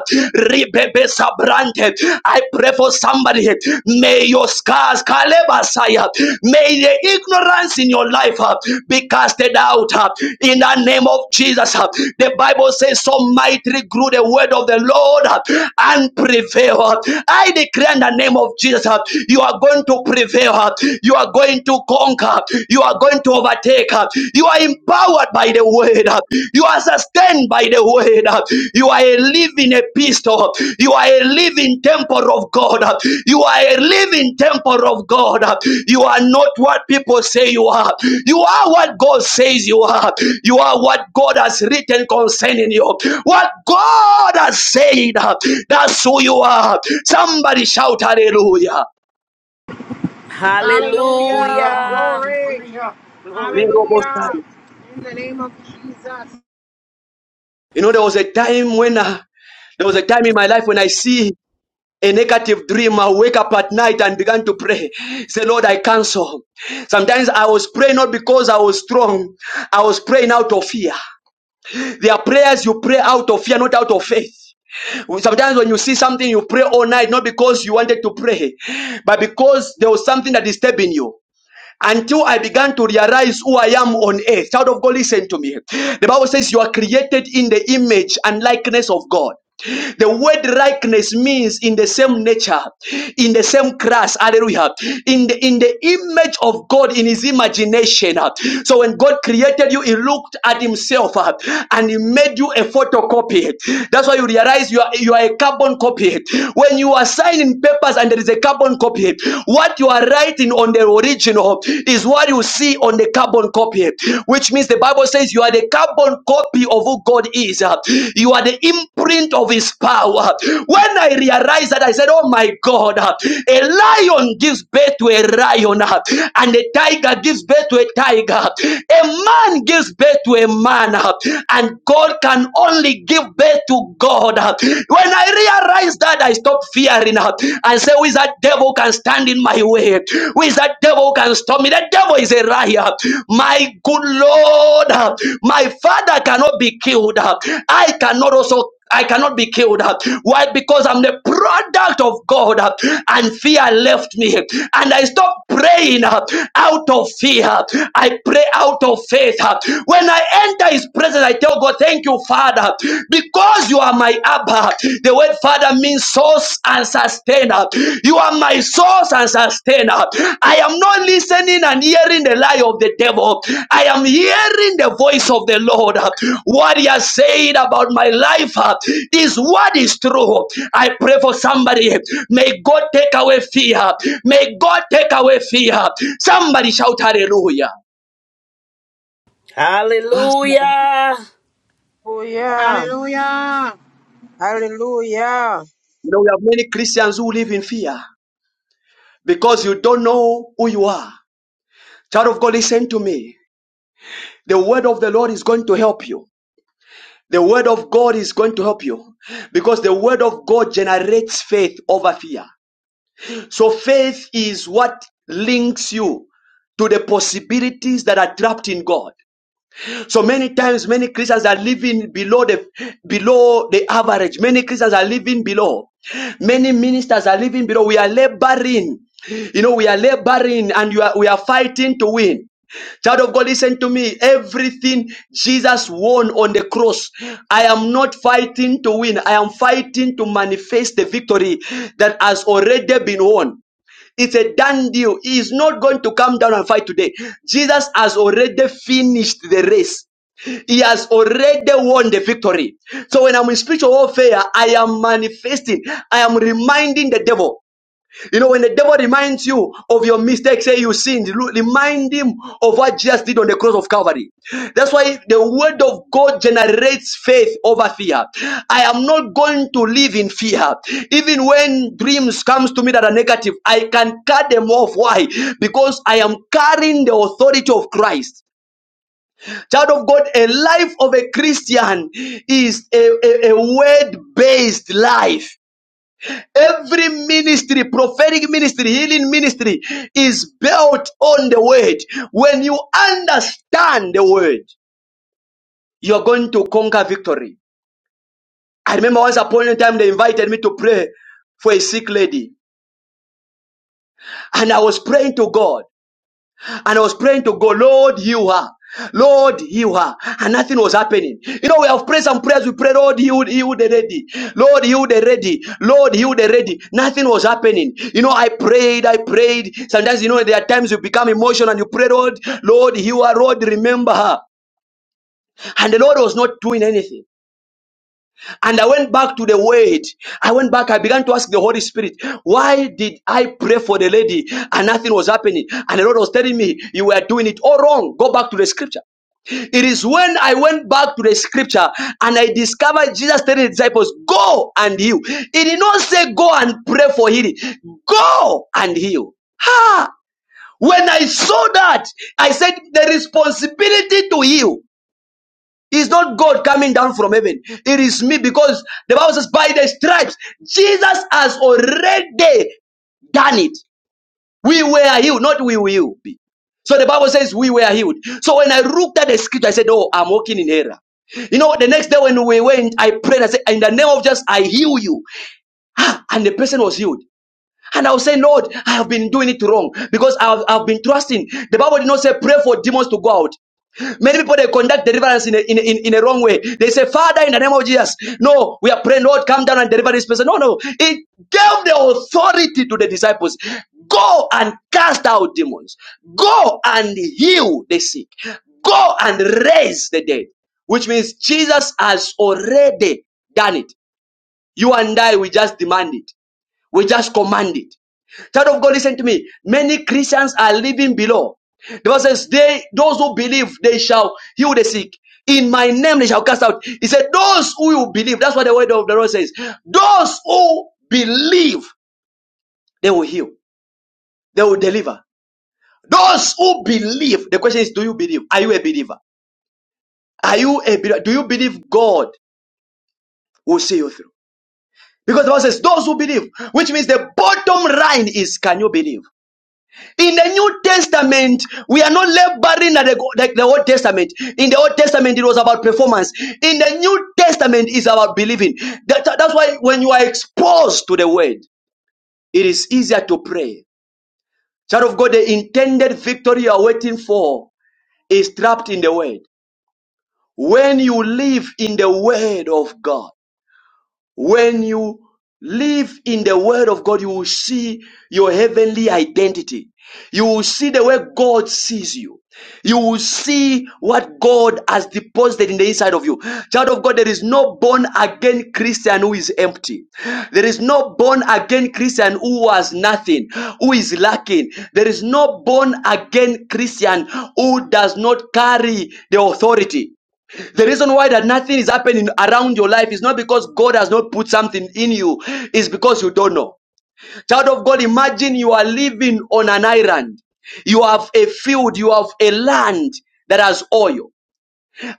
Speaker 1: I pray for somebody. May your scars, Kalebasaya, may the ignorance in your life uh, be casted out uh, in the name of Jesus. uh. The Bible says, So mightily grew the word of the Lord uh, and prevail. uh. I declare in the name of Jesus, uh, you are going to prevail, uh, you are going to conquer, you are going to overtake, uh, you are empowered by the word.
Speaker 12: Lord,
Speaker 1: You are sustained by the word. You are a living epistle. You are a living temple of God. You are a living temple of God. You are not what people say you are. You are what God says you are. You are what God has written concerning you. What God has said, that's who you are. Somebody shout hallelujah.
Speaker 12: hallelujah.
Speaker 8: Hallelujah.
Speaker 11: Hallelujah.
Speaker 12: In the name
Speaker 8: Hallelujah. Glory.
Speaker 1: You know, there was a time when uh, there was a time in my life when I see a negative dream. I wake up at night and began to pray. Say, Lord, I cancel. Sometimes I was praying not because I was strong. I was praying out of fear. There are prayers you pray out of fear, not out of faith. Sometimes when you see something, you pray all night, not because you wanted to pray, but because there was something that is disturbing you until I began to realize who I am on earth. Child of God, listen to me. The Bible says you are created in the image and likeness of God. The word likeness means in the same nature, in the same class, hallelujah, in the in the image of God in his imagination. uh. So when God created you, he looked at himself uh, and he made you a photocopy. That's why you realize you are you are a carbon copy. When you are signing papers and there is there is a carbon copy. What you are writing on the original is what you see on the carbon copy, which means the Bible says you are the carbon copy of who God is. You are the imprint of His power. When I realized that, I said, Oh my God, a lion gives birth to a lion, and a tiger gives birth to a tiger. A man gives birth to a man, and God can only give birth to God. When I realized that, I stopped fearing her. I say, Who is that devil can stand in my way? Who is that devil can stop me? The devil is a liar. My good Lord, my father cannot be killed. I cannot also I cannot be killed. Why? Because I'm the product of God. And fear left me. And I stopped praying out of fear. I pray out of faith. When I enter his presence, I tell God, thank you, Father, because you are my Abba. The word Father means source and sustainer. You are my source and sustainer. I am not listening and hearing the lie of the devil. I am hearing the voice of the Lord. What he has said about my life uh, is what is true. I pray for somebody. May God take away fear. May God take away fear. Somebody shout hallelujah. You
Speaker 11: Hallelujah.
Speaker 13: Hallelujah.
Speaker 2: Hallelujah.
Speaker 13: Hallelujah.
Speaker 1: know, we have many Christians who live in fear. because you don't know who you are. Child of God, listen to me. The word of the Lord is going to help you. The word of God is going to help you because the word of God generates faith over fear. So faith is what links you to the possibilities that are trapped in God. So many times, many Christians are living below the below the average. Many Christians are living below. Many ministers are living below. We are laboring. You know, we are laboring and you are, we are fighting to win. Child of God, listen to me. Everything Jesus won on the cross, I am not fighting to win. I am fighting to manifest the victory that has already been won. It's a done deal. He is not going to come down and fight today. Jesus has already finished the race. He has already won the victory. So when I'm in spiritual warfare, I am manifesting. I am reminding the devil. You know, when the devil reminds you of your mistakes, say you sinned, remind him of what Jesus did on the cross of Calvary. That's why the word of God generates faith over fear. I am not going to live in fear. Even when dreams comes to me that are negative, I can cut them off. Why? Because I am carrying the authority of Christ. Child of God, a life of a Christian is a, a word based life. Every ministry, prophetic ministry, healing ministry is built on the word. When you understand the word, you're going to conquer victory. I remember once upon a time they invited me to pray for a sick lady and I was praying to God. and I was praying to God, Lord, heal her. Lord, heal her. And nothing was happening. You know, we have prayed some prayers. We pray, Lord, heal, heal the ready. Lord, heal the ready. Lord, heal the ready. Nothing was happening. You know, I prayed, I prayed. Sometimes, you know, there are times you become emotional and you pray, Lord, Lord, heal her. Lord, remember her. And the Lord was not doing anything. And I went back to the word. I went back. I began to ask the Holy Spirit, why did I pray for the lady and nothing was happening? And the Lord was telling me, you were doing it all wrong. Go back to the scripture. It is when I went back to the scripture and I discovered Jesus telling the disciples, go and heal. He did not say go and pray for healing. Go and heal. Ha! When I saw that, I said the responsibility to heal. It's not God coming down from heaven. It is me because the Bible says, by the stripes, Jesus has already done it. We were healed, not we will be. So the Bible says we were healed. So when I looked at the scripture, I said, Oh, I'm walking in error. You know, the next day when we went, I prayed, I said, In the name of Jesus, I heal you. Ah, And the person was healed. And I was saying, Lord, I have been doing it wrong because I've, I've been trusting. The Bible did not say pray for demons to go out. Many people they conduct deliverance in a, in, in, in a wrong way. They say, Father, in the name of Jesus, no, we are praying, Lord, come down and deliver this person. No, no. It gave the authority to the disciples. Go and cast out demons. Go and heal the sick. Go and raise the dead. Which means Jesus has already done it. You and I, we just demand it. We just command it. Child of God, listen to me. Many Christians are living below. The Bible says, they, those who believe, they shall heal the sick. In my name, they shall cast out. He said, those who will believe, that's what the word of the Lord says. Those who believe, they will heal. They will deliver. Those who believe, the question is, do you believe? Are you a believer? Are you a believer? Do you believe God will see you through? Because the Bible says, those who believe, which means the bottom line is, can you believe? In the New Testament, we are not laboring at the, like the Old Testament. In the Old Testament, it was about performance. In the New Testament, it's about believing. That, that's why when you are exposed to the Word, it is easier to pray. Child of God, the intended victory you are waiting for is trapped in the Word. When you live in the Word of God, When you live in the Word of God, you will see your heavenly identity. You will see the way God sees you. You will see what God has deposited in the inside of you. Child of God, there is no born again Christian who is empty. There is no born again Christian who has nothing, who is lacking. There is no born again Christian who does not carry the authority. The reason why that nothing is happening around your life is not because God has not put something in you, it's because you don't know. Child of God, imagine you are living on an island. You have a field, you have a land that has oil.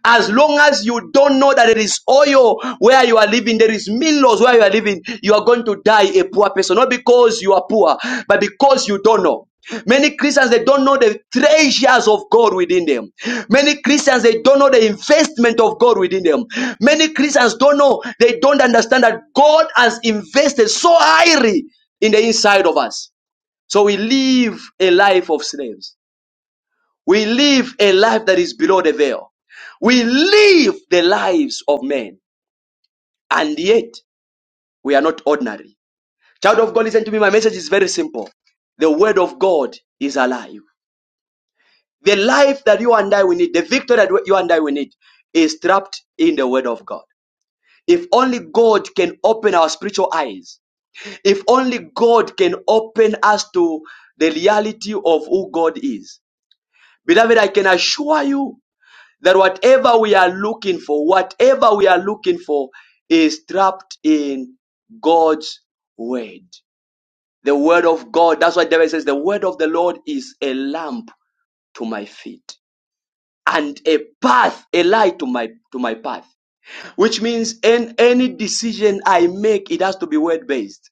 Speaker 1: As long as you don't know that there is oil where you are living, there is meals where you are living, you are going to die a poor person. Not because you are poor, but because you don't know. Many Christians they don't know the treasures of God within them. Many Christians they don't know the investment of God within them. Many Christians don't know they don't understand that God has invested so highly in the inside of us. So we live a life of slaves. We live a life that is below the veil. We live the lives of men, and yet we are not ordinary. Child of God, listen to me. My message is very simple. The word of God is alive. The life that you and I we need, the victory that you and I we need, is trapped in the word of God. If only God can open our spiritual eyes, if only God can open us to the reality of who God is. Beloved, I can assure you that whatever we are looking for, whatever we are looking for is trapped in God's word. The word of God. That's why David says the word of the Lord is a lamp to my feet and a path, a light to my to my path. Which means in any decision I make, it has to be word based.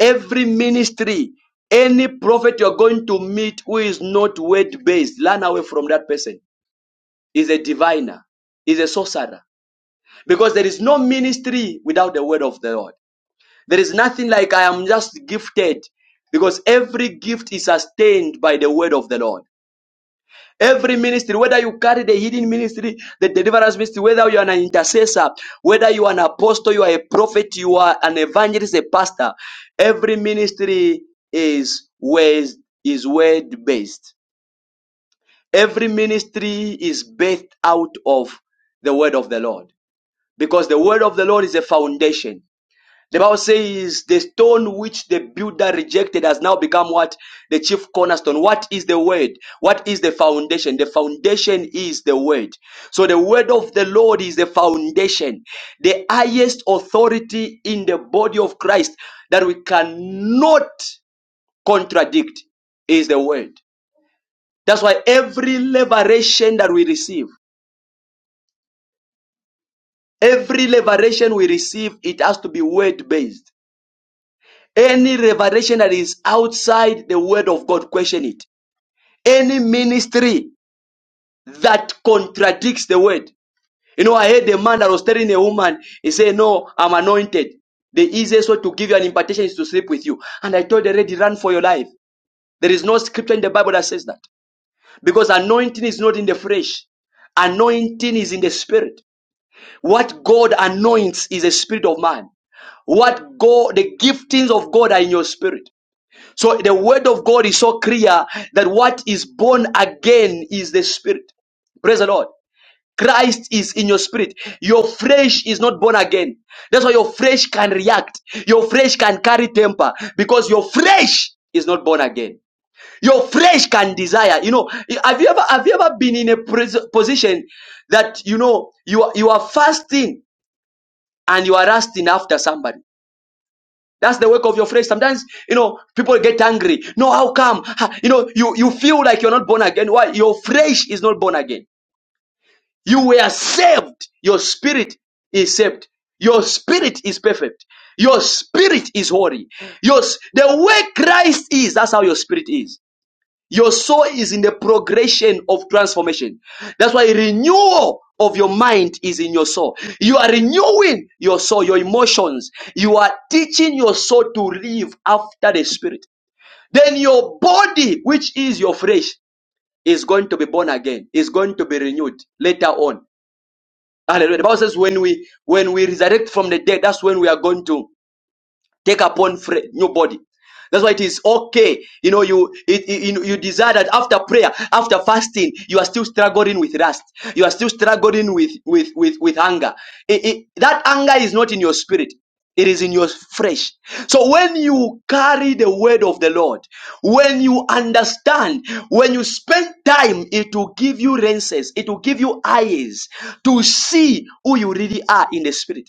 Speaker 1: Every ministry, any prophet you're going to meet who is not word based, learn away from that person. Is a diviner, is a sorcerer Because there is no ministry without the word of the Lord. There is nothing like I am just gifted because every gift is sustained by the word of the Lord. Every ministry, whether you carry the hidden ministry, the deliverance ministry, whether you are an intercessor, whether you are an apostle, you are a prophet, you are an evangelist, a pastor, every ministry is word, is word based. Every ministry is based out of the word of the Lord because the word of the Lord is a foundation. The Bible says the stone which the builder rejected has now become what? The chief cornerstone. What is the word? What is the foundation? The foundation is the word. So the word of the Lord is the foundation, the highest authority in the body of Christ that we cannot contradict is the word. That's why every liberation that we receive, every liberation we receive, it has to be word based Any revelation that is outside the word of God, question it. Any ministry that contradicts the word. You know, I heard a man that was telling a woman, he said, No, I'm anointed. The easiest way to give you an impartation is to sleep with you. And I told the lady, Run for your life. There is no scripture in the Bible that says that. Because anointing is not in the flesh, anointing is in the spirit. What God anoints is the spirit of man. What God, the giftings of God are in your spirit. So the word of God is so clear that what is born again is the spirit. Praise the Lord. Christ is in your spirit. Your flesh is not born again. That's why your flesh can react. Your flesh can carry temper because your flesh is not born again. Your flesh can desire. You know, have you ever have you ever been in a pres- position that you know you are, you are fasting and you are lusting after somebody? That's the work of your flesh. Sometimes, you know, people get angry. No, how come? Ha, You know, you, you feel like you're not born again. Why? Your flesh is not born again. You were saved. Your spirit is saved. Your spirit is perfect. Your spirit is holy. Your, s- the way Christ is, that's how your spirit is. Your soul is in the progression of transformation. That's why renewal of your mind is in your soul. You are renewing your soul, your emotions. You are teaching your soul to live after the spirit. Then your body, which is your flesh, is going to be born again, is going to be renewed later on. Hallelujah. The Bible says when we when we resurrect from the dead, that's when we are going to take upon fre- new body. That's why it is okay. You know, you it- you you desire that after prayer, after fasting, you are still struggling with lust. You are still struggling with with with with anger. It- it- that anger is not in your spirit. It is in your flesh. So when you carry the word of the Lord, when you understand, when you spend time, it will give you lenses. It will give you eyes to see who you really are in the spirit.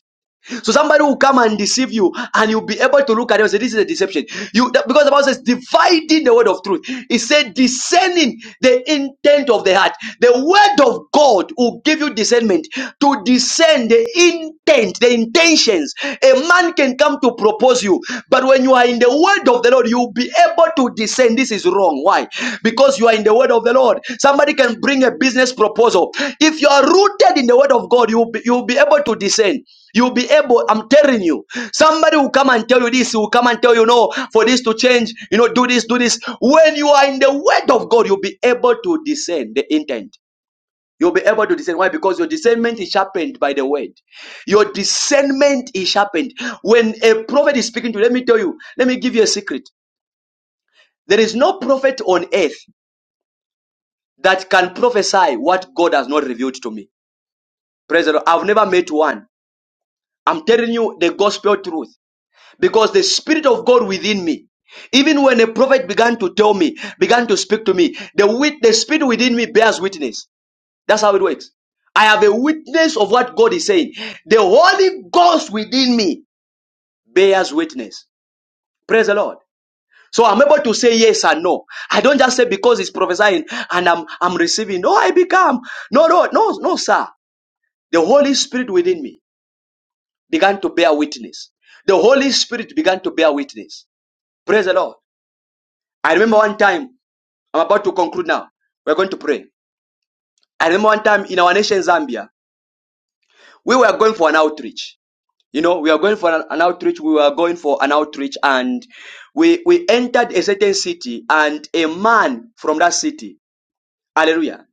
Speaker 1: So somebody will come and deceive you, and you'll be able to look at it and say, This is a deception. You because the Bible says, dividing the word of truth. It said discerning the intent of the heart. The word of God will give you discernment to discern the intent, the intentions. A man can come to propose you, but when you are in the word of the Lord, you'll be able to discern this is wrong. Why? Because you are in the word of the Lord. Somebody can bring a business proposal. If you are rooted in the word of God, you'll be, you'll be able to discern. You'll be able, I'm telling you. Somebody will come and tell you this, will come and tell you, no, for this to change, you know, do this, do this. When you are in the word of God, you'll be able to discern the intent. You'll be able to discern. Why? Because your discernment is sharpened by the word. Your discernment is sharpened. When a prophet is speaking to you, let me tell you, let me give you a secret. There is no prophet on earth that can prophesy what God has not revealed to me. Praise the Lord. I've never met one. I'm telling you the gospel truth. because the spirit of God within me, even when a prophet began to tell me, began to speak to me, the wit- the spirit within me bears witness. That's how it works. I have a witness of what God is saying. The Holy Ghost within me bears witness. Praise the Lord. So I'm able to say yes and no. I don't just say because it's prophesying and I'm I'm receiving. No, I become. No, no, no, no, sir. The Holy Spirit within me began to bear witness. The Holy Spirit began to bear witness. Praise the Lord. I remember one time, I'm about to conclude now. We're going to pray. I remember one time in our nation, Zambia, we were going for an outreach. You know, we were going for an, an outreach. We were going for an outreach and we, we entered a certain city and a man from that city, hallelujah,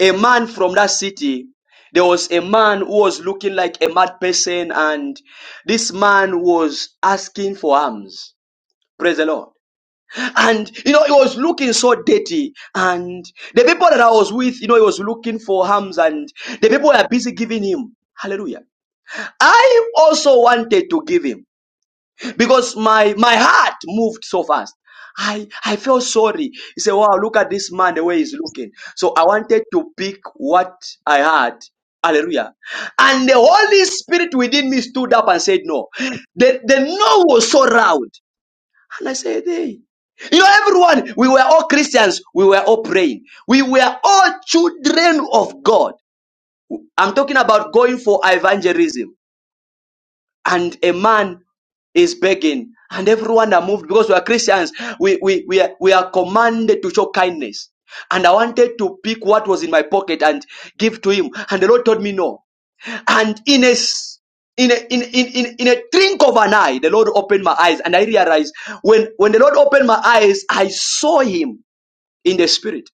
Speaker 1: a man from that city, there was a man who was looking like a mad person and this man was asking for alms. Praise the Lord. And you know, it was looking so dirty. And the people that I was with, you know, he was looking for harms, and the people were busy giving him. Hallelujah. I also wanted to give him because my my heart moved so fast. I I felt sorry. He said, Wow, look at this man the way he's looking. So I wanted to pick what I had. Hallelujah. And the Holy Spirit within me stood up and said, No. The, the no was so loud. And I said, hey. You know, everyone, we were all Christians. We were all praying. We were all children of God. I'm talking about going for evangelism. And a man is begging. And everyone are moved because we are Christians. We, we, we, are, we are commanded to show kindness. And I wanted to pick what was in my pocket and give to him. And the Lord told me no. And in a s- in a, in, in, in, in a drink of an eye, the Lord opened my eyes and I realized when, when the Lord opened my eyes, I saw him in the spirit.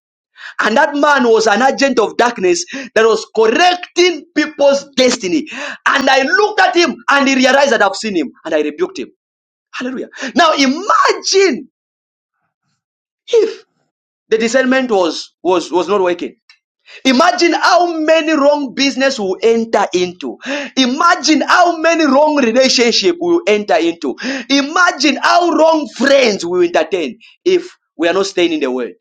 Speaker 1: And that man was an agent of darkness that was correcting people's destiny. And I looked at him and he realized that I've seen him and I rebuked him. Hallelujah. Now imagine if the discernment was, was, was not working Imagine how many wrong business we will enter into. Imagine how many wrong relationship we will enter into. Imagine how wrong friends we will entertain if we are not staying in the word.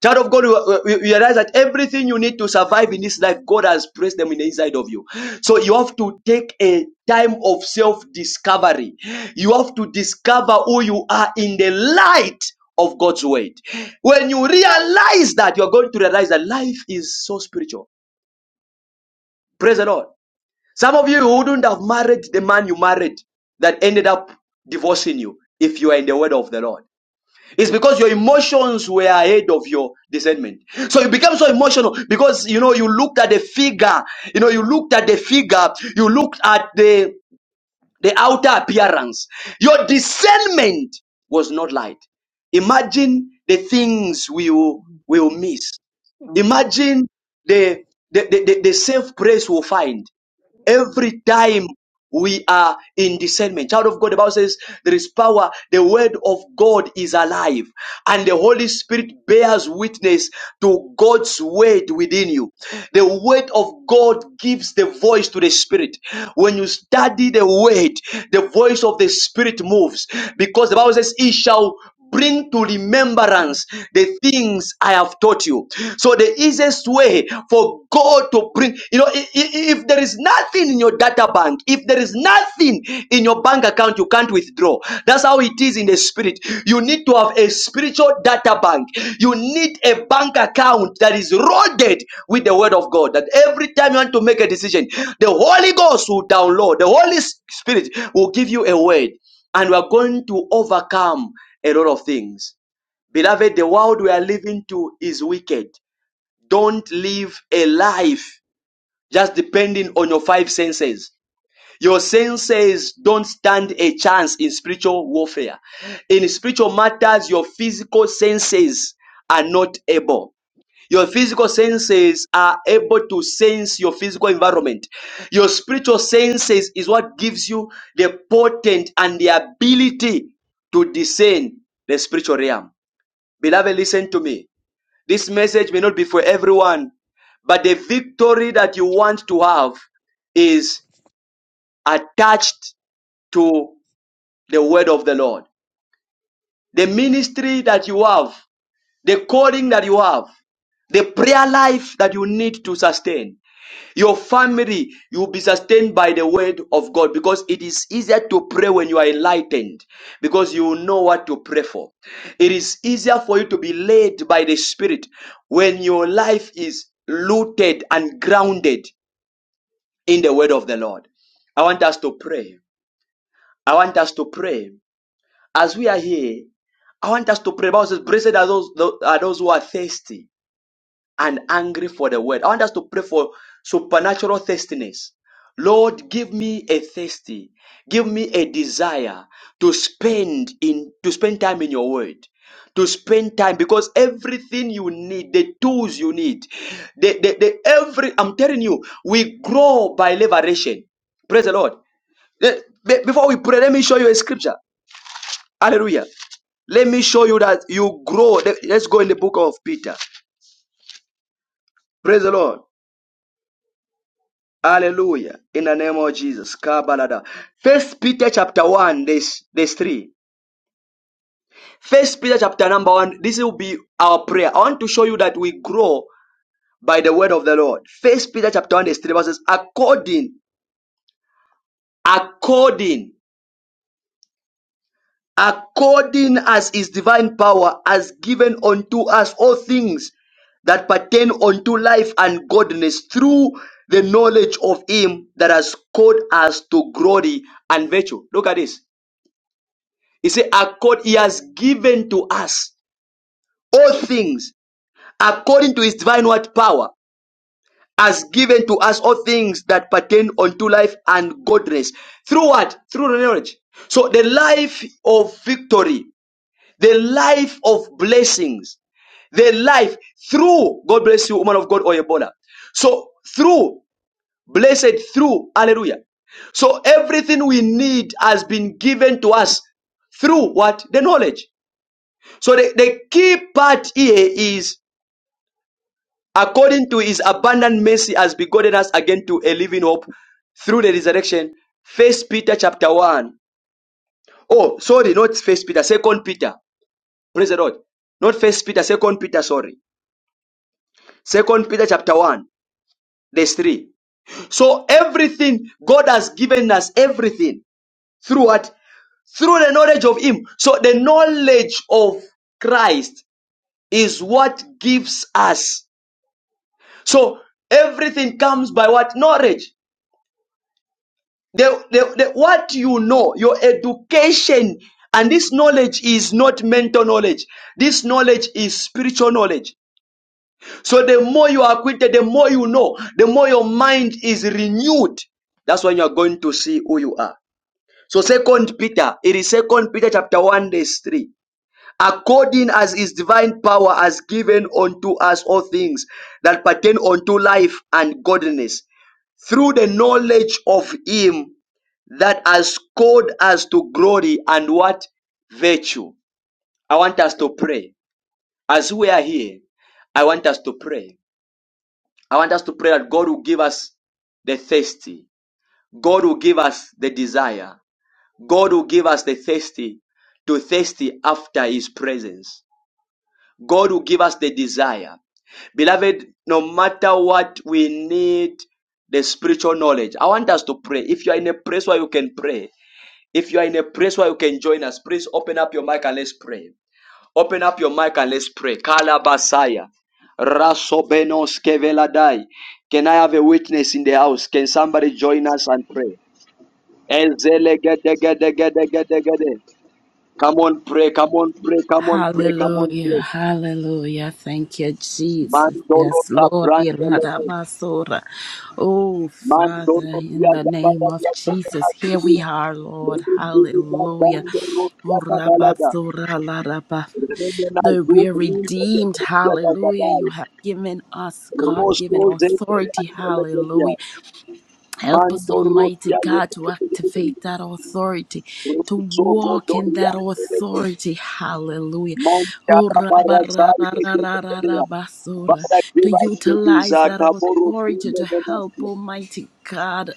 Speaker 1: Child of God, you you- you realize that everything you need to survive in this life, God has placed them in the inside of you. So you have to take a time of self discovery. You have to discover who you are in the light of God's word. When you realize that, you're going to realize that life is so spiritual. Praise the Lord. Some of you wouldn't have married the man you married that ended up divorcing you if you are in the word of the Lord. It's because your emotions were ahead of your discernment. So you became so emotional because you know you looked at the figure, you know, you looked at the figure, you looked at the the outer appearance. Your discernment was not light. Imagine the things we will, we will
Speaker 14: Awesome.
Speaker 1: miss. Imagine the the, the, the, the safe place we'll find
Speaker 14: Amen,
Speaker 1: every time we are in discernment. Child of God, the Bible says there is power. The word of God is alive and the Holy Spirit bears witness to God's word within you. The word of God gives the voice to the Spirit. When you study the word, the voice of the Spirit moves because the Bible says, He shall bring to remembrance the things I have taught you. So the easiest way for God to bring, you know, i- i- if there is nothing in your data bank, if there is nothing in your bank account, you can't withdraw. That's how it is in the spirit. You need to have a spiritual data bank. You need a bank account that is loaded with the word of God. That every time you want to make a decision, the Holy Ghost will download. The Holy Spirit will give you a word and we are going to overcome a lot of things. Beloved, the world we are living to is wicked. Don't live a life just depending on your five senses. Your senses don't stand a chance in spiritual warfare. In spiritual matters, your physical senses are not able. Your physical senses are able to sense your physical environment. Your spiritual senses is what gives you the potent and the ability to discern the spiritual realm. Beloved, listen to me. This message may not be for everyone, but the victory that you want to have is attached to the word of the Lord. The ministry that you have, the calling that you have, the prayer life that you need to sustain Your family, you will be sustained by the word of God because it is easier to pray when you are enlightened because you will know what to pray for. It is easier for you to be led by the Spirit when your life is rooted and grounded in the word of the Lord. I want us to pray. I want us to pray. As we are here, I want us to pray. The Bible says, Blessed are those, are those who are thirsty and angry for the word. I want us to pray for supernatural thirstiness. Lord, give me a thirsty, give me a desire to spend in to spend time in your word. To spend time because everything you need, the tools you need, the, the, the every I'm telling you, we grow by liberation. Praise the Lord. Let- be- Before we pray, let me show you a scripture. Hallelujah. Let me show you that you grow. Let- Let's go in the book of Peter. Praise the Lord. Hallelujah. In the name of Jesus. Kabalada. First Peter chapter 1, this this 3. First Peter chapter number 1. This will be our prayer. I want to show you that we grow by the word of the Lord. First Peter chapter 1, this 3 verses. According, according, according as his divine power has given unto us all things that pertain unto life and godliness through the knowledge of him that has called us to glory and virtue. Look at this. He said, accord, he has given to us all things according to his divine word power, has given to us all things that pertain unto life and godliness. Through what? Through knowledge. So the life of victory, the life of blessings, the life through, God bless you, woman of God, Oyebola. So through, blessed through, hallelujah. So everything we need has been given to us through what? The knowledge. So the, the key part here is according to his abundant mercy has begotten us again to a living hope through the resurrection. First Peter chapter 1. Oh, sorry, not first Peter, second Peter. Praise the Lord. Not first Peter, second Peter, sorry. Second Peter chapter 1, verse 3. So everything God has given us, everything through what? Through the knowledge of Him. So the knowledge of Christ is what gives us So everything comes by what knowledge. The, the, the, what you know, your education, and this knowledge is not mental knowledge. This knowledge is spiritual knowledge. So the more you are acquainted, the more you know, the more your mind is renewed. That's when you are going to see who you are. So second Peter, it is second Peter chapter 1 verse 3. According as his divine power has given unto us all things that pertain unto life and godliness through the knowledge of Him that has called us to glory and what virtue. I want us to pray. As we are here, I want us to pray. I want us to pray that God will give us the thirsty. God will give us the desire. God will give us the thirsty to thirsty after His presence. God will give us the desire. Beloved, no matter what we need, the spiritual knowledge. I want us to pray. If you are in a place where you can pray, If you are in a place where you can join us, please open up your mic and let's pray. Open up your mic and let's pray. Kalabasaya. Rasobenos keveladai. Can I have a witness in the house? Can somebody join us and pray? Ezelegedegedegedegede. Come on, pray, come on, pray, come on, pray, come on,
Speaker 11: Hallelujah,
Speaker 1: pray.
Speaker 11: hallelujah. Thank you, Jesus.
Speaker 1: Mandoro
Speaker 11: Yes, Lord.
Speaker 1: Sabrandele.
Speaker 11: Yeladabasora. Oh, Father,
Speaker 1: Mandoro
Speaker 11: in
Speaker 1: Pia
Speaker 11: the name
Speaker 1: Zabara
Speaker 11: of
Speaker 1: Yakobana
Speaker 11: Jesus, here we are, Lord.
Speaker 1: Rindiri
Speaker 11: Hallelujah. Oh,
Speaker 1: Zabandoro
Speaker 11: Rabasora, Laraba.
Speaker 1: Remena
Speaker 11: The we're
Speaker 1: Zubrin
Speaker 11: redeemed,
Speaker 1: Egetia
Speaker 11: hallelujah. You
Speaker 1: Gadai,
Speaker 11: have given us God given
Speaker 1: Rosco
Speaker 11: authority,
Speaker 1: Zebia,
Speaker 11: hallelujah. Help us,
Speaker 1: Mando
Speaker 11: Almighty
Speaker 1: Rosia
Speaker 11: God, to
Speaker 1: Zebia,
Speaker 11: activate that authority, to
Speaker 1: Rosso
Speaker 11: walk in
Speaker 1: Godoria,
Speaker 11: that authority. Hallelujah.
Speaker 1: Monta
Speaker 11: Oh, rabba, ra,
Speaker 1: Parasai
Speaker 11: ra, ra, ra, ra, ra,
Speaker 1: Egetia,
Speaker 11: basura.
Speaker 1: Father, give
Speaker 11: To
Speaker 1: us the
Speaker 11: utilize
Speaker 1: desire.
Speaker 11: that
Speaker 1: Kaboro
Speaker 11: authority
Speaker 1: kime
Speaker 11: to help
Speaker 1: menasya.
Speaker 11: Almighty God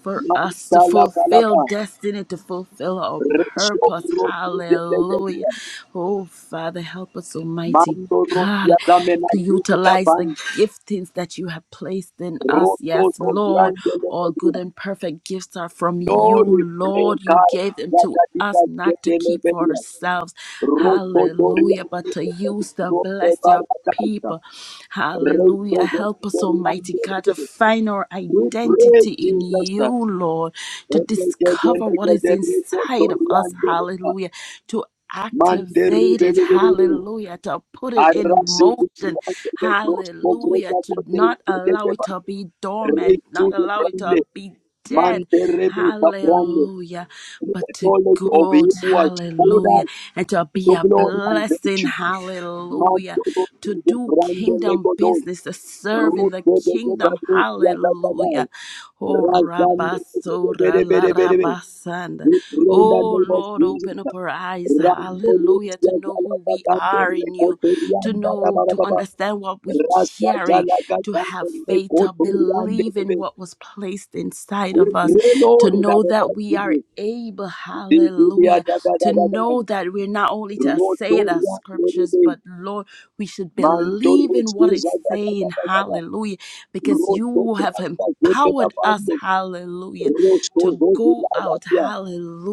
Speaker 11: for us to
Speaker 1: Mantala
Speaker 11: fulfill
Speaker 1: balaba.
Speaker 11: destiny, to fulfill our
Speaker 1: Resho
Speaker 11: purpose.
Speaker 1: rosi
Speaker 11: Hallelujah.
Speaker 1: zetegelia.
Speaker 11: Oh, Father, help us, Almighty
Speaker 1: Mando rosi
Speaker 11: God,
Speaker 1: adamena
Speaker 11: to
Speaker 1: kita
Speaker 11: utilize the
Speaker 1: ban.
Speaker 11: giftings that you have placed in us.
Speaker 1: Roto
Speaker 11: Yes,
Speaker 1: to
Speaker 11: Lord,
Speaker 1: grande
Speaker 11: all good
Speaker 1: Zebia.
Speaker 11: and perfect gifts are from you,
Speaker 1: Lord, we pray,
Speaker 11: Lord. You
Speaker 1: God,
Speaker 11: gave them
Speaker 1: that
Speaker 11: to
Speaker 1: that you
Speaker 11: us
Speaker 1: can get
Speaker 11: not to
Speaker 1: them
Speaker 11: keep for
Speaker 1: obedient.
Speaker 11: ourselves.
Speaker 1: Roto Doria,
Speaker 11: Hallelujah, but to use to
Speaker 1: Roto
Speaker 11: bless your
Speaker 1: Barataita,
Speaker 11: people. Hallelujah.
Speaker 1: Roto
Speaker 11: Help us, Almighty God, to
Speaker 1: Doria,
Speaker 11: find our
Speaker 1: we pray,
Speaker 11: identity in
Speaker 1: Jesus,
Speaker 11: you,
Speaker 1: that
Speaker 11: Lord, to
Speaker 1: you can get them
Speaker 11: discover what is
Speaker 1: together, Roto
Speaker 11: inside of us.
Speaker 1: Doria,
Speaker 11: Hallelujah. to
Speaker 1: Mandere,
Speaker 11: activated,
Speaker 1: Bebe,
Speaker 11: hallelujah, to put it in
Speaker 1: Arasi,
Speaker 11: motion,
Speaker 1: Rosto,
Speaker 11: hallelujah,
Speaker 1: Greta,
Speaker 11: to
Speaker 1: Rote,
Speaker 11: not allow
Speaker 1: Greta,
Speaker 11: it to be dormant,
Speaker 1: Roto,
Speaker 11: not allow it to
Speaker 1: Grande,
Speaker 11: be dead,
Speaker 1: Mandere, Bebe, Grande,
Speaker 11: hallelujah, but
Speaker 1: the
Speaker 11: to
Speaker 1: knowledge of
Speaker 11: go,
Speaker 1: him was
Speaker 11: hallelujah,
Speaker 1: good
Speaker 11: and to be
Speaker 1: to
Speaker 11: a
Speaker 1: glory and
Speaker 11: blessing,
Speaker 1: virtue.
Speaker 11: hallelujah,
Speaker 1: Manto lo
Speaker 11: to
Speaker 1: sigo
Speaker 11: do
Speaker 1: grande
Speaker 11: kingdom
Speaker 1: lego doi.
Speaker 11: business, to serve in the
Speaker 1: Ruto de geba
Speaker 11: kingdom,
Speaker 1: rusia da
Speaker 11: hallelujah. Oh,
Speaker 1: Razando
Speaker 11: rabasora
Speaker 1: bere
Speaker 11: la
Speaker 1: bere bere bere.
Speaker 11: rabasanda.
Speaker 1: We pray in the
Speaker 11: Oh
Speaker 1: name of
Speaker 11: Lord,
Speaker 1: Jesus.
Speaker 11: open up our eyes,
Speaker 1: Rando
Speaker 11: hallelujah, to
Speaker 1: rusia
Speaker 11: know
Speaker 1: jala
Speaker 11: who
Speaker 1: da
Speaker 11: we
Speaker 1: da da
Speaker 11: are in
Speaker 1: lego
Speaker 11: you, to
Speaker 1: terianda da ba
Speaker 11: know,
Speaker 1: ba
Speaker 11: to
Speaker 1: ba ba.
Speaker 11: understand what we
Speaker 1: Rasta
Speaker 11: carry,
Speaker 1: jala da
Speaker 11: to
Speaker 1: da da
Speaker 11: have faith,
Speaker 1: lego
Speaker 11: to
Speaker 1: terianda
Speaker 11: believe
Speaker 1: da
Speaker 11: in
Speaker 1: da.
Speaker 11: what was placed inside
Speaker 1: We
Speaker 11: of us,
Speaker 1: pray
Speaker 11: to
Speaker 1: Lord in the
Speaker 11: know
Speaker 1: name
Speaker 11: that
Speaker 1: of
Speaker 11: we are
Speaker 1: Jesus.
Speaker 11: able,
Speaker 1: Divya
Speaker 11: hallelujah,
Speaker 1: da da da
Speaker 11: to
Speaker 1: da da.
Speaker 11: know that we're not only to say the
Speaker 1: Rotoria bere
Speaker 11: scriptures,
Speaker 1: bere.
Speaker 11: but Lord, we should
Speaker 1: Manto
Speaker 11: believe in what
Speaker 1: rusia
Speaker 11: it's
Speaker 1: da da da
Speaker 11: saying,
Speaker 1: da da.
Speaker 11: hallelujah, because
Speaker 1: Roto
Speaker 11: you have
Speaker 1: Prata
Speaker 11: empowered us,
Speaker 1: Zekedabando,
Speaker 11: hallelujah
Speaker 1: Roto
Speaker 11: to go out,
Speaker 1: Zozilayatia.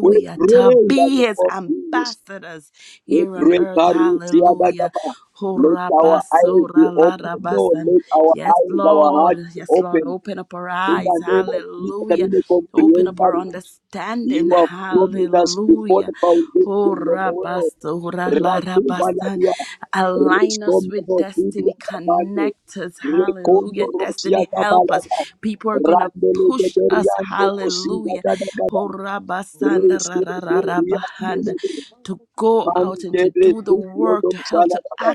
Speaker 1: We pray
Speaker 11: to
Speaker 1: in the
Speaker 11: be
Speaker 1: name
Speaker 11: his
Speaker 1: of Jesus.
Speaker 11: ambassadors
Speaker 1: We
Speaker 11: here on
Speaker 1: pray
Speaker 11: earth,
Speaker 1: Karusia
Speaker 11: hallelujah.
Speaker 1: Dagaba. Let our eyes be
Speaker 11: Horabasora
Speaker 1: open, Lord.
Speaker 11: larabasan.
Speaker 1: Let our
Speaker 11: Yes,
Speaker 1: eyes, our
Speaker 11: Lord.
Speaker 1: hearts be
Speaker 11: Yes, Lord.
Speaker 1: open.
Speaker 11: Open up our
Speaker 1: In
Speaker 11: eyes.
Speaker 12: of
Speaker 1: the name of
Speaker 12: Jesus
Speaker 1: Jesus,
Speaker 12: Christ,
Speaker 1: that
Speaker 11: Hallelujah.
Speaker 1: we may
Speaker 12: the Lord, in
Speaker 11: Open
Speaker 1: comprehend
Speaker 11: up our
Speaker 1: that
Speaker 11: understanding.
Speaker 1: you have promised
Speaker 12: the
Speaker 1: us before
Speaker 11: Hallelujah.
Speaker 1: the foundation of the
Speaker 12: name of
Speaker 1: world.
Speaker 12: Jesus
Speaker 11: Horabasora
Speaker 12: Christ,
Speaker 11: larabasan.
Speaker 1: Rasuvalia,
Speaker 11: Align
Speaker 1: Restore
Speaker 11: us with destiny.
Speaker 1: Mosidi
Speaker 11: Connect us.
Speaker 12: the Lord,
Speaker 1: Recondo
Speaker 11: Hallelujah.
Speaker 12: the
Speaker 1: Rosia
Speaker 11: Destiny
Speaker 12: God,
Speaker 11: help us.
Speaker 1: Cabalaga,
Speaker 12: in the name
Speaker 11: People are
Speaker 12: of
Speaker 11: going to
Speaker 1: Randele de
Speaker 11: pushed us,
Speaker 1: Doriando
Speaker 12: Jesus
Speaker 1: Rosia
Speaker 11: hallelujah,
Speaker 1: Gada Gada,
Speaker 11: Ho rabba
Speaker 12: oh God,
Speaker 11: ra
Speaker 1: Resto
Speaker 11: ra
Speaker 12: the
Speaker 11: ra
Speaker 12: God
Speaker 11: ra
Speaker 12: is
Speaker 11: ba
Speaker 12: the shots of the
Speaker 1: Doriando,
Speaker 11: to
Speaker 12: Father, God,
Speaker 11: go
Speaker 12: in the
Speaker 11: out and
Speaker 12: name
Speaker 1: Mante
Speaker 11: to
Speaker 12: of
Speaker 11: do the
Speaker 1: Resto
Speaker 12: Jesus.
Speaker 11: work
Speaker 1: Rodo
Speaker 11: to help to
Speaker 1: Salagaba,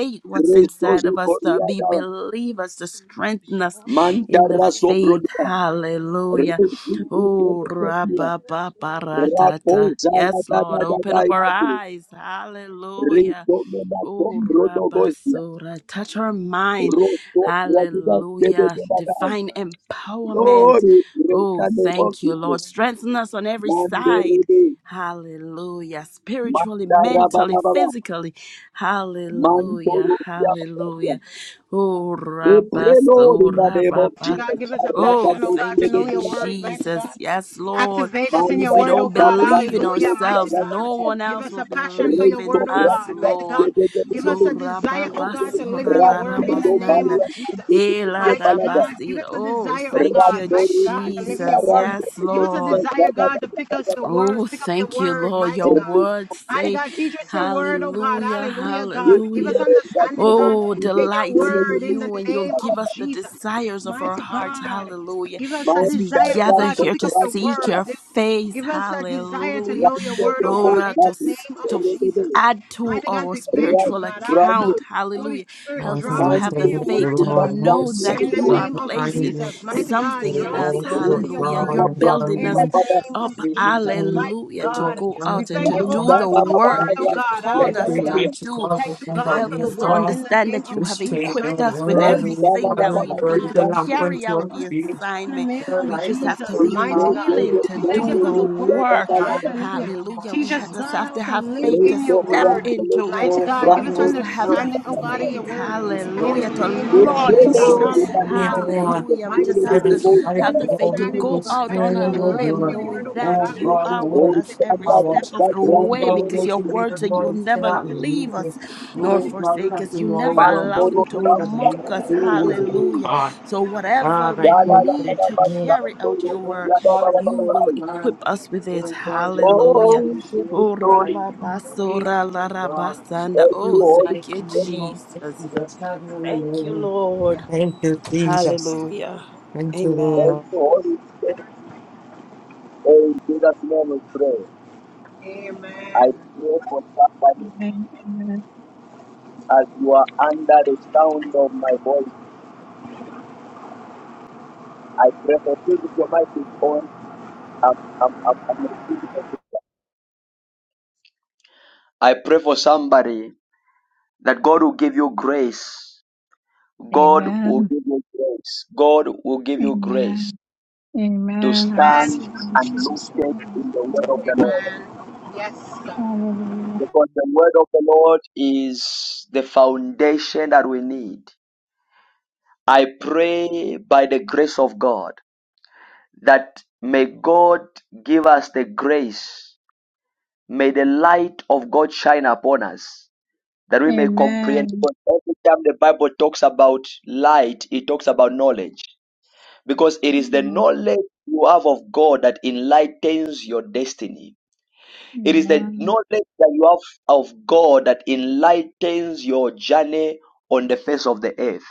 Speaker 12: Speak up
Speaker 11: what's
Speaker 12: out of my
Speaker 1: Resto
Speaker 11: inside
Speaker 12: heart,
Speaker 11: of us, to be
Speaker 1: Zucoriada,
Speaker 12: that every
Speaker 11: believers, to strengthen us
Speaker 12: oh
Speaker 1: Manta
Speaker 11: in the
Speaker 12: God, in
Speaker 1: Raso
Speaker 12: the
Speaker 11: faith,
Speaker 12: name
Speaker 1: Brodia,
Speaker 12: of Jesus.
Speaker 11: hallelujah.
Speaker 1: Resto
Speaker 12: Can't do
Speaker 11: Oh,
Speaker 12: anything
Speaker 1: Zucoriada,
Speaker 12: without you, Holy Spirit, in
Speaker 11: ra-ba-ba-ba-ra-ta-ta.
Speaker 1: Rapo
Speaker 12: the name
Speaker 11: Yes,
Speaker 12: of
Speaker 1: salada
Speaker 11: Lord,
Speaker 12: Jesus.
Speaker 11: open
Speaker 1: Gada
Speaker 11: up our
Speaker 1: Yadu,
Speaker 11: eyes, hallelujah.
Speaker 1: Resto
Speaker 11: Oh,
Speaker 1: Menatom Rodo Gosia,
Speaker 11: Rabasura, touch her mind.
Speaker 1: Rosto Radida Sede
Speaker 11: Hallelujah.
Speaker 1: de Gada,
Speaker 11: Divine empowerment.
Speaker 1: Lord, we praise
Speaker 11: Oh,
Speaker 1: the name of
Speaker 11: thank you, Lord.
Speaker 1: Jesus.
Speaker 11: Strengthen us on every
Speaker 1: Mande
Speaker 11: side.
Speaker 1: Rede
Speaker 11: Hallelujah. Spiritually, mentally,
Speaker 1: Mandarababa,
Speaker 11: physically. Hallelujah.
Speaker 1: Mantorusia,
Speaker 11: Hallelujah. Oh,
Speaker 1: we pray, Lord, in the
Speaker 11: Rabasura,
Speaker 1: name of
Speaker 11: Rabasura.
Speaker 1: Jesus.
Speaker 2: God, give us a
Speaker 11: Oh,
Speaker 2: passion, oh
Speaker 1: Karakato,
Speaker 2: God, to
Speaker 11: thank
Speaker 2: know
Speaker 11: you,
Speaker 2: your
Speaker 1: Kedekura,
Speaker 2: word, mighty God.
Speaker 11: Jesus. Yes, Lord.
Speaker 2: Activate us in
Speaker 11: If
Speaker 2: your
Speaker 11: we
Speaker 2: word, oh
Speaker 11: don't
Speaker 1: Mandarababa,
Speaker 2: God.
Speaker 11: believe in
Speaker 2: Hallelujah,
Speaker 1: Brandirosia,
Speaker 2: mighty
Speaker 11: ourselves,
Speaker 2: God.
Speaker 11: no
Speaker 1: Rakata,
Speaker 11: one
Speaker 2: Give
Speaker 11: else
Speaker 2: us
Speaker 11: will
Speaker 2: a passion for
Speaker 11: believe
Speaker 2: your
Speaker 11: in
Speaker 1: Reiko,
Speaker 2: word, oh
Speaker 11: us,
Speaker 2: God.
Speaker 1: Rakata,
Speaker 2: Mighty
Speaker 11: Lord.
Speaker 2: God, give us
Speaker 11: So
Speaker 2: a
Speaker 1: Kedekede,
Speaker 2: desire, oh God, to live in your word in the
Speaker 1: Randido,
Speaker 2: name
Speaker 11: rababasararabasanda.
Speaker 1: Baria,
Speaker 2: of Jesus.
Speaker 1: Kedekede,
Speaker 2: Mighty
Speaker 1: Balaga,
Speaker 2: God, give
Speaker 11: Eladabasir.
Speaker 2: us a
Speaker 11: Oh,
Speaker 2: desire, oh
Speaker 11: thank
Speaker 2: God.
Speaker 11: you,
Speaker 2: Mighty
Speaker 1: Rambori,
Speaker 2: God, to live to
Speaker 1: Kiki,
Speaker 2: live in your
Speaker 11: Jesus.
Speaker 2: word.
Speaker 1: Aranda,
Speaker 11: Yes,
Speaker 2: Give us a
Speaker 11: Lord.
Speaker 1: Kedekede,
Speaker 2: desire,
Speaker 1: Gada,
Speaker 2: God, to
Speaker 1: Gada,
Speaker 2: pick
Speaker 1: Gada,
Speaker 2: us the
Speaker 1: Gada,
Speaker 2: word,
Speaker 11: Oh,
Speaker 2: pick up your
Speaker 11: thank you,
Speaker 2: word,
Speaker 11: Lord.
Speaker 2: mighty
Speaker 11: Your
Speaker 2: God.
Speaker 1: Rekika.
Speaker 11: words
Speaker 2: Mighty
Speaker 11: say,
Speaker 2: God, teach
Speaker 12: Because
Speaker 2: us your
Speaker 12: I
Speaker 2: word, oh God.
Speaker 11: Hallelujah,
Speaker 2: Hallelujah, God.
Speaker 1: We pray
Speaker 2: Give us
Speaker 11: Hallelujah.
Speaker 1: in the
Speaker 2: understanding,
Speaker 1: name of
Speaker 2: God,
Speaker 11: Oh,
Speaker 2: in
Speaker 1: Jesus.
Speaker 2: your
Speaker 11: delight in
Speaker 2: word, in the
Speaker 11: you, and you'll
Speaker 2: name
Speaker 11: give
Speaker 2: of
Speaker 11: us the
Speaker 2: Jesus.
Speaker 11: desires of our
Speaker 2: Mighty
Speaker 11: hearts.
Speaker 2: God,
Speaker 11: Hallelujah.
Speaker 2: give us a
Speaker 11: As we
Speaker 2: desire, oh
Speaker 11: gather
Speaker 2: God, to
Speaker 11: here
Speaker 2: pick
Speaker 11: to
Speaker 2: up your
Speaker 1: Hallelujah.
Speaker 11: seek
Speaker 2: word.
Speaker 11: your face.
Speaker 2: Give us a desire to
Speaker 11: Hallelujah.
Speaker 2: know your word, oh
Speaker 11: Oh,
Speaker 2: God,
Speaker 11: Ra,
Speaker 2: in
Speaker 11: to,
Speaker 2: the
Speaker 11: s-
Speaker 2: name of
Speaker 11: to
Speaker 2: Jesus.
Speaker 11: add to
Speaker 2: Mighty God,
Speaker 11: our
Speaker 2: we thank you,
Speaker 11: spiritual
Speaker 2: God.
Speaker 11: account.
Speaker 2: Holy
Speaker 11: Hallelujah.
Speaker 2: Spirit,
Speaker 8: Lord,
Speaker 11: Help
Speaker 8: I
Speaker 11: us
Speaker 2: draw
Speaker 11: to
Speaker 8: want to
Speaker 2: us
Speaker 11: have
Speaker 2: in
Speaker 11: the
Speaker 2: your
Speaker 8: thank you,
Speaker 11: faith
Speaker 2: word,
Speaker 11: to
Speaker 2: God.
Speaker 8: Lord. I want to
Speaker 11: know
Speaker 8: see you.
Speaker 11: that
Speaker 2: In the
Speaker 11: you
Speaker 8: I
Speaker 11: are
Speaker 8: want
Speaker 2: name
Speaker 8: to
Speaker 2: of
Speaker 8: honor
Speaker 11: placing
Speaker 8: you.
Speaker 2: Jesus, mighty God,
Speaker 11: something
Speaker 8: Thank
Speaker 11: in
Speaker 2: draw us
Speaker 11: us.
Speaker 8: all for
Speaker 2: closer
Speaker 8: your
Speaker 2: to your
Speaker 11: Hallelujah.
Speaker 8: God
Speaker 2: word.
Speaker 11: You're
Speaker 8: and God
Speaker 11: building
Speaker 2: In
Speaker 11: us
Speaker 2: the
Speaker 8: alone.
Speaker 2: name of
Speaker 11: up,
Speaker 8: Thank
Speaker 2: Jesus,
Speaker 8: you,
Speaker 2: mighty
Speaker 11: hallelujah, to
Speaker 8: Lord.
Speaker 2: God,
Speaker 11: go
Speaker 8: I Thank
Speaker 2: we
Speaker 11: out and to
Speaker 2: thank you, oh
Speaker 11: do
Speaker 2: God,
Speaker 11: the
Speaker 2: for
Speaker 8: you,
Speaker 2: the
Speaker 11: work
Speaker 8: Lord.
Speaker 2: word, oh
Speaker 11: that you've
Speaker 2: God,
Speaker 11: called
Speaker 8: Make
Speaker 11: us
Speaker 8: me
Speaker 2: hallelujah.
Speaker 11: to
Speaker 8: right to
Speaker 11: do
Speaker 8: God, with
Speaker 2: Thank you,
Speaker 8: my
Speaker 11: to
Speaker 2: God,
Speaker 8: help
Speaker 11: help
Speaker 2: for
Speaker 8: me,
Speaker 11: us
Speaker 8: O
Speaker 2: the
Speaker 11: to
Speaker 2: word
Speaker 8: God.
Speaker 2: in the
Speaker 11: understand
Speaker 2: name
Speaker 11: that
Speaker 2: of
Speaker 11: you
Speaker 8: This
Speaker 11: have
Speaker 8: thing,
Speaker 2: Jesus,
Speaker 8: your
Speaker 11: equipped
Speaker 2: mighty God,
Speaker 11: us with
Speaker 8: word,
Speaker 2: release.
Speaker 8: O
Speaker 11: everything
Speaker 8: God,
Speaker 11: that
Speaker 8: your
Speaker 2: mighty.
Speaker 11: we
Speaker 8: word
Speaker 11: need
Speaker 8: is a
Speaker 11: to
Speaker 8: lamp
Speaker 11: carry
Speaker 8: unto
Speaker 11: out
Speaker 8: our
Speaker 11: the
Speaker 8: feet.
Speaker 2: In the
Speaker 11: assignment.
Speaker 8: And
Speaker 2: name
Speaker 8: our
Speaker 11: We
Speaker 2: of
Speaker 8: lights
Speaker 11: just
Speaker 8: unto
Speaker 11: have to
Speaker 2: Jesus,
Speaker 8: our
Speaker 11: be
Speaker 2: mighty
Speaker 8: path,
Speaker 2: God.
Speaker 11: willing
Speaker 8: O
Speaker 11: to
Speaker 2: We thank you
Speaker 8: God.
Speaker 11: do
Speaker 2: for
Speaker 11: the
Speaker 2: the word, oh
Speaker 11: work.
Speaker 2: God. Hallelujah.
Speaker 11: Hallelujah. We
Speaker 2: Teach us,
Speaker 11: ha-
Speaker 8: Hallelujah,
Speaker 11: just
Speaker 2: God,
Speaker 11: have
Speaker 2: how
Speaker 11: to
Speaker 2: to
Speaker 11: have
Speaker 2: live
Speaker 8: and
Speaker 11: faith
Speaker 8: make
Speaker 11: to
Speaker 2: in your
Speaker 8: story
Speaker 11: step
Speaker 2: word.
Speaker 11: into it.
Speaker 2: Mighty
Speaker 8: Oh
Speaker 2: God, give
Speaker 8: God,
Speaker 11: We
Speaker 2: us
Speaker 11: just
Speaker 8: you have
Speaker 11: have
Speaker 8: helped
Speaker 11: the
Speaker 2: understanding, oh
Speaker 8: me
Speaker 2: God, in
Speaker 8: most.
Speaker 2: your
Speaker 11: faith,
Speaker 2: word.
Speaker 8: This girl
Speaker 2: In
Speaker 8: is
Speaker 2: the
Speaker 11: hallelujah, to
Speaker 8: weak
Speaker 2: name
Speaker 8: for
Speaker 2: of
Speaker 8: all
Speaker 11: launch
Speaker 2: Jesus,
Speaker 11: out,
Speaker 8: myself and
Speaker 2: hallelujah.
Speaker 8: everyone.
Speaker 11: hallelujah. We
Speaker 2: Mighty
Speaker 11: just have
Speaker 8: Heaven
Speaker 11: to
Speaker 2: God,
Speaker 8: from
Speaker 2: give us
Speaker 8: my
Speaker 11: have the faith
Speaker 8: glory
Speaker 11: to
Speaker 2: understanding, oh
Speaker 11: go
Speaker 2: God.
Speaker 8: is
Speaker 11: out on
Speaker 2: Mighty
Speaker 8: turning
Speaker 11: a
Speaker 8: on
Speaker 2: God,
Speaker 8: your
Speaker 2: draw us
Speaker 11: limb,
Speaker 2: in
Speaker 8: door.
Speaker 2: your
Speaker 11: knowing
Speaker 2: word, oh God.
Speaker 11: that
Speaker 8: Oh
Speaker 11: you
Speaker 8: God,
Speaker 2: Hallelujah.
Speaker 8: the
Speaker 11: are with
Speaker 8: word
Speaker 11: us
Speaker 8: is
Speaker 11: every
Speaker 8: power.
Speaker 11: step of the
Speaker 8: Oh
Speaker 11: way
Speaker 8: God,
Speaker 1: Thank
Speaker 8: we
Speaker 11: because
Speaker 12: don't
Speaker 8: make
Speaker 11: your
Speaker 1: you.
Speaker 8: the real
Speaker 11: word said you will
Speaker 8: Lord, we
Speaker 11: never
Speaker 8: cannot make
Speaker 11: leave
Speaker 12: want
Speaker 11: us
Speaker 8: it.
Speaker 12: to be alone.
Speaker 11: nor
Speaker 8: Oh God, we
Speaker 11: forsake
Speaker 8: have
Speaker 11: us.
Speaker 8: to
Speaker 11: You
Speaker 8: know
Speaker 1: Oh,
Speaker 11: never
Speaker 12: It
Speaker 1: thank
Speaker 8: what is
Speaker 11: allow
Speaker 8: the
Speaker 11: them
Speaker 1: you,
Speaker 12: reminds
Speaker 11: to
Speaker 12: me
Speaker 8: need of
Speaker 11: mock
Speaker 8: me.
Speaker 11: us.
Speaker 8: Deal with it, oh
Speaker 11: Hallelujah.
Speaker 8: God.
Speaker 11: So, whatever
Speaker 8: Ah,
Speaker 11: we
Speaker 8: I
Speaker 12: of the name of
Speaker 11: need
Speaker 8: thank
Speaker 11: to
Speaker 12: Jesus,
Speaker 8: you.
Speaker 11: carry out your
Speaker 8: Oh
Speaker 12: of
Speaker 11: work,
Speaker 12: Jesus,
Speaker 8: God,
Speaker 11: you
Speaker 8: you
Speaker 11: will
Speaker 8: are
Speaker 11: equip
Speaker 8: kind.
Speaker 11: us with it.
Speaker 8: Oh God, you look to
Speaker 11: Hallelujah.
Speaker 8: me, Lord,
Speaker 11: Oh,
Speaker 1: Lord.
Speaker 8: I pray,
Speaker 11: rababasora la
Speaker 8: oh God.
Speaker 11: rabasanda.
Speaker 1: Thank
Speaker 8: You
Speaker 11: Oh,
Speaker 1: you,
Speaker 8: will
Speaker 1: Holy
Speaker 11: thank
Speaker 8: make
Speaker 11: you,
Speaker 12: of
Speaker 1: Spirit.
Speaker 8: me on things
Speaker 11: Jesus.
Speaker 8: that's not only
Speaker 11: Thank you,
Speaker 8: wrong.
Speaker 12: Jesus.
Speaker 11: Lord.
Speaker 8: Thank you, Jesus.
Speaker 11: Hallelujah.
Speaker 8: Thank you,
Speaker 1: Thank
Speaker 11: Amen.
Speaker 8: Lord.
Speaker 1: you, Holy Spirit. In Jesus' name we pray.
Speaker 12: Amen.
Speaker 1: I
Speaker 2: Amen.
Speaker 1: pray for somebody
Speaker 14: amen,
Speaker 1: as you are under the sound of my voice. I pray for you if your mic is on. I'm, I'm, I'm, I'm receiving it. I pray for somebody that God will give you grace. God will
Speaker 14: amen,
Speaker 1: give you grace. God will give you grace.
Speaker 14: amen,
Speaker 1: to
Speaker 14: amen. Our
Speaker 1: stand
Speaker 12: Amen.
Speaker 2: Amen.
Speaker 14: Savior
Speaker 1: and look
Speaker 14: Jesus'
Speaker 1: unlooted
Speaker 14: name.
Speaker 1: in the word of the
Speaker 14: Amen.
Speaker 1: Lord.
Speaker 2: Amen. Yes.
Speaker 14: Hallelujah.
Speaker 1: Because
Speaker 12: Amen.
Speaker 1: the word of the Lord is the foundation that we need. I pray by the grace of God that may God give us the grace. May the light of God shine upon us that we may
Speaker 14: Amen.
Speaker 1: comprehend. Because every time the Bible talks about light, it talks about knowledge. Because it is the
Speaker 14: Mm,
Speaker 1: knowledge you have of God that enlightens your destiny It is the
Speaker 14: Amen.
Speaker 1: knowledge that you have of God that enlightens your journey on the face of the earth.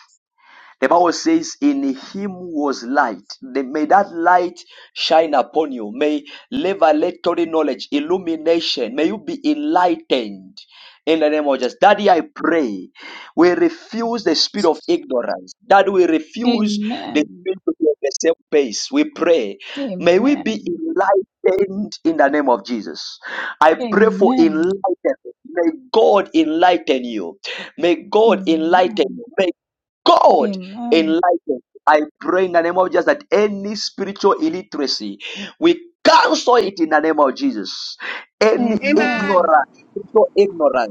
Speaker 1: The Bible says, In him was light. The- May that light shine upon you. May revelatory knowledge, illumination, may you be enlightened in the name of Jesus. Daddy, I pray. We refuse the spirit of
Speaker 14: Jesus.
Speaker 1: ignorance. That we refuse the
Speaker 14: Amen.
Speaker 1: spirit to be on the same pace. We pray. May we be
Speaker 14: Amen.
Speaker 1: enlightened in the name of Jesus. I pray for
Speaker 14: Amen.
Speaker 1: enlightenment. May God enlighten you. May God enlighten
Speaker 14: Amen.
Speaker 1: you. May God
Speaker 14: Amen.
Speaker 1: enlighten. I pray in the name of Jesus that any spiritual illiteracy, we cancel it in the name of Jesus. Any
Speaker 14: Amen.
Speaker 2: Amen.
Speaker 1: ignorance, spiritual ignorance.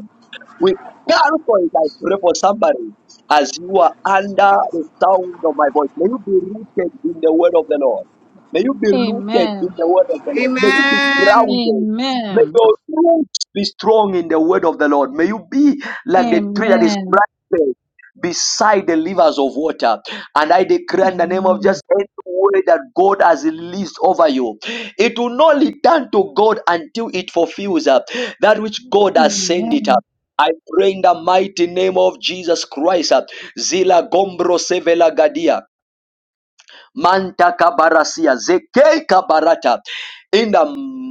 Speaker 1: We therefore, as I pray for somebody as you are under
Speaker 2: Look at this.
Speaker 1: the
Speaker 2: one.
Speaker 1: sound of my voice. May you be rooted in the word of the Lord. May you be rooted in the word of the Lord. May you be
Speaker 14: Amen.
Speaker 2: Amen.
Speaker 1: grounded. May
Speaker 14: Amen.
Speaker 1: your roots be strong in the word of the Lord. May you be like the tree that is
Speaker 14: Amen.
Speaker 1: planted beside the rivers of water. And I declare in the name of
Speaker 14: Amen.
Speaker 1: just any word that God has released over you. It will not return to God until it fulfills uh, that which God has sent
Speaker 14: Amen.
Speaker 1: it. uh, I pray in the mighty name of Jesus Christ. uh, Zila gombro sevela gadia. Manta kabarasia. Zeke kabarata. In the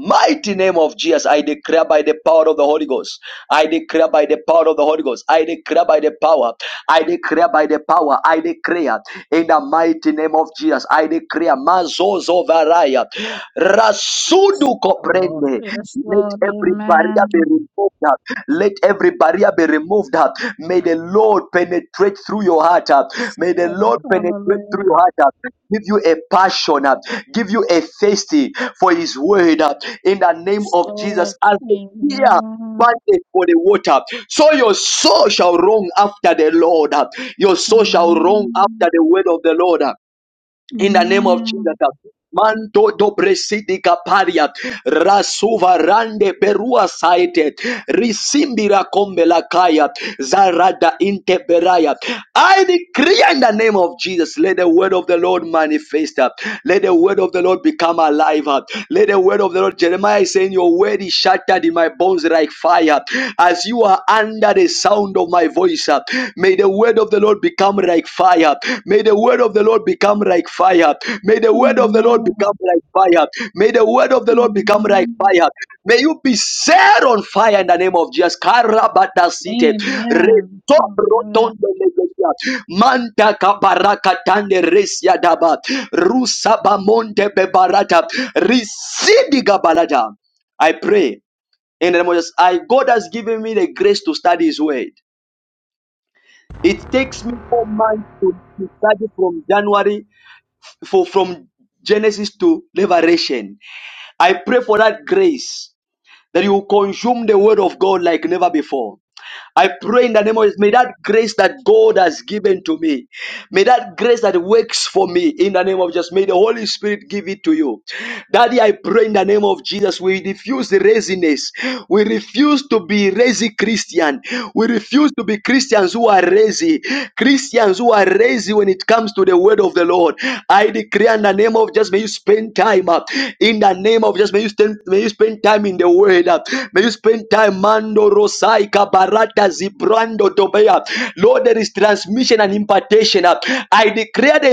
Speaker 1: mighty name of Jesus, I declare by the power of the Holy Ghost. I declare by the power of the Holy Ghost. I declare by the power. I declare by the power. I declare in the mighty name of Jesus. I declare mazozo varaya. Rasudu
Speaker 14: Lord,
Speaker 1: koprende.
Speaker 14: yes,
Speaker 1: Let
Speaker 14: Lord,
Speaker 1: every barrier
Speaker 14: amen.
Speaker 1: be removed. Let every barrier barrier be removed. uh. May the Lord penetrate through your heart. uh.
Speaker 14: Yes,
Speaker 1: May the
Speaker 14: Lord,
Speaker 1: Lord penetrate through
Speaker 14: hallelujah.
Speaker 1: your heart. uh. Give you a passion. uh. Give you a thirsty for his word. uh. In the name
Speaker 14: Yes,
Speaker 1: of Jesus,
Speaker 14: Lord,
Speaker 1: as the deer
Speaker 14: amen.
Speaker 1: panted for the water, so your soul shall run after the Lord. uh. Your soul shall run after
Speaker 14: Amen.
Speaker 1: the word of the Lord. uh in the name of Jesus.
Speaker 14: Amen.
Speaker 1: Manto dobresidi kaparia rasuva rande perua saite risimbira kombela kaya zarada inteberaya. I decree in the name of Jesus, let the word of the Lord manifest. Let the word of the Lord become alive. Let let the word of the Lord, Jeremiah is saying, Your word is shattered in my bones like fire. As you are under the sound of my voice, uh, may the word of the Lord become like fire. May the word of the Lord become like fire. May the word of the Lord
Speaker 14: Amen.
Speaker 1: become like fire. May the word of the Lord become like fire. May you be set on fire in the name of Jesus. Karabata City.
Speaker 14: Amen. Amen. Hallelujah.
Speaker 1: Manda kabaraka tande resia daba. Rusa bamonte bebarata. Risidi gabalata. I pray in the name of Jesus. I God has given me the grace to study His Word. It takes me four months to, to study from January for from Genesis to Revelation. I pray for that grace that you consume the Word of God like never before. I pray in the name of Jesus, may that grace that God has given to me, may that grace that works for me in the name of Jesus, may the Holy Spirit give it to you. Daddy, I pray in the name of Jesus, we refuse the laziness. We refuse to be lazy Christian. We refuse to be Christians who are lazy. Christians who are lazy when it comes to the word of the Lord. I declare in the name of Jesus, may you spend time up. In the name of Jesus, may you spend, may you spend time in the word. uh, May you spend time, Mando Rosaika Barata Zibrando Tobea. Lord, there is transmission and impartation. I declare the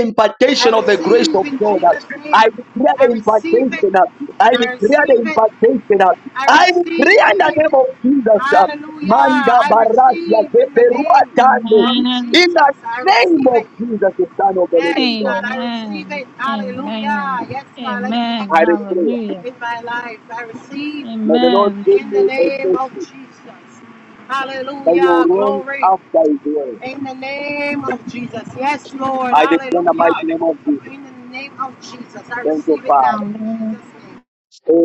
Speaker 2: I
Speaker 1: impartation of the grace
Speaker 2: receive
Speaker 1: of
Speaker 2: in
Speaker 1: God.
Speaker 2: Jesus' name.
Speaker 1: I declare
Speaker 2: I
Speaker 1: the
Speaker 2: receive
Speaker 1: impartation.
Speaker 2: it.
Speaker 1: I
Speaker 2: I
Speaker 1: declare
Speaker 2: receive
Speaker 1: the
Speaker 2: it.
Speaker 1: impartation.
Speaker 2: I
Speaker 1: I declare in the
Speaker 2: receive.
Speaker 1: name of Jesus.
Speaker 2: Hallelujah.
Speaker 1: Manda
Speaker 2: I
Speaker 1: Baratia
Speaker 2: receive in the name
Speaker 1: Zeberuatande.
Speaker 2: of
Speaker 14: Amen.
Speaker 1: In
Speaker 2: Jesus.
Speaker 1: the
Speaker 2: I
Speaker 1: name
Speaker 2: receive
Speaker 1: of
Speaker 2: it.
Speaker 1: Jesus, the Son of the
Speaker 2: Yes,
Speaker 1: Living God.
Speaker 2: God. I receive
Speaker 14: Amen.
Speaker 2: it. Hallelujah.
Speaker 14: Amen.
Speaker 2: Yes, God. Let it be
Speaker 14: Amen.
Speaker 1: I
Speaker 2: activated
Speaker 1: declare.
Speaker 14: Hallelujah.
Speaker 2: in my life. I receive
Speaker 1: May the Lord
Speaker 14: Amen.
Speaker 1: give
Speaker 2: in
Speaker 14: Thank
Speaker 2: the
Speaker 1: you
Speaker 14: you,
Speaker 1: a
Speaker 2: name
Speaker 14: Jesus.
Speaker 2: of
Speaker 1: testimony
Speaker 2: Jesus.
Speaker 1: that you will
Speaker 2: Hallelujah.
Speaker 1: run
Speaker 2: Glory.
Speaker 1: after His word.
Speaker 2: In the name of Jesus. Yes, Lord.
Speaker 1: I declare in the mighty
Speaker 2: Hallelujah.
Speaker 1: name of Jesus.
Speaker 2: In the name of Jesus. I
Speaker 1: Thank you,
Speaker 2: receive it
Speaker 1: Father.
Speaker 2: now in
Speaker 14: Amen.
Speaker 2: Jesus' name.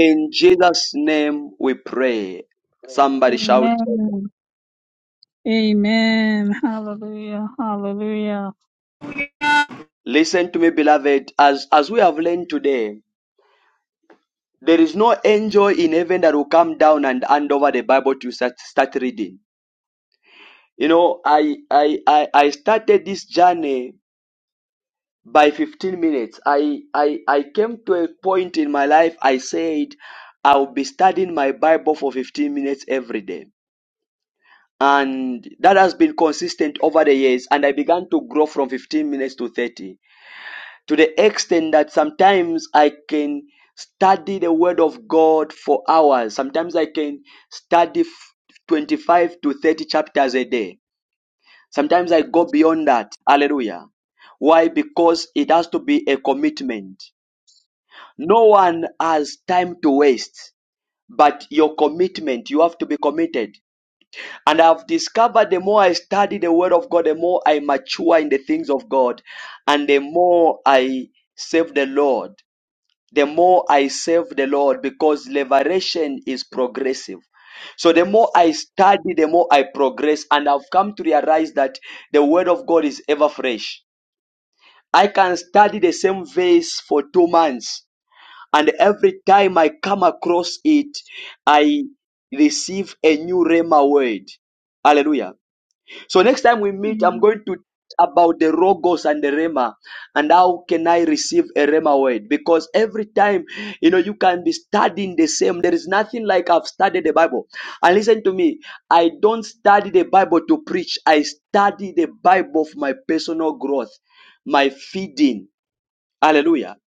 Speaker 1: In Jesus' name we pray. Somebody shout. amen.
Speaker 14: Amen. Amen. Hallelujah. Hallelujah.
Speaker 1: Listen to me, beloved. As as we have learned today, there is no angel in heaven that will come down and hand over the Bible to start, start reading. You know, I, I I I started this journey by 15 minutes. I I I came to a point in my life I said I'll be studying my Bible for 15 minutes every day and that has been consistent over the years and i began to grow from 15 minutes to 30 to the extent that sometimes i can study the word of god for hours sometimes i can study 25 to 30 chapters a day sometimes i go beyond that hallelujah why because it has to be a commitment no one has time to waste but your commitment you have to be committed And I've discovered the more I study the Word of God, the more I mature in the things of God, and the more I serve the Lord, the more I serve the Lord because liberation is progressive. So the more I study, the more I progress, and I've come to realize that the Word of God is ever fresh. I can study the same verse for two months, and every time I come across it, I receive a new Rema word. Hallelujah. So next time we meet,
Speaker 14: Mm-hmm.
Speaker 1: I'm going to about the rogos and the rema and how can i receive a rema word because every time you know you can be studying the same there is nothing like i've studied the bible and listen to me i don't study the bible to preach i study the bible for my personal growth my feeding hallelujah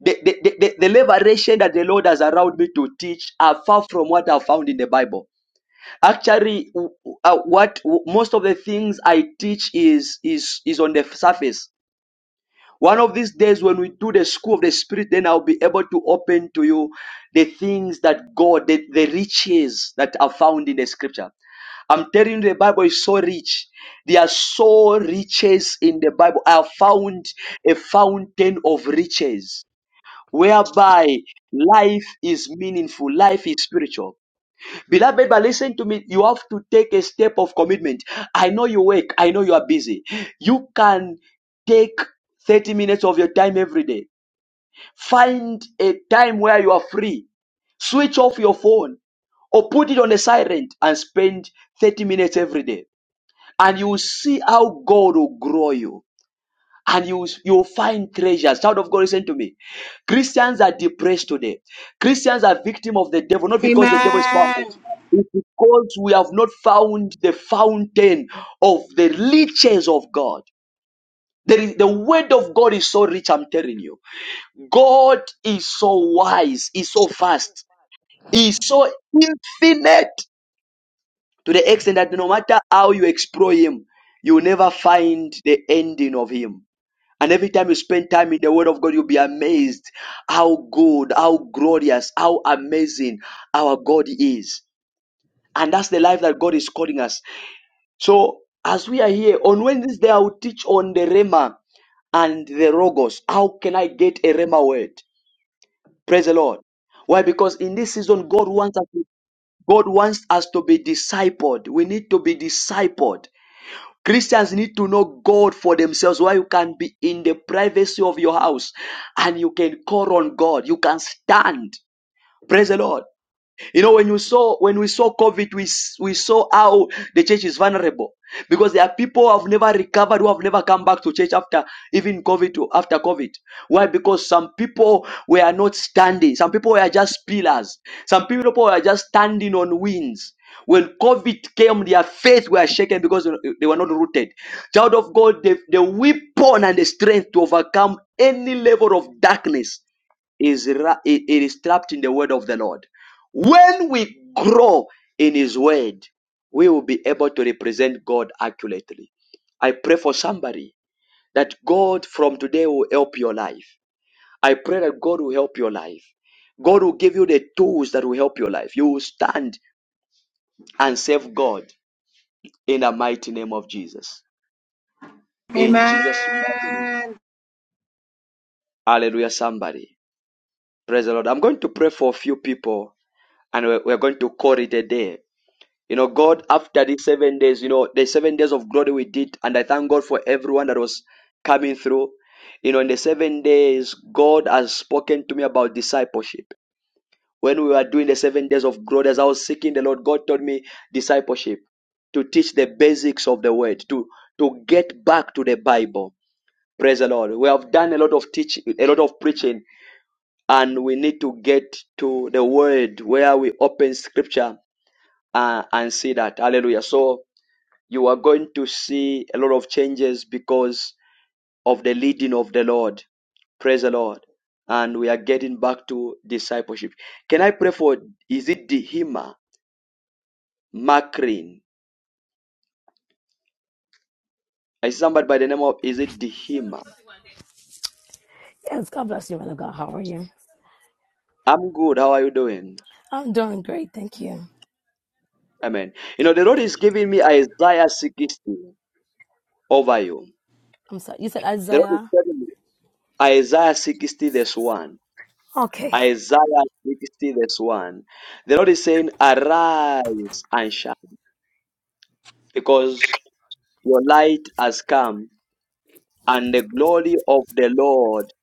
Speaker 1: the, the, the, the the liberation that the lord has allowed me to teach are far from what i found in the bible Actually, w- w- uh, what w- most of the things I teach is is is on the surface. One of these days, when we do the school of the spirit, then I'll be able to open to you the things that God, the, the riches that are found in the scripture. I'm telling you, the Bible is so rich. There are so riches in the Bible. I have found a fountain of riches whereby life is meaningful, life is spiritual. Beloved, but listen to me. You have to take a step of commitment. I know you work. I know you are busy. You can take 30 minutes of your time every day. Find a time where you are free. Switch off your phone or put it on a silent and spend 30 minutes every day. And you will see how God will grow you and you, you'll find treasures. Child of God, listen to me. Christians are depressed today. Christians are victim of the devil, not because the devil is
Speaker 2: Amen.
Speaker 1: powerful. It's because we have not found the fountain of the riches of God. There is, the word of God is so rich, I'm telling you. God is so wise, is so vast, is so infinite to the extent that no matter how you explore him, you'll never find the ending of him. And every time you spend time in the Word of God, you'll be amazed how good, how glorious, how amazing our God is. And that's the life that God is calling us. So, as we are here on Wednesday, I will teach on the Rema and the Rogos. How can I get a Rema word? Praise the Lord. Why? Because in this season, God wants us. to, God wants us to be discipled. We need to be discipled. Christians need to know God for themselves, where you can be in the privacy of your house and you can call on God. You can stand. Praise the Lord. You know, when you saw when we saw COVID, we s- we saw how the church is vulnerable because there are people who have never recovered, who have never come back to church after even COVID or after COVID. Why? Because some people were not standing. Some people were just pillars. Some people were just standing on winds. When COVID came, their faith were shaken because they were not rooted. Child of God, the, the weapon and the strength to overcome any level of darkness is ra- it it is trapped in the word of the Lord. When we grow in his word, we will be able to represent God accurately. I pray for somebody that God from today will help your life. I pray that God will help your life. God will give you the tools that will help your life. You will stand and serve God in the mighty name of Jesus. In
Speaker 2: Amen.
Speaker 1: Jesus' mighty name. Hallelujah, somebody. Praise the Lord. I'm going to pray for a few people and we're, we're going to call it a day. You know, God, after these seven days, you know, the seven days of glory we did, and I thank God for everyone that was coming through. You know, in the seven days, God has spoken to me about discipleship. When we were doing the seven days of glory, as I was seeking the Lord, God told me discipleship to teach the basics of the word, to, to get back to the Bible. Praise the Lord. We have done a lot of teaching, a lot of preaching, and we need to get to the word where we open scripture uh, and see that. Hallelujah. So, you are going to see a lot of changes because of the leading of the Lord. Praise the Lord. And we are getting back to discipleship. Can I pray for is it Dehima Makrin? I see somebody by the name of is it Dehima?
Speaker 15: Yes, God bless you, man of God. How are you?
Speaker 1: I'm good. How are you doing?
Speaker 15: I'm doing great, thank you.
Speaker 1: Amen. You know, the Lord is giving me Isaiah 60 over you.
Speaker 15: I'm sorry. You said
Speaker 1: The Lord is
Speaker 15: Isaiah?
Speaker 1: telling me Isaiah 60 verse 1.
Speaker 15: Okay.
Speaker 1: Isaiah 60 verse 1. The Lord is saying, Arise and shine. Because Your light has come, and the glory of the Lord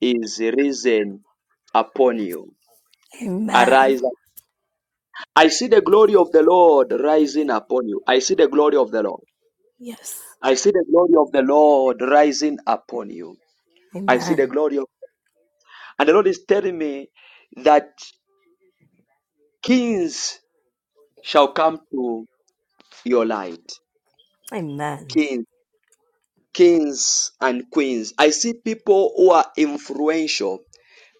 Speaker 1: is risen upon you.
Speaker 15: Amen.
Speaker 1: Arise. I see the glory of the Lord rising upon you. I see the glory of the Lord.
Speaker 15: Yes.
Speaker 1: I see the glory of the Lord rising upon you. I see the
Speaker 15: Amen.
Speaker 1: glory of, and the Lord is telling me that kings shall come to your light.
Speaker 15: Amen.
Speaker 1: Kings, kings and queens. I see people who are influential.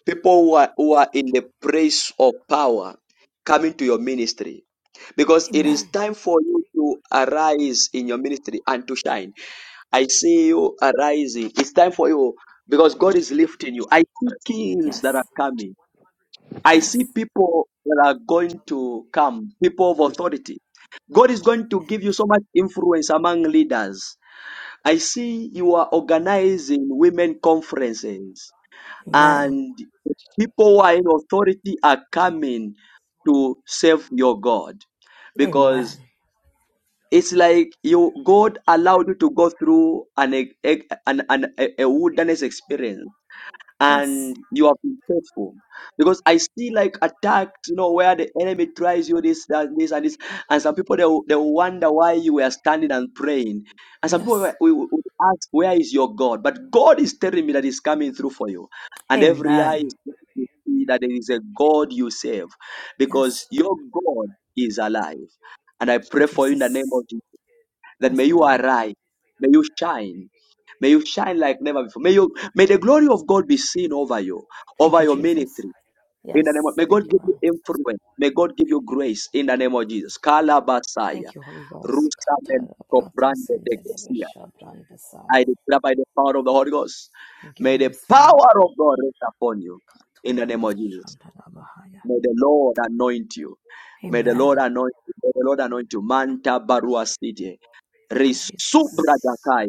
Speaker 1: people who are, who are in the place of power coming to your ministry because it is
Speaker 15: Amen.
Speaker 1: time for you to arise in your ministry and to shine i see you arising it's time for you because god is lifting you i see kings that are
Speaker 15: Yes.
Speaker 1: coming i
Speaker 15: Yes.
Speaker 1: see people that are going to come people of authority god is going to give you so much influence among leaders i see you are organizing women conferences
Speaker 15: Amen.
Speaker 1: and people who are in authority are coming to serve your God
Speaker 15: Amen.
Speaker 1: because it's like you God allowed you to go through an, e- e- an, an a a wilderness experience
Speaker 15: Yes.
Speaker 1: and you have been faithful because i see like attacks you know where the enemy tries you this that this and this and some people they will, they will wonder why you were standing and praying and some people will,
Speaker 15: Yes.
Speaker 1: will, will ask where is your god but god is telling me that he's coming through for you and every eye
Speaker 15: Amen.
Speaker 1: is going to see that there is a god you serve
Speaker 15: Yes.
Speaker 1: because your god is alive and i
Speaker 15: Thank you,
Speaker 1: pray for you in the name of
Speaker 15: Jesus.
Speaker 1: jesus that may
Speaker 15: Yes,
Speaker 1: you
Speaker 15: Lord.
Speaker 1: arise, may you shine, may you shine like never before. May you may the glory of God be seen over you,
Speaker 15: Thank
Speaker 1: over
Speaker 15: you,
Speaker 1: your
Speaker 15: Jesus.
Speaker 1: ministry. In the
Speaker 15: Yes.
Speaker 1: name of, may God
Speaker 15: Thank you,
Speaker 1: give you
Speaker 15: Lord.
Speaker 1: influence. May God give you grace in the name of Jesus. Kalabasaya.
Speaker 15: Thank you, Holy Ghost.
Speaker 1: Rusamen Kobrande de Gesia. I declare by the power of the Holy Ghost.
Speaker 15: Thank you,
Speaker 1: May the
Speaker 15: Holy Spirit.
Speaker 1: power of God rest upon you in the name of Jesus. May the Lord anoint you. May the Lord
Speaker 15: Amen.
Speaker 1: anoint you. May the Lord anoint you. Manta Barua City.
Speaker 15: Thank you, Jesus.
Speaker 1: Risubradakai.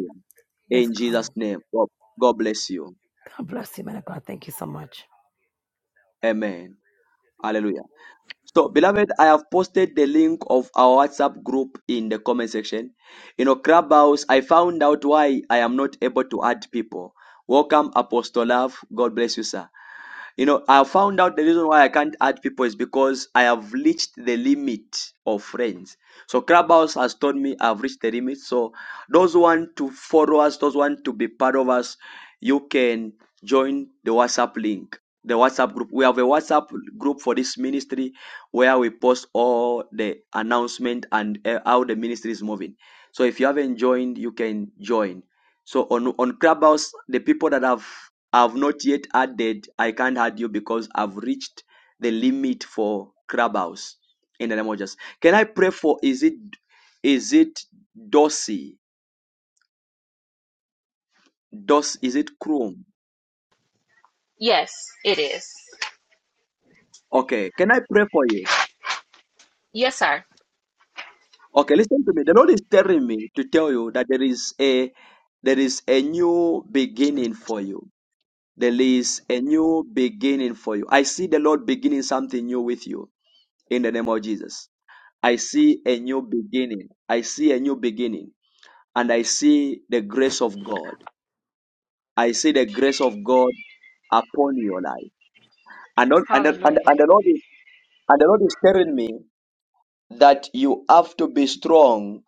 Speaker 15: Yes,
Speaker 1: In
Speaker 15: God.
Speaker 1: Jesus' name. God, God bless you.
Speaker 15: God bless you, man of God. Thank you so much.
Speaker 1: Amen. Hallelujah. So, beloved, I have posted the link of our WhatsApp group in the comment section. You know, Clubhouse, I found out why I am not able to add people. Welcome, Apostle Love. God bless you, sir. You know, I found out the reason why I can't add people is because I have reached the limit of friends. So Clubhouse has told me I've reached the limit. So those who want to follow us, those who want to be part of us, you can join the WhatsApp link. The WhatsApp group. We have a WhatsApp group for this ministry where we post all the announcement and uh, how the ministry is moving. So if you haven't joined, you can join. So on on Clubhouse, the people that have I've not yet added I can't add you because I've reached the limit for Clubhouse in the name of Jesus. Can I pray for is it is it Dossi? Dos is it Chrome?
Speaker 16: Yes, it is.
Speaker 1: Okay. Can I pray for you?
Speaker 16: Yes, sir.
Speaker 1: Okay, listen to me. The Lord is telling me to tell you that there is a there is a new beginning for you. There is a new beginning for you. I see the Lord beginning something new with you in the name of Jesus. I see a new beginning. I see a new beginning. and I see the grace of God. I see the grace of God upon your life. And, not- and, the- and,
Speaker 16: Hallelujah.
Speaker 1: the- and, the, Lord is, and the Lord is telling me that you have to be strong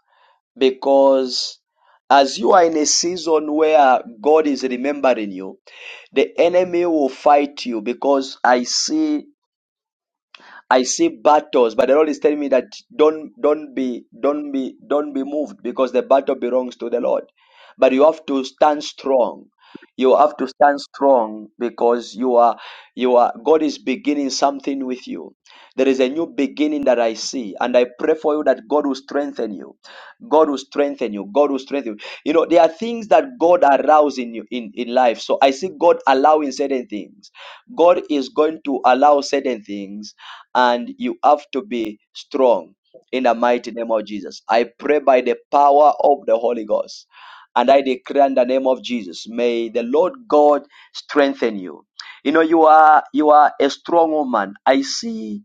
Speaker 1: because as you are in a season where God is remembering you, the enemy will fight you because I see I see battles, but the Lord is telling me that don't don't be don't be don't be moved because the battle belongs to the Lord. But you have to stand strong. You have to stand strong because you are you are God is beginning something with you. There is a new beginning that I see, and I pray for you that God will strengthen you. God will strengthen you. God will strengthen you. You know, there are things that God allows in you in, in life. So I see God allowing certain things. God is going to allow certain things and you have to be strong in the mighty name of Jesus. I pray by the power of the Holy Ghost. And I declare in the name of Jesus, may the Lord God strengthen you. You know, you are you are a strong woman. I see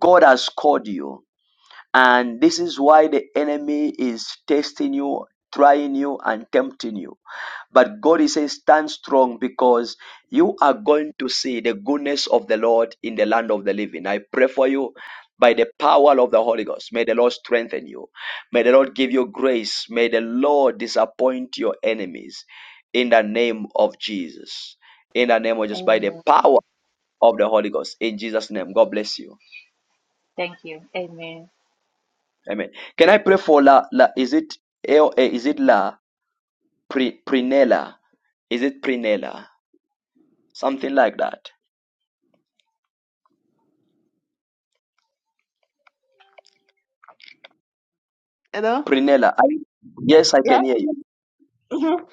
Speaker 1: God has called you and this is why the enemy is testing you, trying you, and tempting you. But God is saying, stand strong because you are going to see the goodness of the Lord in the land of the living. I pray for you by the power of the Holy Ghost. May the Lord strengthen you. May the Lord give you grace. May the Lord disappoint your enemies in the name of Jesus. In the name of just by the
Speaker 16: Amen.
Speaker 1: power of the Holy Ghost. In Jesus' name, God bless you.
Speaker 16: Thank you. Amen.
Speaker 1: Amen. Can I pray for La La is it L A is it La Pri, Prinella? Is it Prinella? Something like that.
Speaker 17: Hello?
Speaker 1: Prinella. I, yes, I
Speaker 17: Yeah.
Speaker 1: can hear you.
Speaker 17: Mm-hmm.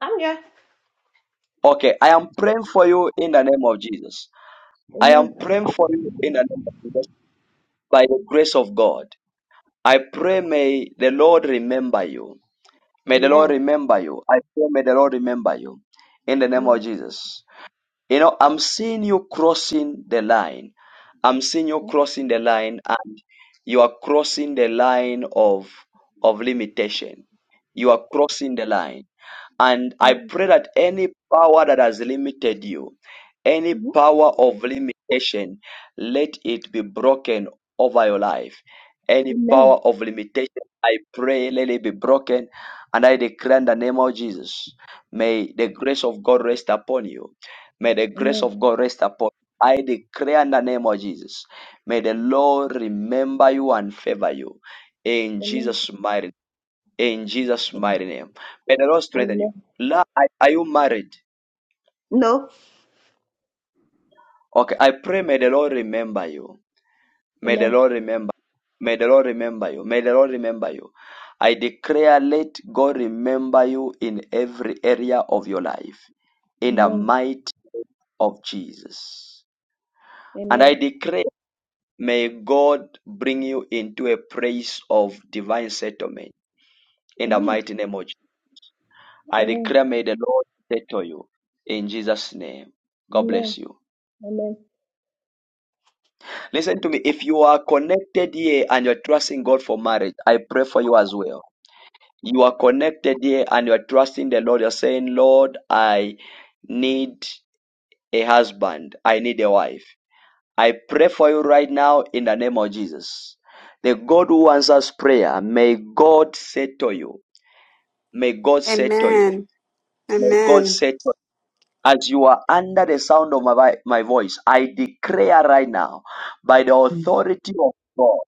Speaker 17: I'm here.
Speaker 1: Okay, I am praying for you in the name of Jesus. I am
Speaker 17: Amen.
Speaker 1: praying for you in the name of Jesus by the grace of God. I pray may the Lord remember you. May the Lord
Speaker 17: Amen.
Speaker 1: remember you. I pray may the Lord remember you in the name of
Speaker 17: Amen.
Speaker 1: Jesus. You know, I'm seeing you crossing the line. I'm seeing you
Speaker 17: Uh-huh.
Speaker 1: crossing the line and you are crossing the line of of limitation. You are crossing the line. And I
Speaker 17: Amen.
Speaker 1: pray that any power that has limited you, any
Speaker 17: Uh-huh.
Speaker 1: power of limitation, let it be broken over your life. Any
Speaker 17: Amen.
Speaker 1: power of limitation, I pray, let it be broken. And I declare in the name of Jesus, may the grace of God rest upon you. May the grace
Speaker 17: Amen.
Speaker 1: of God rest upon you. I declare in the name of Jesus. May the Lord remember you and favor you. In
Speaker 17: Amen.
Speaker 1: Jesus' mighty in Jesus' mighty name. May the Lord strengthen you.
Speaker 17: Amen.
Speaker 1: La, are are you married?
Speaker 17: No.
Speaker 1: Okay, I pray may the Lord remember you. May the
Speaker 17: Amen.
Speaker 1: Lord remember. May the Lord remember you. May the Lord remember you. I declare, let God remember you in every area of your life. In the
Speaker 17: Amen.
Speaker 1: might of Jesus. And
Speaker 17: Amen.
Speaker 1: I declare. May God bring you into a place of divine settlement in the
Speaker 17: Amen.
Speaker 1: mighty name of Jesus. I
Speaker 17: Amen.
Speaker 1: declare, may the Lord settle you in Jesus' name. God
Speaker 17: Amen.
Speaker 1: bless you.
Speaker 17: Amen.
Speaker 1: Listen to me. If you are connected here and you're trusting God for marriage, I pray for you as well. You are connected here and you're trusting the Lord. You're saying, Lord, I need a husband, I need a wife. I pray for you right now in the name of Jesus. The God who answers prayer, may God settle you May God say to you.
Speaker 4: Amen.
Speaker 1: May God
Speaker 4: Amen.
Speaker 1: settle you. As you are under the sound of my, vi- my voice, I declare right now, by the authority of God,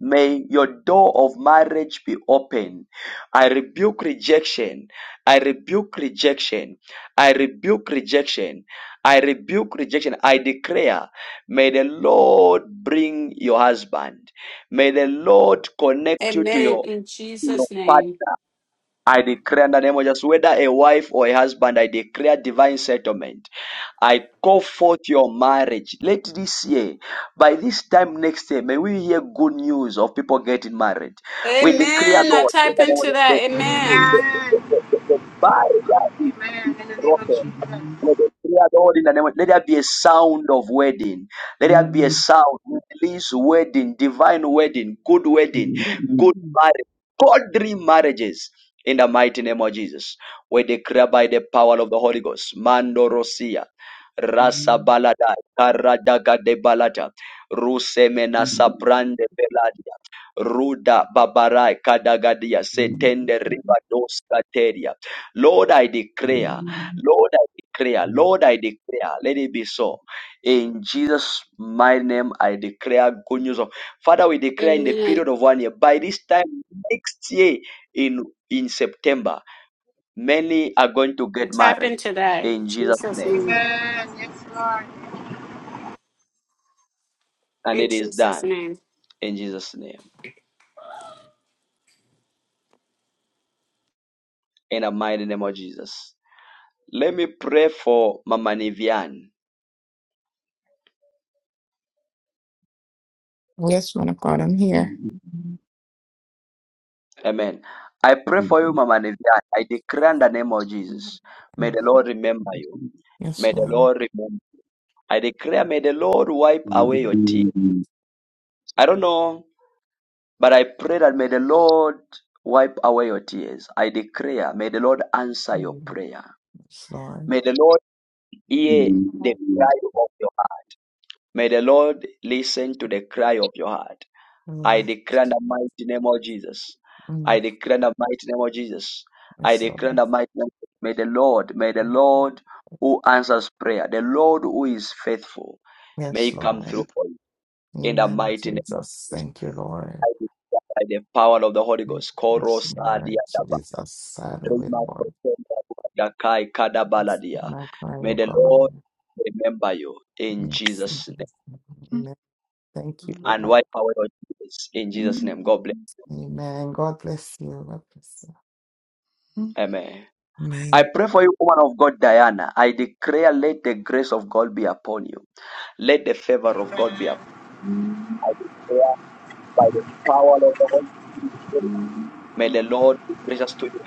Speaker 1: may your door of marriage be open. I rebuke rejection. I rebuke rejection. I rebuke rejection. I rebuke rejection. I declare, may the Lord bring your husband. May the Lord connect you to
Speaker 4: Amen.
Speaker 1: your,
Speaker 4: In
Speaker 1: to your
Speaker 4: Jesus' name.
Speaker 1: partner. I declare in the name of Jesus, whether a wife or a husband, I declare divine settlement. I call forth your marriage. Let this year, by this time next year, may we hear good news of people getting married. We declare,
Speaker 4: Amen. I
Speaker 1: Lord, in
Speaker 4: type
Speaker 1: the name of
Speaker 4: into
Speaker 1: Jesus,
Speaker 4: that. Amen.
Speaker 1: the,
Speaker 2: Amen.
Speaker 1: the, that is,
Speaker 2: Amen.
Speaker 1: is
Speaker 2: In the name of
Speaker 1: broken.
Speaker 2: Jesus.
Speaker 1: Let us pray, Lord, in the name of- let there be a sound of wedding. Let there be a sound. Release wedding, divine wedding, good wedding, good marriage, godly marriages. In the mighty name of Jesus, we declare by the power of the Holy Ghost, Mando Rosia, Rasa Balada, Karadaga de Balata, Rusemena Saprande Beladi. Ruda babarai kadagadia setende riba dos kateria. Lord, I declare, Lord, I declare, Lord, I declare, let it be so. In Jesus' my name, I declare good news of Father. We declare in the
Speaker 4: Amen.
Speaker 1: period of one year. By this time next year, in in September, many are going to get
Speaker 4: And tap
Speaker 1: married.
Speaker 4: into that in
Speaker 1: In Jesus'
Speaker 4: Jesus'
Speaker 1: name,
Speaker 4: name.
Speaker 2: Amen. Yes, Lord.
Speaker 1: and
Speaker 4: In
Speaker 1: it is
Speaker 4: Jesus'
Speaker 1: done.
Speaker 4: name.
Speaker 1: In Jesus' name, in the mighty name of Jesus. Let me pray for Mama Nivian.
Speaker 8: Yes, man of God, I'm here.
Speaker 1: Amen. I pray for you, Mama Nevian. I declare in the name of
Speaker 8: Mhm.
Speaker 1: Jesus. May
Speaker 8: Mm.
Speaker 1: the Lord remember you. May
Speaker 8: Yes,
Speaker 1: the
Speaker 8: Lord.
Speaker 1: Lord remember. I declare, may the Lord wipe away your tears. I don't know, but I pray that may the Lord wipe away your tears. I declare, may the Lord answer your
Speaker 8: Mhm.
Speaker 1: prayer.
Speaker 8: Yes, Lord.
Speaker 1: May the Lord hear the
Speaker 8: Mhm.
Speaker 1: cry of your heart. May the Lord listen to the cry of your heart. I
Speaker 8: Lord.
Speaker 1: declare in the mighty name of Jesus. I
Speaker 8: Mm.
Speaker 1: declare in the mighty name of Jesus. I
Speaker 8: Yes,
Speaker 1: declare in
Speaker 8: Lord.
Speaker 1: the mighty name. May the Lord, may the Lord who answers prayer, the Lord who is faithful, may
Speaker 8: Yes,
Speaker 1: he come through
Speaker 8: Lord.
Speaker 1: for you in the
Speaker 8: Amen.
Speaker 1: mighty name of
Speaker 8: Jesus.
Speaker 1: Jesus.
Speaker 8: Thank you,
Speaker 1: I
Speaker 8: Lord.
Speaker 1: declare by the power of the Holy Ghost.
Speaker 8: Yes,
Speaker 1: Koros
Speaker 8: Lord.
Speaker 1: adiadaba,
Speaker 8: Jesus. Have it, with Lord.
Speaker 1: kadabaladia.
Speaker 8: My crying,
Speaker 1: May
Speaker 8: oh
Speaker 1: the
Speaker 8: God.
Speaker 1: Lord remember you in
Speaker 8: Yes.
Speaker 1: Jesus' name
Speaker 8: Amen. Thank you,
Speaker 1: and
Speaker 8: Lord.
Speaker 1: wipe away your tears in Jesus' name. God bless.
Speaker 8: Amen. God bless you. God bless
Speaker 1: Amen.
Speaker 8: you.
Speaker 1: I pray for you, woman of God, Diana. I declare, let the grace of God be upon you. Let the favor of God be
Speaker 2: Amen.
Speaker 1: upon you. I declare by the power of the Holy Spirit. May the Lord be gracious to you.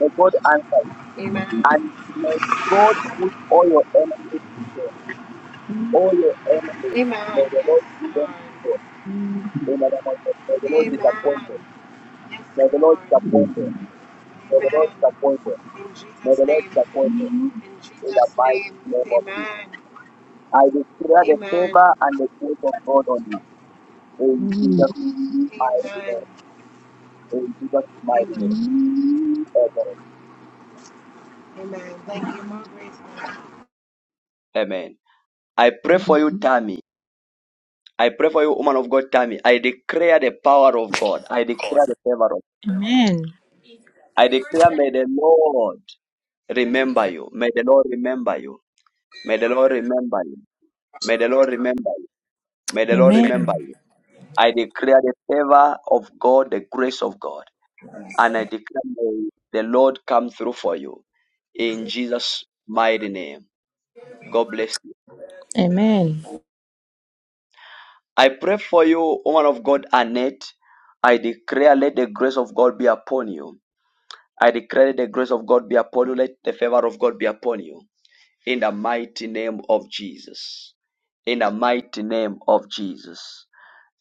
Speaker 1: May God answer you.
Speaker 2: Amen.
Speaker 1: And may God put all your enemies, to shame. all your enemies, may
Speaker 2: Amen.
Speaker 1: the Lord
Speaker 2: Yes,
Speaker 1: put them to
Speaker 2: Lord.
Speaker 1: shame. In the name of Jesus. May the Lord disappoint
Speaker 2: Amen.
Speaker 1: them.
Speaker 2: Yes,
Speaker 1: May the Lord
Speaker 2: Lord.
Speaker 1: disappoint them. May the Lord
Speaker 2: Amen.
Speaker 1: disappoint them.
Speaker 2: In
Speaker 1: May
Speaker 2: Jesus'
Speaker 1: the Lord
Speaker 2: name.
Speaker 1: disappoint them.
Speaker 2: In
Speaker 1: In the
Speaker 2: Jesus'
Speaker 1: mighty
Speaker 2: name.
Speaker 1: name of Jesus.
Speaker 2: Amen.
Speaker 1: I declare the
Speaker 2: Amen.
Speaker 1: favor and the grace of God on you. In Jesus' mighty
Speaker 2: Amen.
Speaker 1: name. In Jesus' mighty
Speaker 2: Amen.
Speaker 1: name. Amen.
Speaker 2: Amen. Thank you, more grace. God.
Speaker 1: Amen. I pray for you, Tammy. I pray for you, woman of God, Tammy. I declare the power of God. I declare the favor of God.
Speaker 9: Amen.
Speaker 1: I declare, may the Lord remember you. May the Lord remember you. May the Lord remember you. May the Lord remember you. May the Lord remember
Speaker 9: Amen.
Speaker 1: you. I declare the favor of God, the grace of God. And I declare, may the Lord come through for you. In Jesus' mighty name. God bless you.
Speaker 9: Amen.
Speaker 1: I pray for you, woman of God, Annette. I declare, let the grace of God be upon you. I declare, let the grace of God be upon you. Let the favor of God be upon you. In the mighty name of Jesus. In the mighty name of Jesus.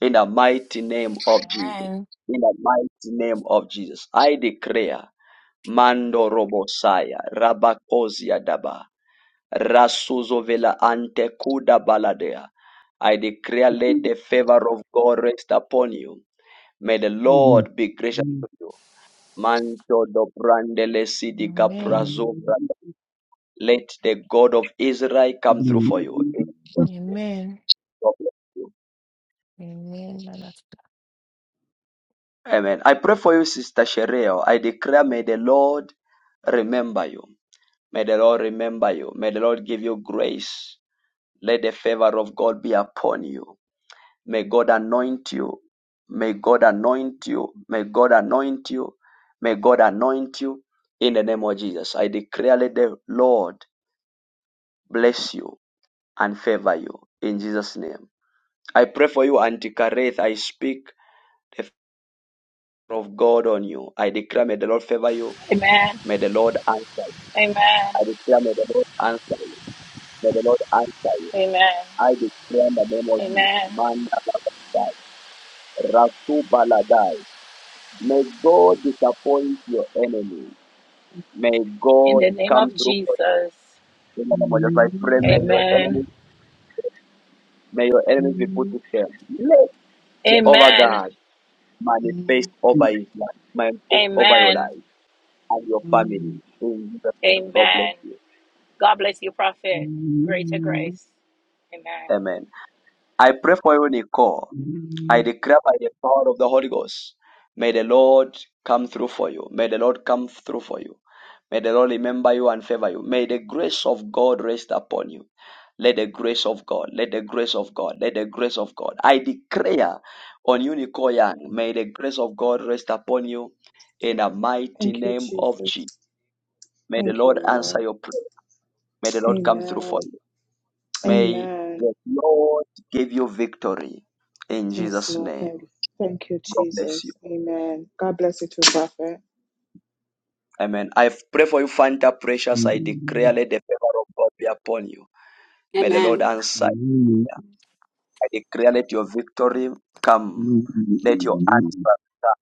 Speaker 1: In the mighty name of Jesus.
Speaker 7: Amen.
Speaker 1: In the mighty name of Jesus. I declare, Mando Robosaya, Rabakozia Daba. Rasuzo vela ante kuda baladea. I declare let the favor of God rest upon you. May the Lord be gracious to you. Manto do brandele sidi
Speaker 7: Amen.
Speaker 1: caprazovra. Let the God of Israel
Speaker 14: Thank
Speaker 1: come through for you.
Speaker 14: you.
Speaker 1: In
Speaker 7: Amen.
Speaker 1: your name.
Speaker 7: Amen. Man of
Speaker 1: Amen. I pray for you, Sister Shereo. I declare, may the Lord remember you. May the Lord remember you. May the Lord give you grace. Let the favor of God be upon you. May God anoint you. May God anoint you. May God anoint you. May God anoint you in the name of Jesus. I declare, let the Lord bless you and favor you in Jesus' name. I pray for you, Auntie Kareth. I speak the favor of God on you. I declare, may the Lord favor you.
Speaker 18: Amen.
Speaker 1: May the Lord answer you.
Speaker 18: Amen.
Speaker 1: I declare, may the Lord answer you. May the Lord answer you.
Speaker 18: Amen.
Speaker 1: I declare in the name of Jesus.
Speaker 18: Amen.
Speaker 1: Man, Rasu Baladai. May God disappoint your enemies. May
Speaker 18: In
Speaker 1: God
Speaker 18: the name
Speaker 1: come
Speaker 18: of
Speaker 1: through for
Speaker 18: Jesus.
Speaker 1: you. In the name of Jesus, I pray, may your
Speaker 18: Amen.
Speaker 1: enemies, may your enemies be put to shame. Let Jehovah
Speaker 18: Amen.
Speaker 1: God manifest over his life, manifest over your
Speaker 18: Amen.
Speaker 1: life and your family. In Jesus' name, God bless
Speaker 18: Amen.
Speaker 1: you.
Speaker 18: God bless you, prophet. Greater grace. Amen.
Speaker 1: Amen. I pray for you, Nicole. I declare by the power of the Holy Ghost, may the Lord come through for you. May the Lord come through for you. May the Lord remember you and favor you. May the grace of God rest upon you. Let the grace of God, let the grace of God, let the grace of God. I declare on you, Nicole Young, may the grace of God rest upon you in the mighty
Speaker 19: Thank you,
Speaker 1: name of
Speaker 19: Jesus.
Speaker 1: Jesus. May the
Speaker 19: Thank you,
Speaker 1: Lord answer
Speaker 19: Lord.
Speaker 1: your prayer. May the Lord come through
Speaker 19: Amen.
Speaker 1: for you. May
Speaker 19: Amen.
Speaker 1: the Lord give you victory in
Speaker 19: Yes,
Speaker 1: Jesus'
Speaker 19: Lord.
Speaker 1: name.
Speaker 19: Thank you. Thank you,
Speaker 1: God bless you.
Speaker 19: Jesus. Amen. God bless you too, Prophet.
Speaker 1: Amen. I pray for you, Fanta Precious. I declare let the favor of God be upon you. May the Lord
Speaker 4: Amen.
Speaker 1: answer you. I declare let your victory come. Let your answer come.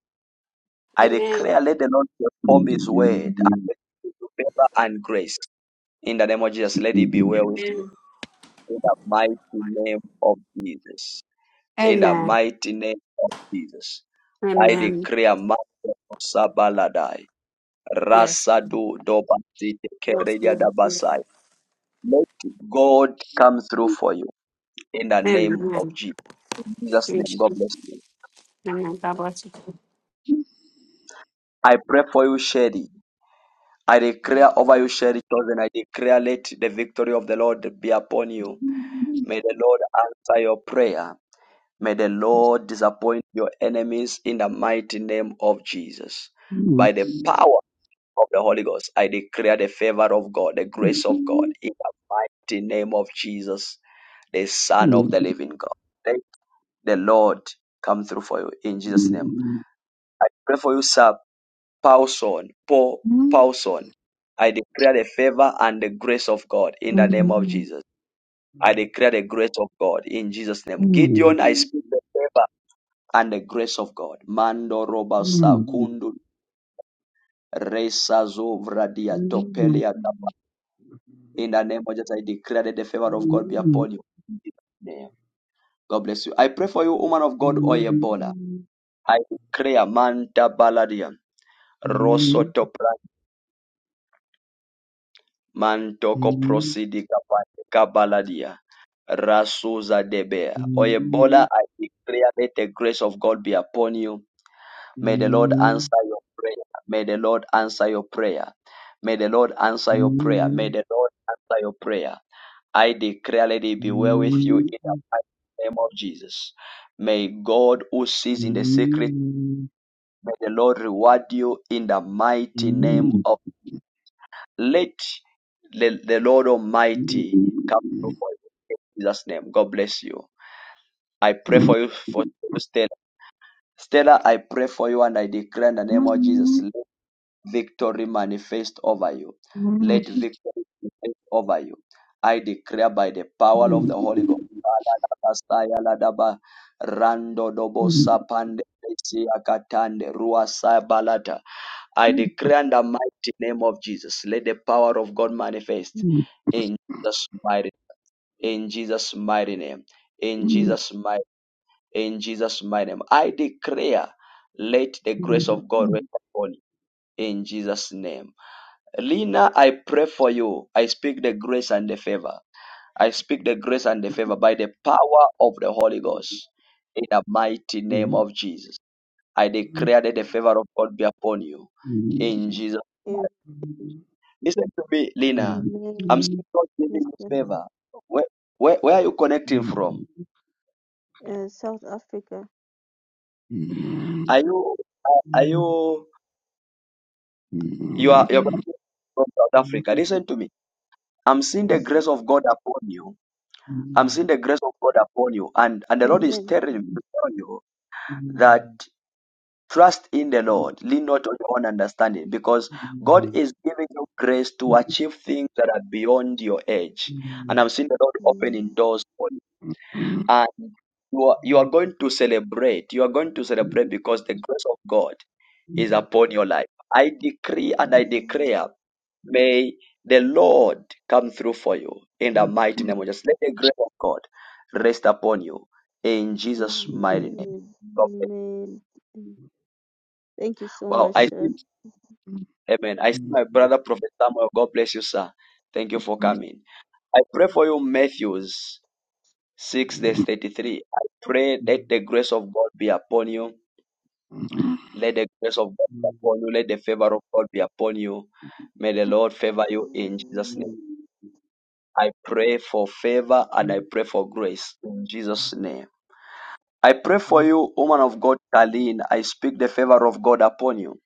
Speaker 1: I
Speaker 4: Amen.
Speaker 1: declare let the Lord perform his word and let you favor and grace. In the name of Jesus, let it be well with you.
Speaker 4: Amen.
Speaker 1: In the mighty name of Jesus. In the
Speaker 4: Amen.
Speaker 1: mighty name of Jesus. I
Speaker 4: Amen.
Speaker 1: declare Mako Sabaladai.
Speaker 4: Yes.
Speaker 1: Rasadu Dobasi
Speaker 4: Yes.
Speaker 1: Keredia
Speaker 4: Yes. yes.
Speaker 1: Dabasai. Let God come through for you in the name of
Speaker 4: Amen.
Speaker 1: Jesus. In Jesus'
Speaker 4: In
Speaker 1: name, God bless you.
Speaker 4: God bless you.
Speaker 1: I pray for you, Sherry. I declare over you, Sherry chosen. I declare let the victory of the Lord be upon you. May the Lord answer your prayer. May the Lord disappoint your enemies in the mighty name of Jesus. By the power of the Holy Ghost, I declare the favor of God, the grace of God, in the mighty name of Jesus, the Son of the living God. Thank the Lord come through for you in Jesus' name. I pray for you, Sir Paulson, Paul Paulson. I declare the favor and the grace of God in the name of Jesus. I declare the grace of God in Jesus' name. Gideon, I speak the favor and the grace of God. Mando roba sakundu resa zovradia topelia tapa. In the name of Jesus, I declare that the favor of God be upon you. In Jesus' name. God bless you. I pray for you, woman of God, Oyebola. I declare Manta Baladia. Rosotoplan Mantocoprosidi Capante Cabaladia Rasuza Debea. O Ebola, I declare may the grace of God be upon you. May the Lord answer your prayer. May the Lord answer your prayer. May the Lord answer your prayer. May the Lord answer your prayer. I declare, let it be well with you in the mighty name of Jesus. May God who sees in the secret, may the Lord reward you in the mighty name of let the, the Lord Almighty come through for you. In Jesus' name. God bless you. I pray for you for you, Stella. Stella, I pray for you and I declare in the name of Jesus. Let victory manifest over you. Let victory manifest over you. I declare by the power of the Holy Ghost. Rando dobo sapande, sia katande, ruasa balata. I declare in the mighty name of Jesus, let the power of God manifest
Speaker 14: Mm-hmm.
Speaker 1: in Jesus' mighty, in Jesus' mighty name, in Jesus' mighty, in Jesus' mighty name. I declare, let the grace of God rest upon you in Jesus' name. Lina, I pray for you. I speak the grace and the favor. I speak the grace and the favor by the power of the Holy Ghost in the mighty name of Jesus. I declare that the favor of God be upon you in Jesus' name.
Speaker 20: Amen,
Speaker 1: Listen to me, Lina. I'm still not giving you
Speaker 20: Mr.
Speaker 1: favor. Where, where, where are you connecting from?
Speaker 20: Uh, South Africa.
Speaker 1: Are you, are you, you are, you're connecting from South Africa? Listen to me. I'm seeing the
Speaker 20: Is
Speaker 1: grace
Speaker 20: it?
Speaker 1: of God upon you. I'm seeing the grace of God upon you, and and the Lord is
Speaker 20: Amen.
Speaker 1: telling me to tell you that trust in the Lord, lean not on your own understanding, because God is giving you grace to achieve things that are beyond your age. And I'm seeing the Lord opening
Speaker 20: Amen.
Speaker 1: doors and you are, you are going to celebrate. You are going to celebrate because the grace of God is upon your life. I decree and I declare, may the Lord come through for you in the mighty name of Jesus. Let the grace of God rest upon you in Jesus' mighty name.
Speaker 20: Amen.
Speaker 1: God
Speaker 20: Amen. Amen. Thank you so
Speaker 1: Wow,
Speaker 20: much,
Speaker 1: I see,
Speaker 20: sir.
Speaker 1: amen. I see my brother, Prophet Samuel. God bless you, sir. Thank you for coming. I pray for you, Matthews 6, verse 33. I pray that the grace of God be upon you Let the grace of God be upon you. Let the favor of God be upon you. May the Lord favor you in Jesus' name. I pray for favor and I pray for grace in Jesus' name. I pray for you, woman of God, Kalin. I speak the favor of God upon you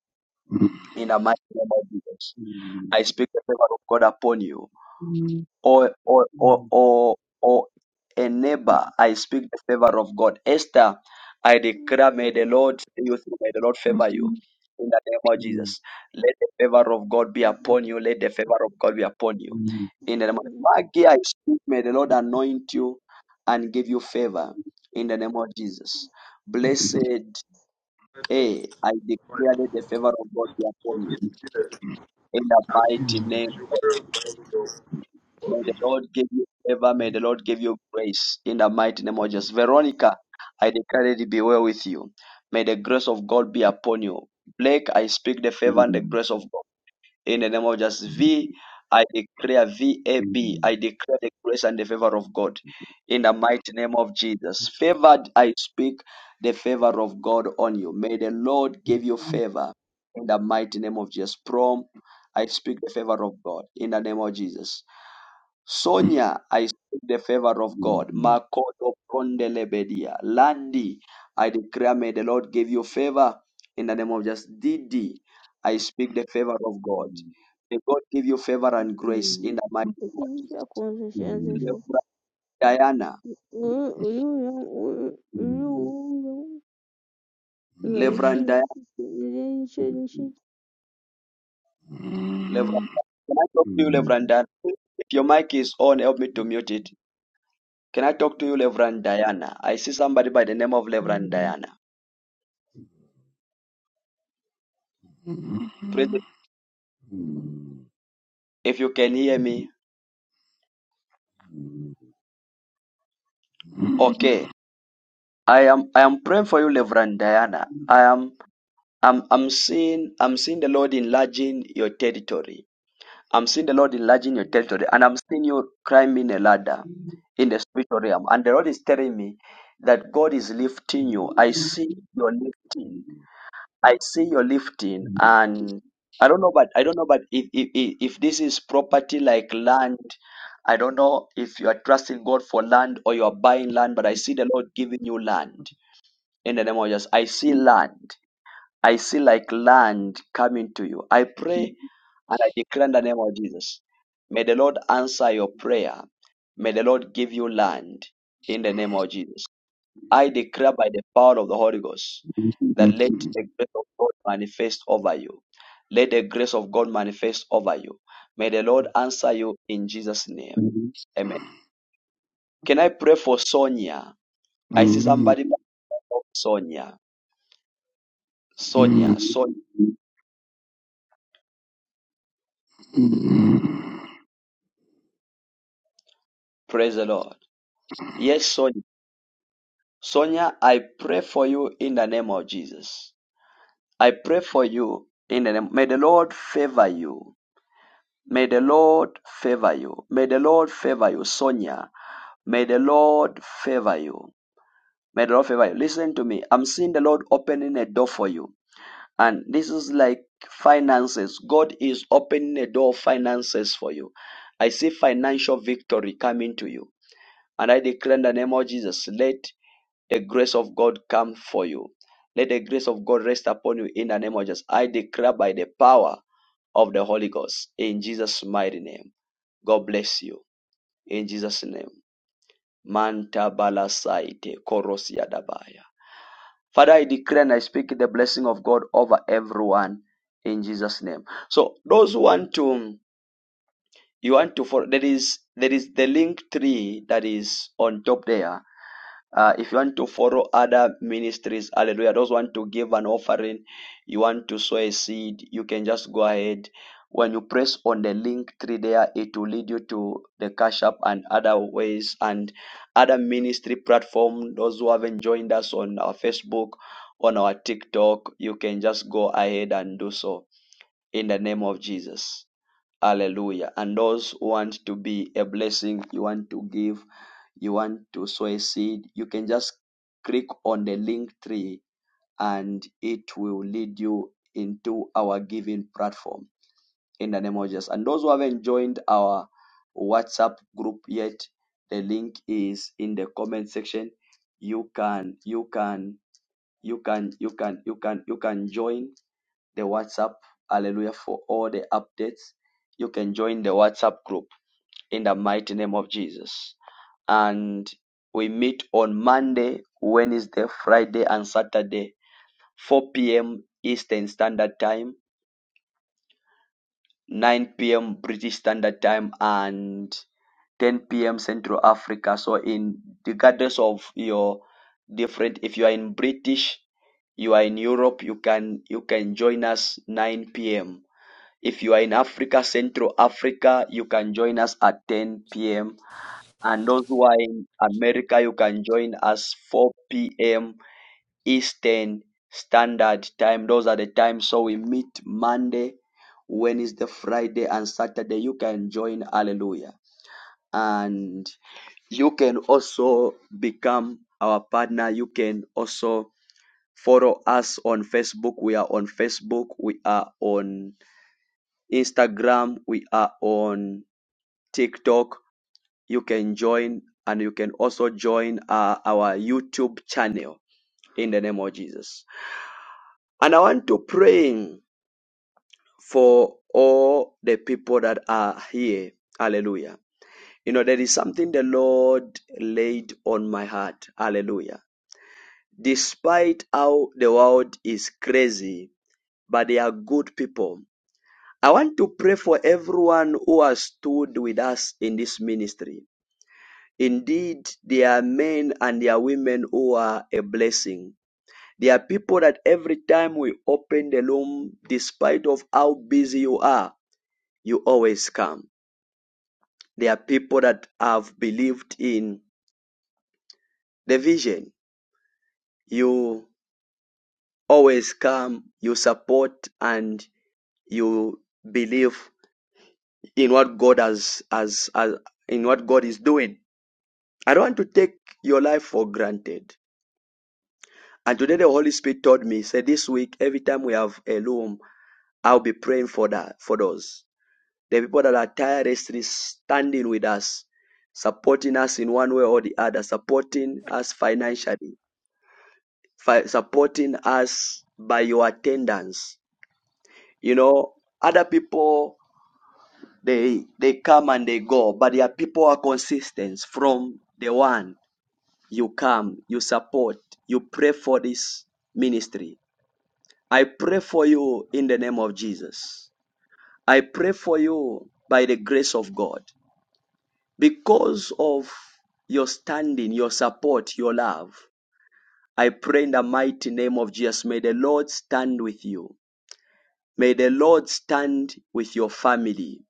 Speaker 1: in the mighty name of Jesus. I speak the favor of God upon you. or or or or, or a neighbor, I speak the favor of God. Esther, I declare, may the Lord see you through, may the Lord favor you in the name of Jesus. Let the favor of God be upon you. Let the favor of God be upon you. In the name of Maggie, I speak, may the Lord anoint you and give you favor in the name of Jesus. Blessed A, I declare let the favor of God be upon
Speaker 21: Çok
Speaker 1: you
Speaker 21: geçti de.
Speaker 1: in the
Speaker 21: Abi,
Speaker 1: mighty name.
Speaker 21: şu kadar
Speaker 1: May the
Speaker 21: oldu.
Speaker 1: Lord give you favor. May the Lord give you grace in the mighty name of Jesus. Veronica, I declare it be well with you. May the grace of God be upon you. Blake, I speak the favor and the grace of God in the name of Jesus. V, I declare V A B. I declare the grace and the favor of God in the mighty name of Jesus. Favored, I speak the favor of God on you. May the Lord give you favor in the mighty name of Jesus. Prom, I speak the favor of God in the name of Jesus. Sonia, I speak the favor of God. Makoto Kondelebedia. Landy, I declare may the Lord give you favor in the name of just Didi. I speak the favor of God. May God give you favor and grace in the mighty name of Jesus.
Speaker 20: Ukinisha kuanzishaanzisha
Speaker 1: Reverend Diana,
Speaker 20: uyuyu
Speaker 14: Mm-hmm.
Speaker 20: uyuyu
Speaker 1: Reverend Diana,
Speaker 20: nchini nchini
Speaker 1: Reverend Diana. Can I talk to you, Reverend Diana? If your mic is on, help me to mute it. Can I talk to you, Reverend Diana? I see somebody by the name of Reverend Diana. Praise the- If you can hear me, okay. I am I am praying for you, Reverend Diana. I am I'm I'm seeing I'm seeing the Lord enlarging your territory. I'm seeing the Lord enlarging your territory, and I'm seeing you climbing a ladder in the spiritual realm. And the Lord is telling me that God is lifting you. I see your lifting. I see your lifting, and I don't know, but I don't know, but if if if if this is property like land. I don't know if you are trusting God for land or you are buying land, but I see the Lord giving you land in the name of Jesus. I see land. I see like land coming to you. I pray and I declare in the name of Jesus. May the Lord answer your prayer. May the Lord give you land in the name of Jesus. I declare by the power of the Holy Ghost that let the grace of God manifest over you. Let the grace of God manifest over you. May the Lord answer you in Jesus' name. Amen. Can I pray for Sonia? I see somebody by the name of Sonia. Sonia, Sonia. Praise the Lord. Yes, Sonia. Sonia, I pray for you in the name of Jesus. I pray for you in the name. May the Lord favor you. May the Lord favor you. May the Lord favor you, Sonia. May the Lord favor you. May the Lord favor you. Listen to me. I'm seeing the Lord opening a door for you. And this is like finances. God is opening a door of finances for you. I see financial victory coming to you. And I declare in the name of Jesus, let the grace of God come for you. Let the grace of God rest upon you in the name of Jesus. I declare by the power of the Holy Ghost in Jesus' mighty name. God bless you in Jesus' name. Manta balasaite korosia dabaya. Father, I declare and I speak the blessing of God over everyone in Jesus' name. So those who want to you want to follow there is there is the link tree that is on top there Uh, if you want to follow other ministries, hallelujah, those want to give an offering, you want to sow a seed, you can just go ahead. When you press on the link tree there, it will lead you to the Cash App and other ways and other ministry platform. Those who haven't joined us on our Facebook, on our TikTok, you can just go ahead and do so in the name of Jesus. Hallelujah. And those who want to be a blessing, you want to give you want to sow a seed, you can just click on the link tree and it will lead you into our giving platform in the name of Jesus. And those who haven't joined our WhatsApp group yet, the link is in the comment section. You can, you can, you can, you can, you can, you can join the WhatsApp. Hallelujah for all the updates. You can join the WhatsApp group in the mighty name of Jesus and we meet on Monday, Wednesday, Friday, and Saturday, 4 p.m. Eastern Standard Time, 9 p.m. British Standard Time, and 10 p.m. Central Africa. So, in regardless of your different, if you are in British, you are in Europe, you can you can join us 9 p.m. If you are in Africa, Central Africa, you can join us at 10 p.m. And those who are in America, you can join us 4 p.m. Eastern Standard Time. Those are the times. So we meet Monday, Wednesday, Friday, and Saturday. You can join. Hallelujah. And you can also become our partner. You can also follow us on Facebook. We are on Facebook. We are on Instagram. We are on TikTok you can join and you can also join uh, our YouTube channel in the name of Jesus. And I want to pray for all the people that are here. Hallelujah. You know, there is something the Lord laid on my heart. Hallelujah. Despite how the world is crazy, but they are good people. I want to pray for everyone who has stood with us in this ministry. Indeed, there are men and there are women who are a blessing. There are people that every time we open the room, despite of how busy you are, you always come. There are people that have believed in the vision. You always come, you support and you believe in what God has, has, has in what God is doing. I don't want to take your life for granted. And today the Holy Spirit told me, say this week, every time we have a loom, I'll be praying for that, for those. The people that are tirelessly standing with us, supporting us in one way or the other, supporting us financially, fi- supporting us by your attendance. You know, other people they they come and they go, but there are people who are consistent from the one you come, you support, you pray for this ministry I pray for you in the name of Jesus. I pray for you by the grace of God. Because of your standing, your support, your love, I pray in the mighty name of Jesus. May the Lord stand with you. May the Lord stand with your family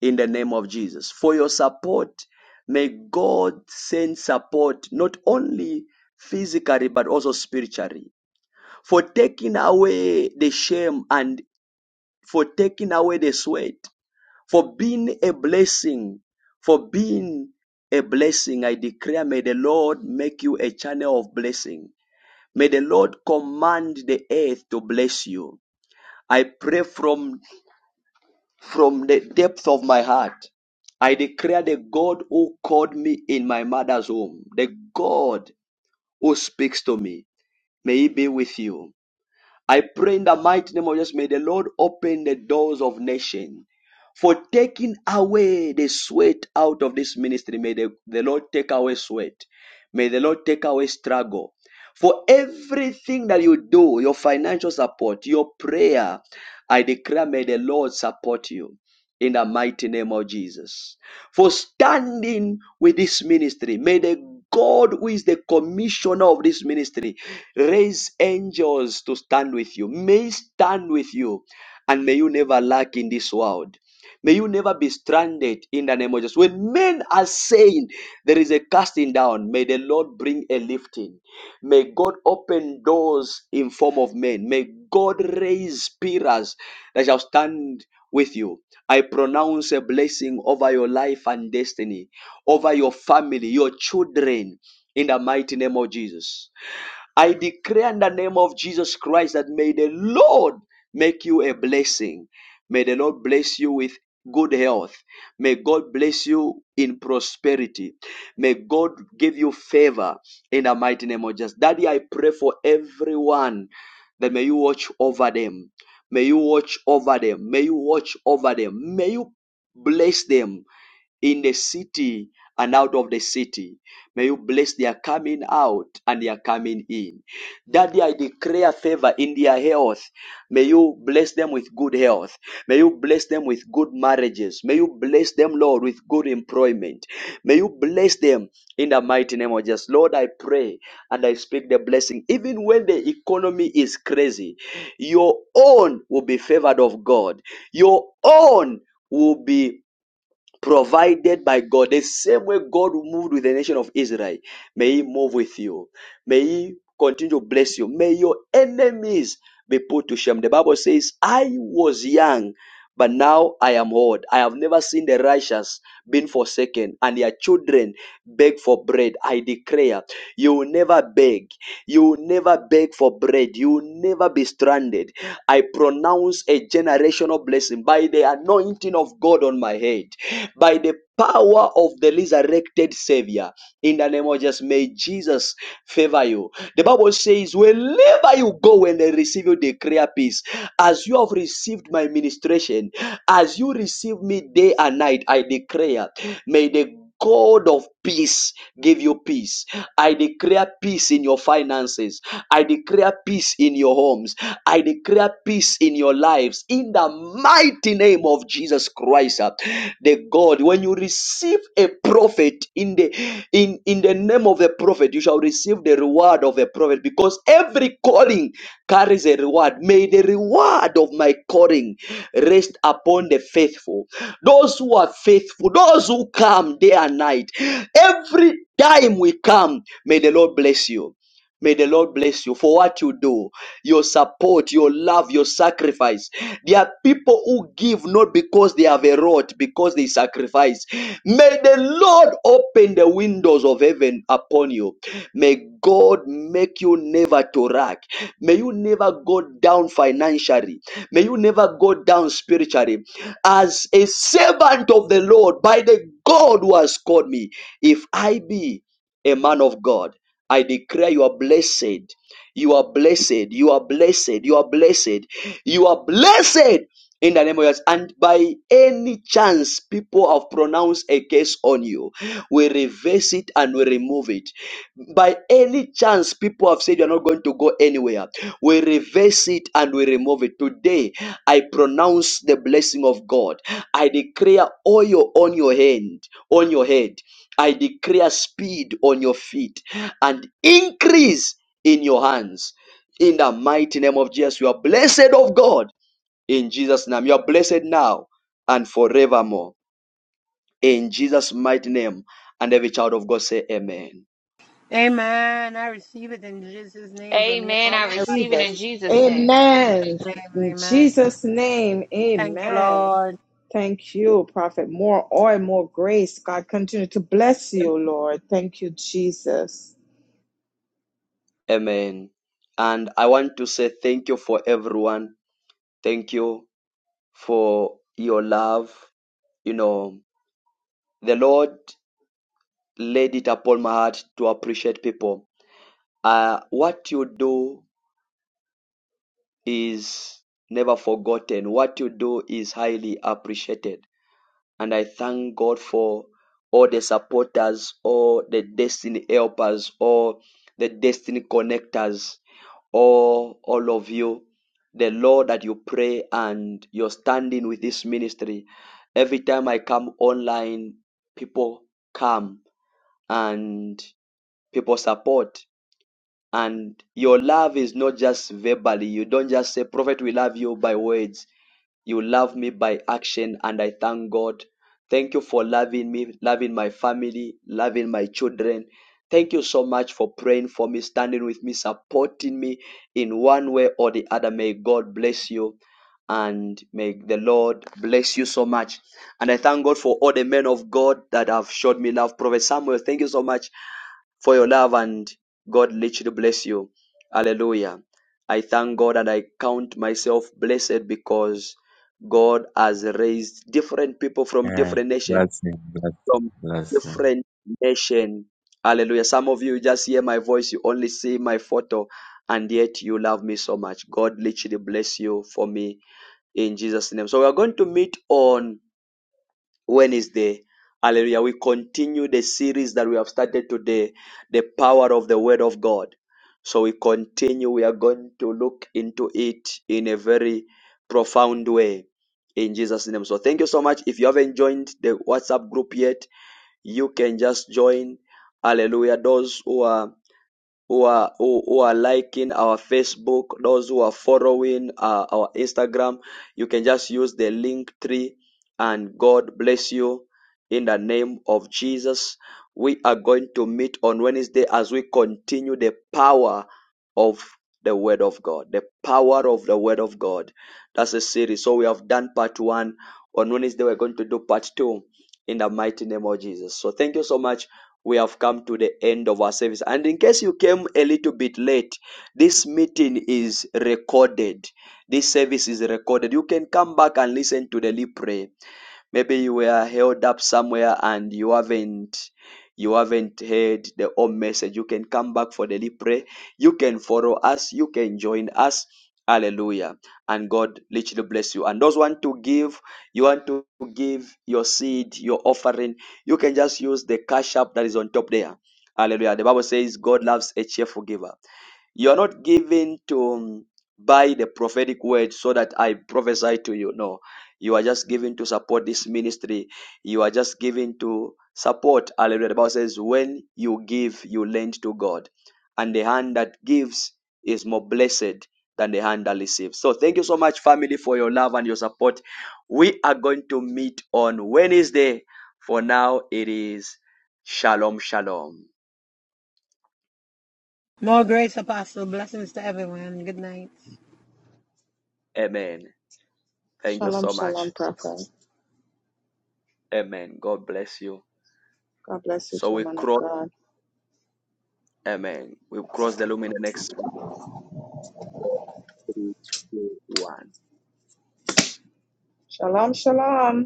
Speaker 1: in the name of Jesus. For your support, may God send support not only physically but also spiritually. For taking away the shame and for taking away the sweat, for being a blessing, for being a blessing. I declare, may the Lord make you a channel of blessing. May the Lord command the earth to bless you. I pray from, from the depth of my heart. I declare the God who called me in my mother's womb, the God who speaks to me, may He be with you. I pray in the mighty name of Jesus, may the Lord open the doors of nation. For taking away the sweat out of this ministry, may the, the Lord take away sweat. May the Lord take away struggle. For everything that you do, your financial support, your prayer, I declare, may the Lord support you in the mighty name of Jesus for standing with this ministry. May the God who is the commissioner of this ministry raise angels to stand with you. May stand with you and may you never lack in this world. May you never be stranded in the name of Jesus. When men are saying there is a casting down, may the Lord bring a lifting. May God open doors in form of men. May God raise pillars that shall stand with you. I pronounce a blessing over your life and destiny, over your family, your children, in the mighty name of Jesus. I declare in the name of Jesus Christ that may the Lord make you a blessing. May the Lord bless you with good health. May God bless you in prosperity. May God give you favor in the mighty name of Jesus. Daddy, I pray for everyone that may you watch over them. May you watch over them. May you watch over them. May you bless them in the city and out of the city. May you bless their coming out and their coming in. Daddy, I declare favor in their health. May you bless them with good health. May you bless them with good marriages. May you bless them, Lord, with good employment. May you bless them in the mighty name of Jesus. Lord, I pray and I speak the blessing. Even when the economy is crazy, your own will be favored of God. Your own will be provided by God. The same way God moved with the nation of Israel, may He move with you. May He continue to bless you. May your enemies be put to shame. The Bible says, I was young, but now I am old. I have never seen the righteous being forsaken, and their children beg for bread. I declare, you will never beg. You will never beg for bread. You will never be stranded. I pronounce a generational blessing by the anointing of God on my head, by the power of the resurrected Savior. In the name of Jesus, may Jesus favor you. The Bible says, wherever you go and they receive you, declare peace. As you have received my ministration, as you receive me day and night, I declare, may the God of peace give you peace. I declare peace in your finances. I declare peace in your homes. I declare peace in your lives. In the mighty name of Jesus Christ, uh, the God. When you receive a prophet in the in in the name of a prophet, you shall receive the reward of a prophet because every calling carries a reward. May the reward of my calling rest upon the faithful, those who are faithful, those who come day and night. Every time we come, may the Lord bless you. May the Lord bless you for what you do your support, your love, your sacrifice. There are people who give not because they have a lot, because they sacrifice. May the Lord open the windows of heaven upon you. May God make you never to lack. May you never go down financially. May you never go down spiritually. As a servant of the Lord, by the God who has called me, if I be a man of God, I declare you are blessed you are blessed. You are blessed. You are blessed. You are blessed in the name of Jesus. And by any chance people have pronounced a curse on you, we reverse it and we remove it. By any chance people have said you're not going to go anywhere, we reverse it and we remove it. Today, I pronounce the blessing of God. I declare oil on your hand, on your head. I declare speed on your feet and increase in your hands. In the mighty name of Jesus, you are blessed of God. In Jesus' name, you are blessed now and forevermore. In Jesus' mighty name. And every child of God say, Amen.
Speaker 2: Amen. I receive it in Jesus' name from your
Speaker 16: Amen. I
Speaker 2: mouth to
Speaker 19: I
Speaker 2: my
Speaker 19: receive
Speaker 16: receive it
Speaker 19: it.
Speaker 16: in
Speaker 2: ears. In
Speaker 16: Jesus' name.
Speaker 2: Jesus'
Speaker 19: Amen.
Speaker 2: name.
Speaker 19: In
Speaker 2: Amen.
Speaker 19: Jesus' name,
Speaker 2: Thank you,
Speaker 19: amen.
Speaker 2: Lord.
Speaker 19: Thank you, Prophet. More oil, more grace. God continue to bless you, Lord. Thank you, Jesus.
Speaker 1: Amen. And I want to say thank you for everyone. Thank you for your love. You know, the Lord laid it upon my heart to appreciate people. Uh, what you do is never forgotten. What you do is highly appreciated And I thank God for all the supporters, all the destiny helpers, all the destiny connectors, all, all of you. The Lord that you pray and you're standing with this ministry. Every time I come online, people come and people support. And your love is not just verbally. You don't just say, Prophet, we love you by words you love me by action, and I thank God. Thank you for loving me, loving my family, loving my children. Thank you so much for praying for me, standing with me, supporting me in one way or the other. May God bless you and may the Lord bless you so much. And I thank God for all the men of God that have showed me love. Prophet Samuel, thank you so much for your love and God literally bless you. Hallelujah. I thank God and I count myself blessed because God has raised different people from
Speaker 22: And
Speaker 1: different nation,
Speaker 22: blessing, blessing,
Speaker 1: from
Speaker 22: blessing.
Speaker 1: different nation. Hallelujah. Some of you just hear my voice, you only see my photo, and yet you love me so much. God literally bless you for me in Jesus' name. So we are going to meet on Wednesday. Hallelujah. We continue the series that we have started today, the power of the word of God. So we continue. We are going to look into it in a very profound way in Jesus' name. So thank you so much. If you haven't joined the WhatsApp group yet, you can just join. Hallelujah. Those who are who are who, who are liking our Facebook, those who are following uh, our Instagram, you can just use the link tree and God bless you in the name of Jesus. We are going to meet on Wednesday as we continue the power of the Word of God. The power of the Word of God. That's a series. So we have done part one. On Wednesday, we're going to do part two in the mighty name of Jesus. So thank you so much we have come to the end of our service. And in case you came a little bit late, this meeting is recorded. This service is recorded. You can come back and listen to the Lee Pray. Maybe you were held up somewhere and you haven't you haven't heard the whole message. You can come back for daily prayer. You can follow us. You can join us. Hallelujah. And God literally bless you. And those want to give, you want to give your seed, your offering, you can just use the cash app that is on top there. Hallelujah. The Bible says God loves a cheerful giver. You are not given to um, buy the prophetic word so that I prophesy to you. No, you are just given to support this ministry. You are just given to support. Hallelujah. The Bible says, when you give, you lend to God. And the hand that gives is more blessed than the hand that receives. So thank you so much, family, for your love and your support. We are going to meet on Wednesday. For now, it is Shalom, Shalom.
Speaker 2: More grace, Apostle. Blessings to everyone. Good night.
Speaker 1: Amen. Thank you
Speaker 19: Shalom,
Speaker 1: so much.
Speaker 19: shalom, Prophet.
Speaker 1: Amen. God bless you.
Speaker 19: God bless you
Speaker 1: So
Speaker 19: too,
Speaker 1: we
Speaker 19: man of
Speaker 1: cross,
Speaker 19: God.
Speaker 1: amen. We cross the lumen in the next five, three, two, one.
Speaker 19: Shalom, shalom.